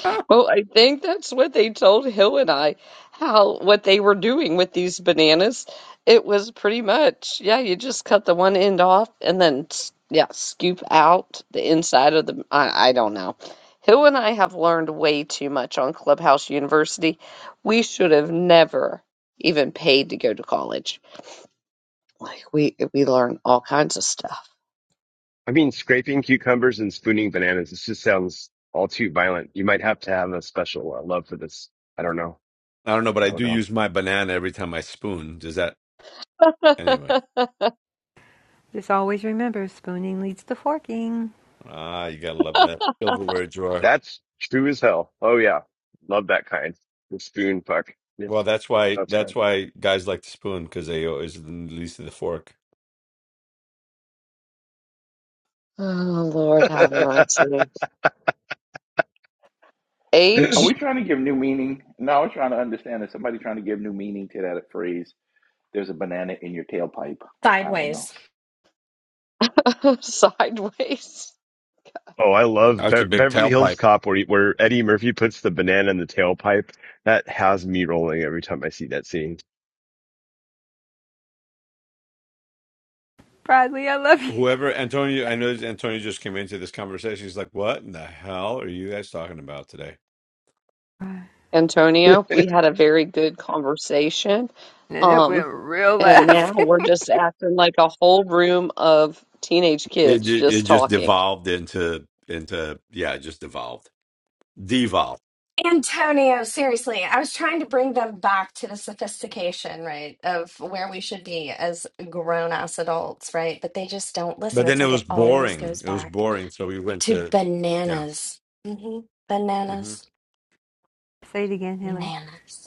Well, I think that's what they told Hill and I, how what they were doing with these bananas. It was pretty much, yeah, you just cut the one end off and then, s- yeah, scoop out the inside of the. I, I don't know. Hill and I have learned way too much on Clubhouse University. We should have never even paid to go to college. Like we we learn all kinds of stuff.
mean, scraping cucumbers and spooning bananas. This just sounds all too violent. You might have to have a special uh, love for this. I don't know.
I don't know, but I
I don't
do
know.
use my banana every time I spoon. Does that anyway?
Just always remember spooning leads to forking.
Ah, you gotta love that silverware drawer.
That's true as hell. Oh yeah. Love that kind. The spoon fuck.
Well,
Yes.
that's why
That's
that's
kind.
why guys like to spoon because they always least of the fork.
Oh Lord have mercy.
Are we
H
trying to give new meaning? No, I was trying to understand. Is somebody trying to give new meaning to that phrase? there's a banana in your tailpipe. I don't know.
Sideways.
sideways.
Oh, I love
That's
Be-
a big
Beverly Hills
tailpipe.
Cop where he, where Eddie Murphy puts the banana in the tailpipe. That has me rolling every time I see that scene.
Bradley, I love you.
Whoever Antonio, I know Antonio just came into this conversation. He's like, "What in the hell are you guys talking about today?"
I
Antonio, we had a very good conversation.
And then it went
Um
real
and now
left.
we're just acting like a whole room of teenage
It
kids
ju- it
just
just
talking.
devolved into into yeah, it just devolved, devolved.
Antonio, seriously, I was trying to bring them back to the sophistication, right, of where we should be as grown ass adults, right? But they just don't
But
listen. It's
then it
like
was
it always
boring.
goes
It was
back
boring, so we went
to
to yeah.
bananas. hmm Bananas.
Say it again, Hillary.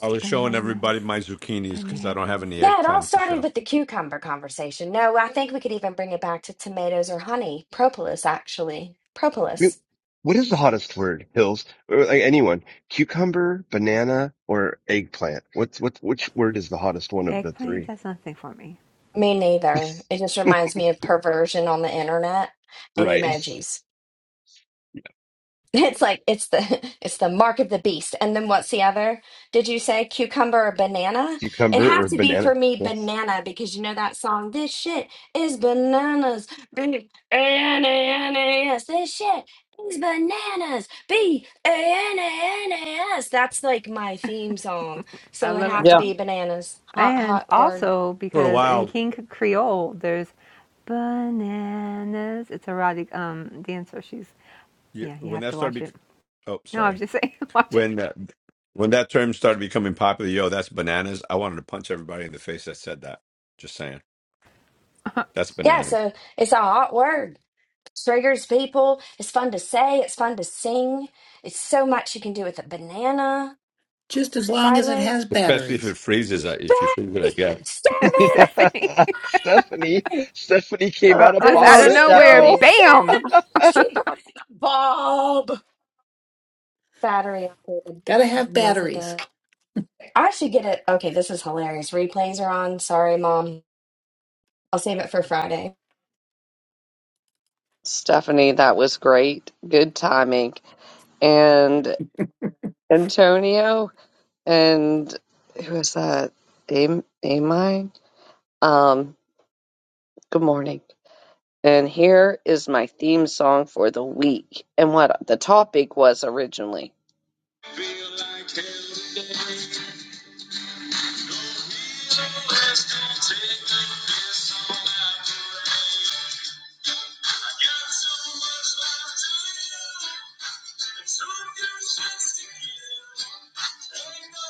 I was showing
Bananas.
everybody my zucchinis because I don't have
Bananas.
any
Yeah, it all
eggplant to
started
show.
with the cucumber conversation. No, I think we could even bring it back to tomatoes or honey. Propolis, actually.
mean,
Propolis.
What is the hottest word, Hills? Or like anyone? Cucumber, banana, or eggplant? What's what? Which word is the hottest one of the
Eggplant,
three?
that's nothing for me.
Me neither. It just reminds me of perversion on the internet and
Right,
emojis. It's like it's the it's the mark of the beast. And then what's the other? Did you say cucumber or banana? It'd
cucumber
have
or
to be
banana?
for me
Yes.
banana because you know that song, This shit is bananas. B A N A N A S. This shit is bananas. B A N A N A S. That's like my theme song.
I
So it'd
love
have
that
to
Yeah.
song.
be bananas. Hot,
And
hot word.
also
For a
because in
while,
King Creole, there's bananas. It's a erotic um, dancer. She's,
you-
yeah, you
when
have
that
to watch
started,
it.
bec- oh,
No, I was
sorry,
just saying, watch it.
when uh, when that term started becoming popular, yo, that's bananas. I wanted to punch everybody in the face that said that. Just saying, that's
Yeah,
bananas.
so it's a hot word. Schrager's people. It's fun to say. It's fun to sing. It's so much you can do with a banana
Just as long as it has
sideways.
Especially if it
batteries.
freezes. I- If you freeze it, I
Faith,
get it.
Stephanie,
Stephanie,
Stephanie, Stephanie came
Uh,
out of
I
just out of
she
love
pocket.
nowhere,
Stephanie.
Yo,
said
bam!
she brought in a bulb. Battery operated.
Gotta have
Yes, it
batteries.
does. I should get it. Okay, this is hilarious. Replays are on. Sorry, mom. I'll save it for Friday.
Stephanie, that was great. Good timing. And Antonio and who is that? Am Amine? Um, good morning. And here is my theme song for the week and what the topic was originally. like so so no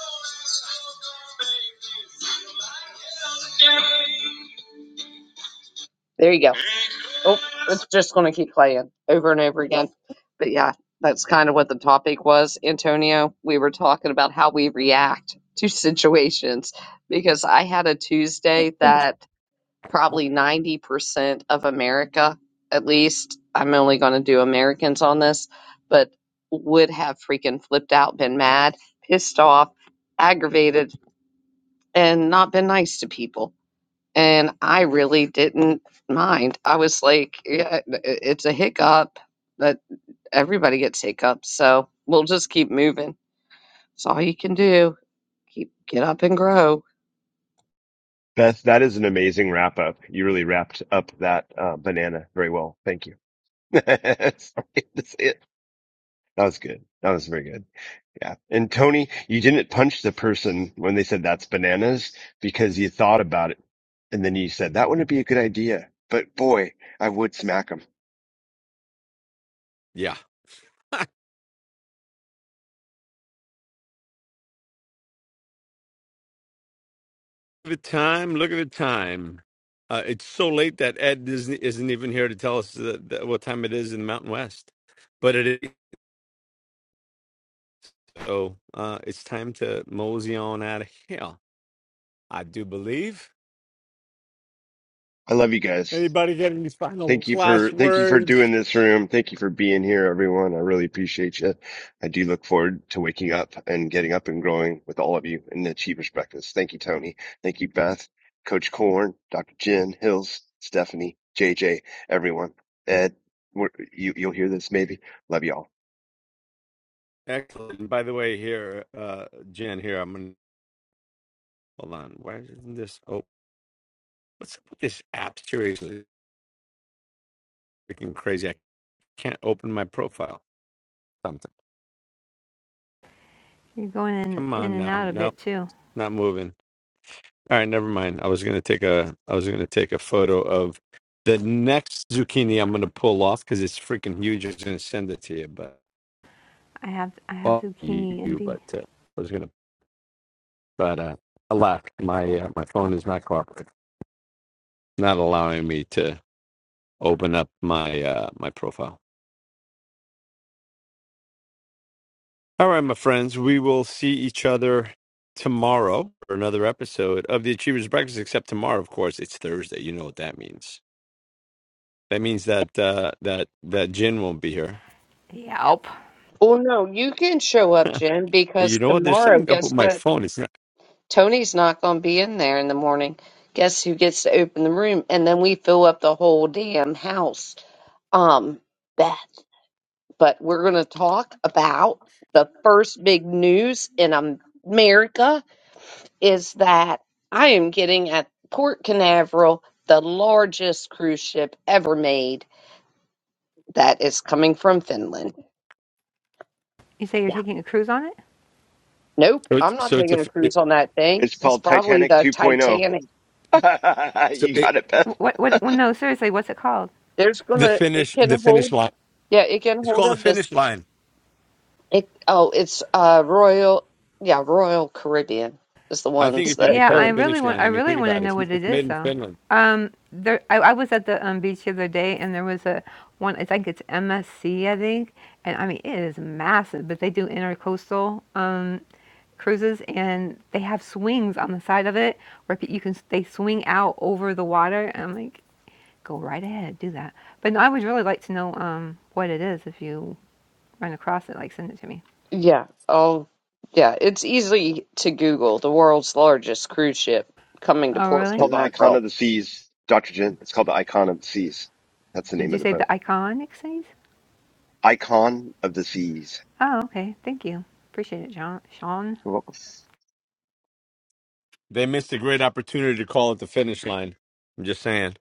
like There you go. Oh, it's just going to keep playing over and over again. But yeah, that's kind of what the topic was, Antonio. We were talking about how we react to situations because I had a Tuesday that probably 90% of America, at least, I'm only going to do Americans on this, but would have freaking flipped out, been mad, pissed off, aggravated, and not been nice to people. And I really didn't mind. I was like, yeah, i- it's a hiccup, but everybody gets hiccups. So we'll just keep moving. It's all you can do. Keep, get up and grow.
Beth, that is an amazing wrap up. You really wrapped up that uh, banana very well. Thank you. Sorry, that's it. That was good. That was very good. Yeah. And Tony, you didn't punch the person when they said that's bananas because you thought about it and then you said that wouldn't be a good idea. But boy, I would smack him.
Yeah. Look at the time. Look at the time. Uh, it's so late that Ed isn't, isn't even here to tell us that, that what time it is in the Mountain West, but it is. So uh, it's time to mosey on out of here. I do believe.
I love you guys.
Anybody got any final
Thank you for
last
thank you for
words?
doing this room. Thank you for being here, everyone. I really appreciate you. I do look forward to waking up and getting up and growing with all of you in the Achievers Breakfast. Thank you, Tony. Thank you, Beth, Coach Corn, Dr. Jen, Hills, Stephanie, JJ, everyone. Ed, we're, you you'll hear this maybe. Love y'all.
Excellent. And By the way, here, uh, Jen, here, I'm gonna hold on. Why isn't this? Oh, what's up with this app? Seriously, freaking crazy. I can't open my profile. Something.
You're going in,
Come
in
on
and
now.
out a
No,
bit too.
not moving. All right, never mind. I was gonna take a. I was gonna take a photo of the next zucchini I'm gonna pull off because it's freaking huge. I was gonna send it to you, but
I have I have
fuck
zucchini
you.
envy.
But uh, I was gonna but uh, I left. My uh, my phone is not cooperating, not allowing me to open up my uh, my profile. All right, my friends, we will see each other tomorrow for another episode of the Achievers Breakfast. Except tomorrow, of course, it's Thursday. You know what that means. That means that uh, that that Jen won't be here.
Yelp.
Well, no, you can show up,
but
Jen,
you
because
know what? There's
tomorrow,
something up with
guess
my
what?
phone. It's not.
Tony's not going to be in there in the morning. Guess who gets to open the room? And then we fill up the whole damn house. Um, Beth. But we're going to talk about the first big news in Am- America is that I am getting at Port Canaveral the largest cruise ship ever made that is coming from Finland.
You say you're
Yeah.
taking a cruise on it?
Nope.
So it's
I'm not
so it's a
taking a
fi- it,
cruise on that thing.
It's
It's
called
probably
Titanic
the
2.0.
Titanic.
so
you
it,
got it, Beth.
What what? Well, no, seriously, what's it called?
There's going
the
to, it
finish the
can hold
finish line.
yeah, it can
It's
hold
called the
up to
finish line.
It, oh, it's uh Royal, yeah, Royal Caribbean is the
I think
Y-
ones
it should be
that,
Yeah,
called
I
the
uh,
really
finish
want.
line.
I
I mean,
really
think
want
about
to
it.
know
It's,
what it
it's
is,
made in
though.
Finland.
Um, there. I, I was at the um, beach the other day, and there was a one. I think it's MSC, I think, and I mean it is massive. But they do intercoastal um, cruises, and they have swings on the side of it where you can. They swing out over the water. And I'm like, go right ahead, do that. But no, I would really like to know um, what it is if you run across it. Like, send it to me.
yeah, oh, yeah, it's easy to Google the world's largest cruise ship coming to
Oh,
Port
It's
really?
called the Icon
Canaveral.
of the Seas, Dr. Jen. It's called the Icon of the Seas. That's the
Did
name
you
of the
say the
boat.
iconic Cities?
Icon of the Seas.
Oh, okay. Thank you. Appreciate it, John. Sean.
Well,
They missed a great opportunity to call it the finish line. I'm just saying.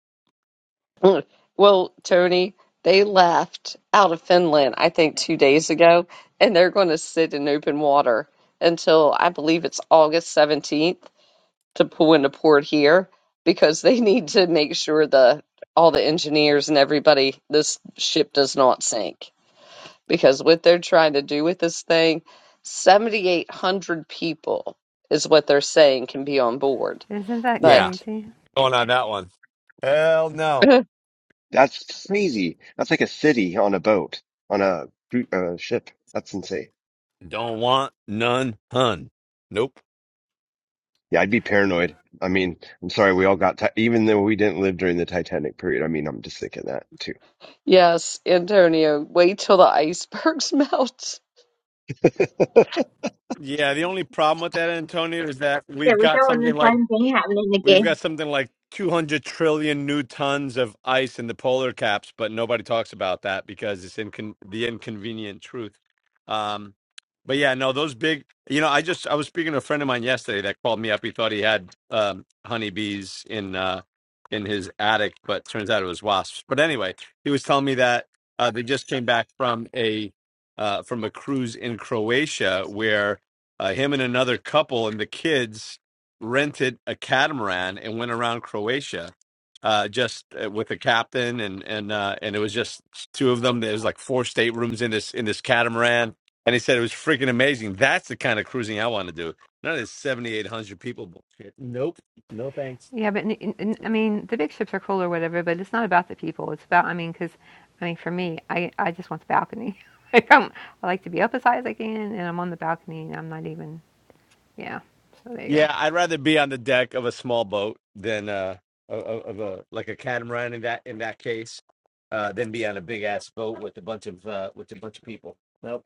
Mm. Well, Tony, they left out of Finland, I think, two days ago, and they're going to sit in open water until I believe it's August 17th. to pull into port here because they need to make sure the all the engineers and everybody this ship does not sink because what they're trying to do with this thing 7800 people is what they're saying can be on board
Isn't that
Yeah.
but
crazy?
Going on that one. Hell no.
that's crazy. That's like a city on a boat, on a cru- uh, ship. That's insane.
Don't want none hun. Nope.
Yeah, I'd be paranoid. I mean, I'm sorry, we all got, ti even though we didn't live during the Titanic period. I mean, I'm just thinking that too.
yes antonio wait till the icebergs melt
Yeah, the only problem with that, Antonio, is that we've got something like We've got something like 200 trillion new tons of ice in the polar caps, but nobody talks about that because it's incon- the inconvenient truth. Um, but yeah, no, those big, you know, I just, I was speaking to a friend of mine yesterday that called me up. He thought he had um, honeybees in, uh, in his attic, but turns out it was wasps. But anyway, he was telling me that uh, they just came back from a, uh, from a cruise in Croatia where uh, him and another couple and the kids rented a catamaran and went around Croatia uh, just uh, with a captain and and uh, and it was just two of them. There was like four staterooms in this in this catamaran, and he said it was freaking amazing. That's the kind of cruising I want to do. None of this seventy eight hundred people bullshit. Nope, no thanks.
Yeah, but n- n- I mean, the big ships are cool or whatever, but it's not about the people. It's about, I mean, because, I mean, for me, I, I just want the balcony. like, I'm, I like to be up as high as I can, and I'm on the balcony, and I'm not even, yeah. So there you go.
Yeah, I'd rather be on the deck of a small boat than uh of, of a like a catamaran in that in that case uh than be on a big ass boat with uh, with a bunch of people. Nope.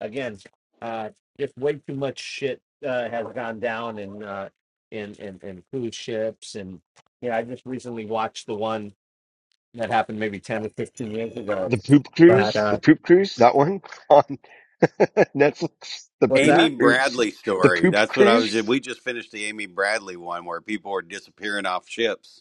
again, uh, just way too much shit uh, has gone down in uh, in, in in cruise ships, and yeah, I just recently watched the one that happened maybe ten or fifteen years ago.
The poop
But
cruise, the
uh,
poop cruise, that one on Netflix, the
what's
poop
Amy
that?
cruise,
Bradley
the
story.
poop
That's what I was.
cruise.
We just finished the Amy Bradley one where people were disappearing off ships.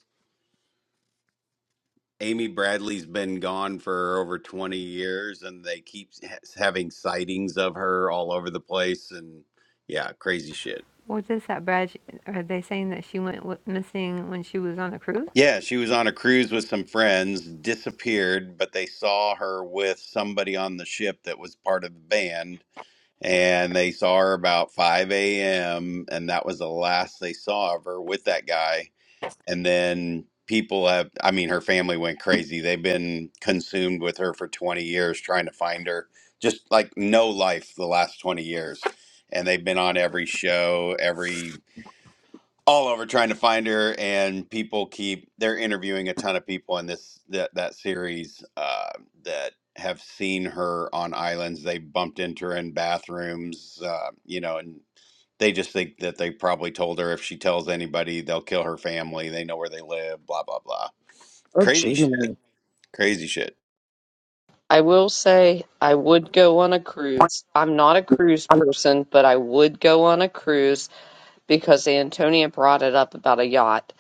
Amy Bradley's been gone for over 20 years and they keep ha- having sightings of her all over the place and yeah, crazy shit.
What is that, Brad? Sh- Are they saying that she went w- missing when she was on a cruise?
Yeah, she was on a cruise with some friends, disappeared, but they saw her with somebody on the ship that was part of the band and they saw her about 5 a.m. and that was the last they saw of her with that guy and then people have i mean her family went crazy they've been consumed with her for 20 years trying to find her just like no life the last 20 years and they've been on every show every all over trying to find her and people keep they're interviewing a ton of people in this that that series uh, that have seen her on islands they bumped into her in bathrooms uh, you know and they just think that they probably told her if she tells anybody they'll kill her family they know where they live blah blah blah
oh
crazy
gee
shit crazy shit
i will say i would go on a cruise i'm not a cruise person but i would go on a cruise because Antonia brought it up about a yacht.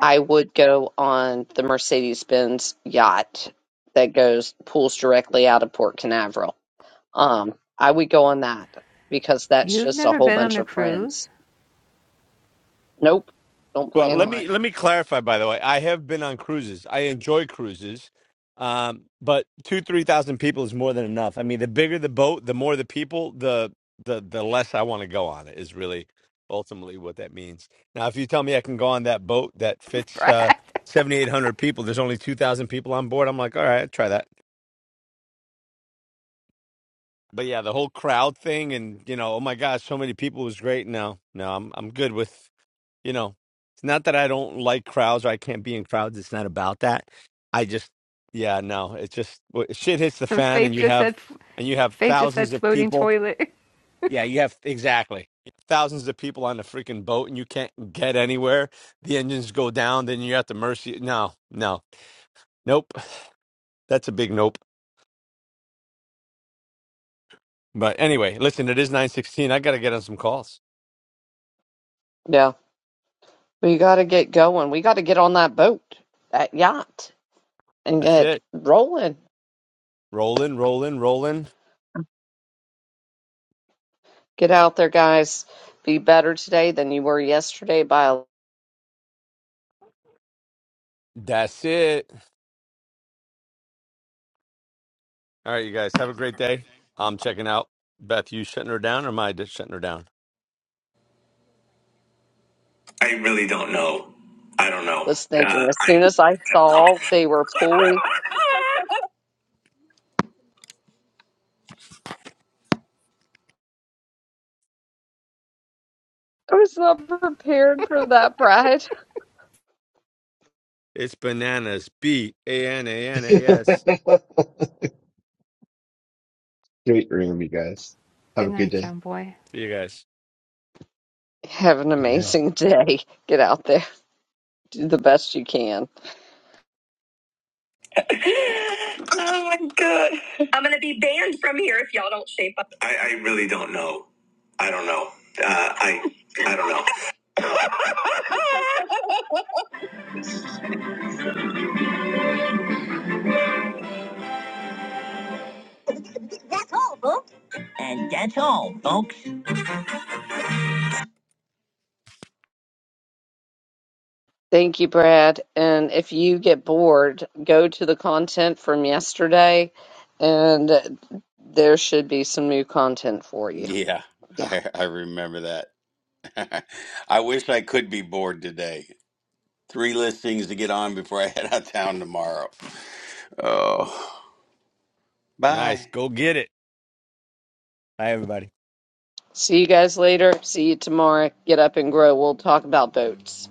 I would go on the Mercedes Benz yacht that goes pulls directly out of Port Canaveral. Um, I would go on that because that's
You've
just a
never
whole
been on
bunch
a
of
cruise?
friends. Nope, don't
Well,
plan
let
on
me
it.
let me clarify. By the way, I have been on cruises. I enjoy cruises, um, but two three thousand people is more than enough. I mean, the bigger the boat, the more the people, the the the less I want to go on it. Is really ultimately what that means. Now, if you tell me I can go on that boat that fits uh,
Brad.
seventy eight hundred people, there's only two thousand people on board. I'm like, all right, I'll try that. But yeah, the whole crowd thing, and you know, oh my gosh, so many people was great. No, no, I'm I'm good with You know, it's not that I don't like crowds or I can't be in crowds. It's not about that. I just, yeah, no, it's just wh- shit hits the
And
fan and
Faith
you
just
have,
said,
and you have
Faith just
thousands
said
of
floating
people.
toilet.
Yeah, you have exactly thousands of people on the freaking boat and you can't get anywhere. The engines go down, then you're at the mercy. No, no, nope. That's a big nope. But anyway, listen, it is 916. I got to get on some calls.
Yeah, we got to get going. We got to get on that boat, that yacht, and
That's
get
it.
rolling.
Rolling, rolling, rolling.
Get out there, guys. Be better today than you were yesterday by a
That's it. All right, you guys have a great day. I'm checking out. Beth, you shutting her down or am I just shutting her down?
I really don't know. I don't know.
was thinking
Uh,
as
I, I
soon as I
don't know.
saw they were pulling I was not prepared for that, Brad.
It's bananas. B A N A N A S.
Great room, you guys. Have
Good
a good
night,
day.
John boy.
See you guys.
Have an
Good night.
amazing day. Get out there. Do the best you can.
oh my god. I'm gonna be banned from here if y'all don't shape up. I, I really don't know. I don't know. Uh, I I don't know. That's all, folks. And that's all, folks.
Thank you, Brad. And if you get bored, go to the content from yesterday, and there should be some new content for you.
Yeah,
Yeah.
I I remember that. I wish I could be bored today. Three listings to get on before I head out of town tomorrow. Oh,
Nice.
bye.
Go get it. Bye, everybody.
See you guys later. See you tomorrow. Get up and grow. We'll talk about boats.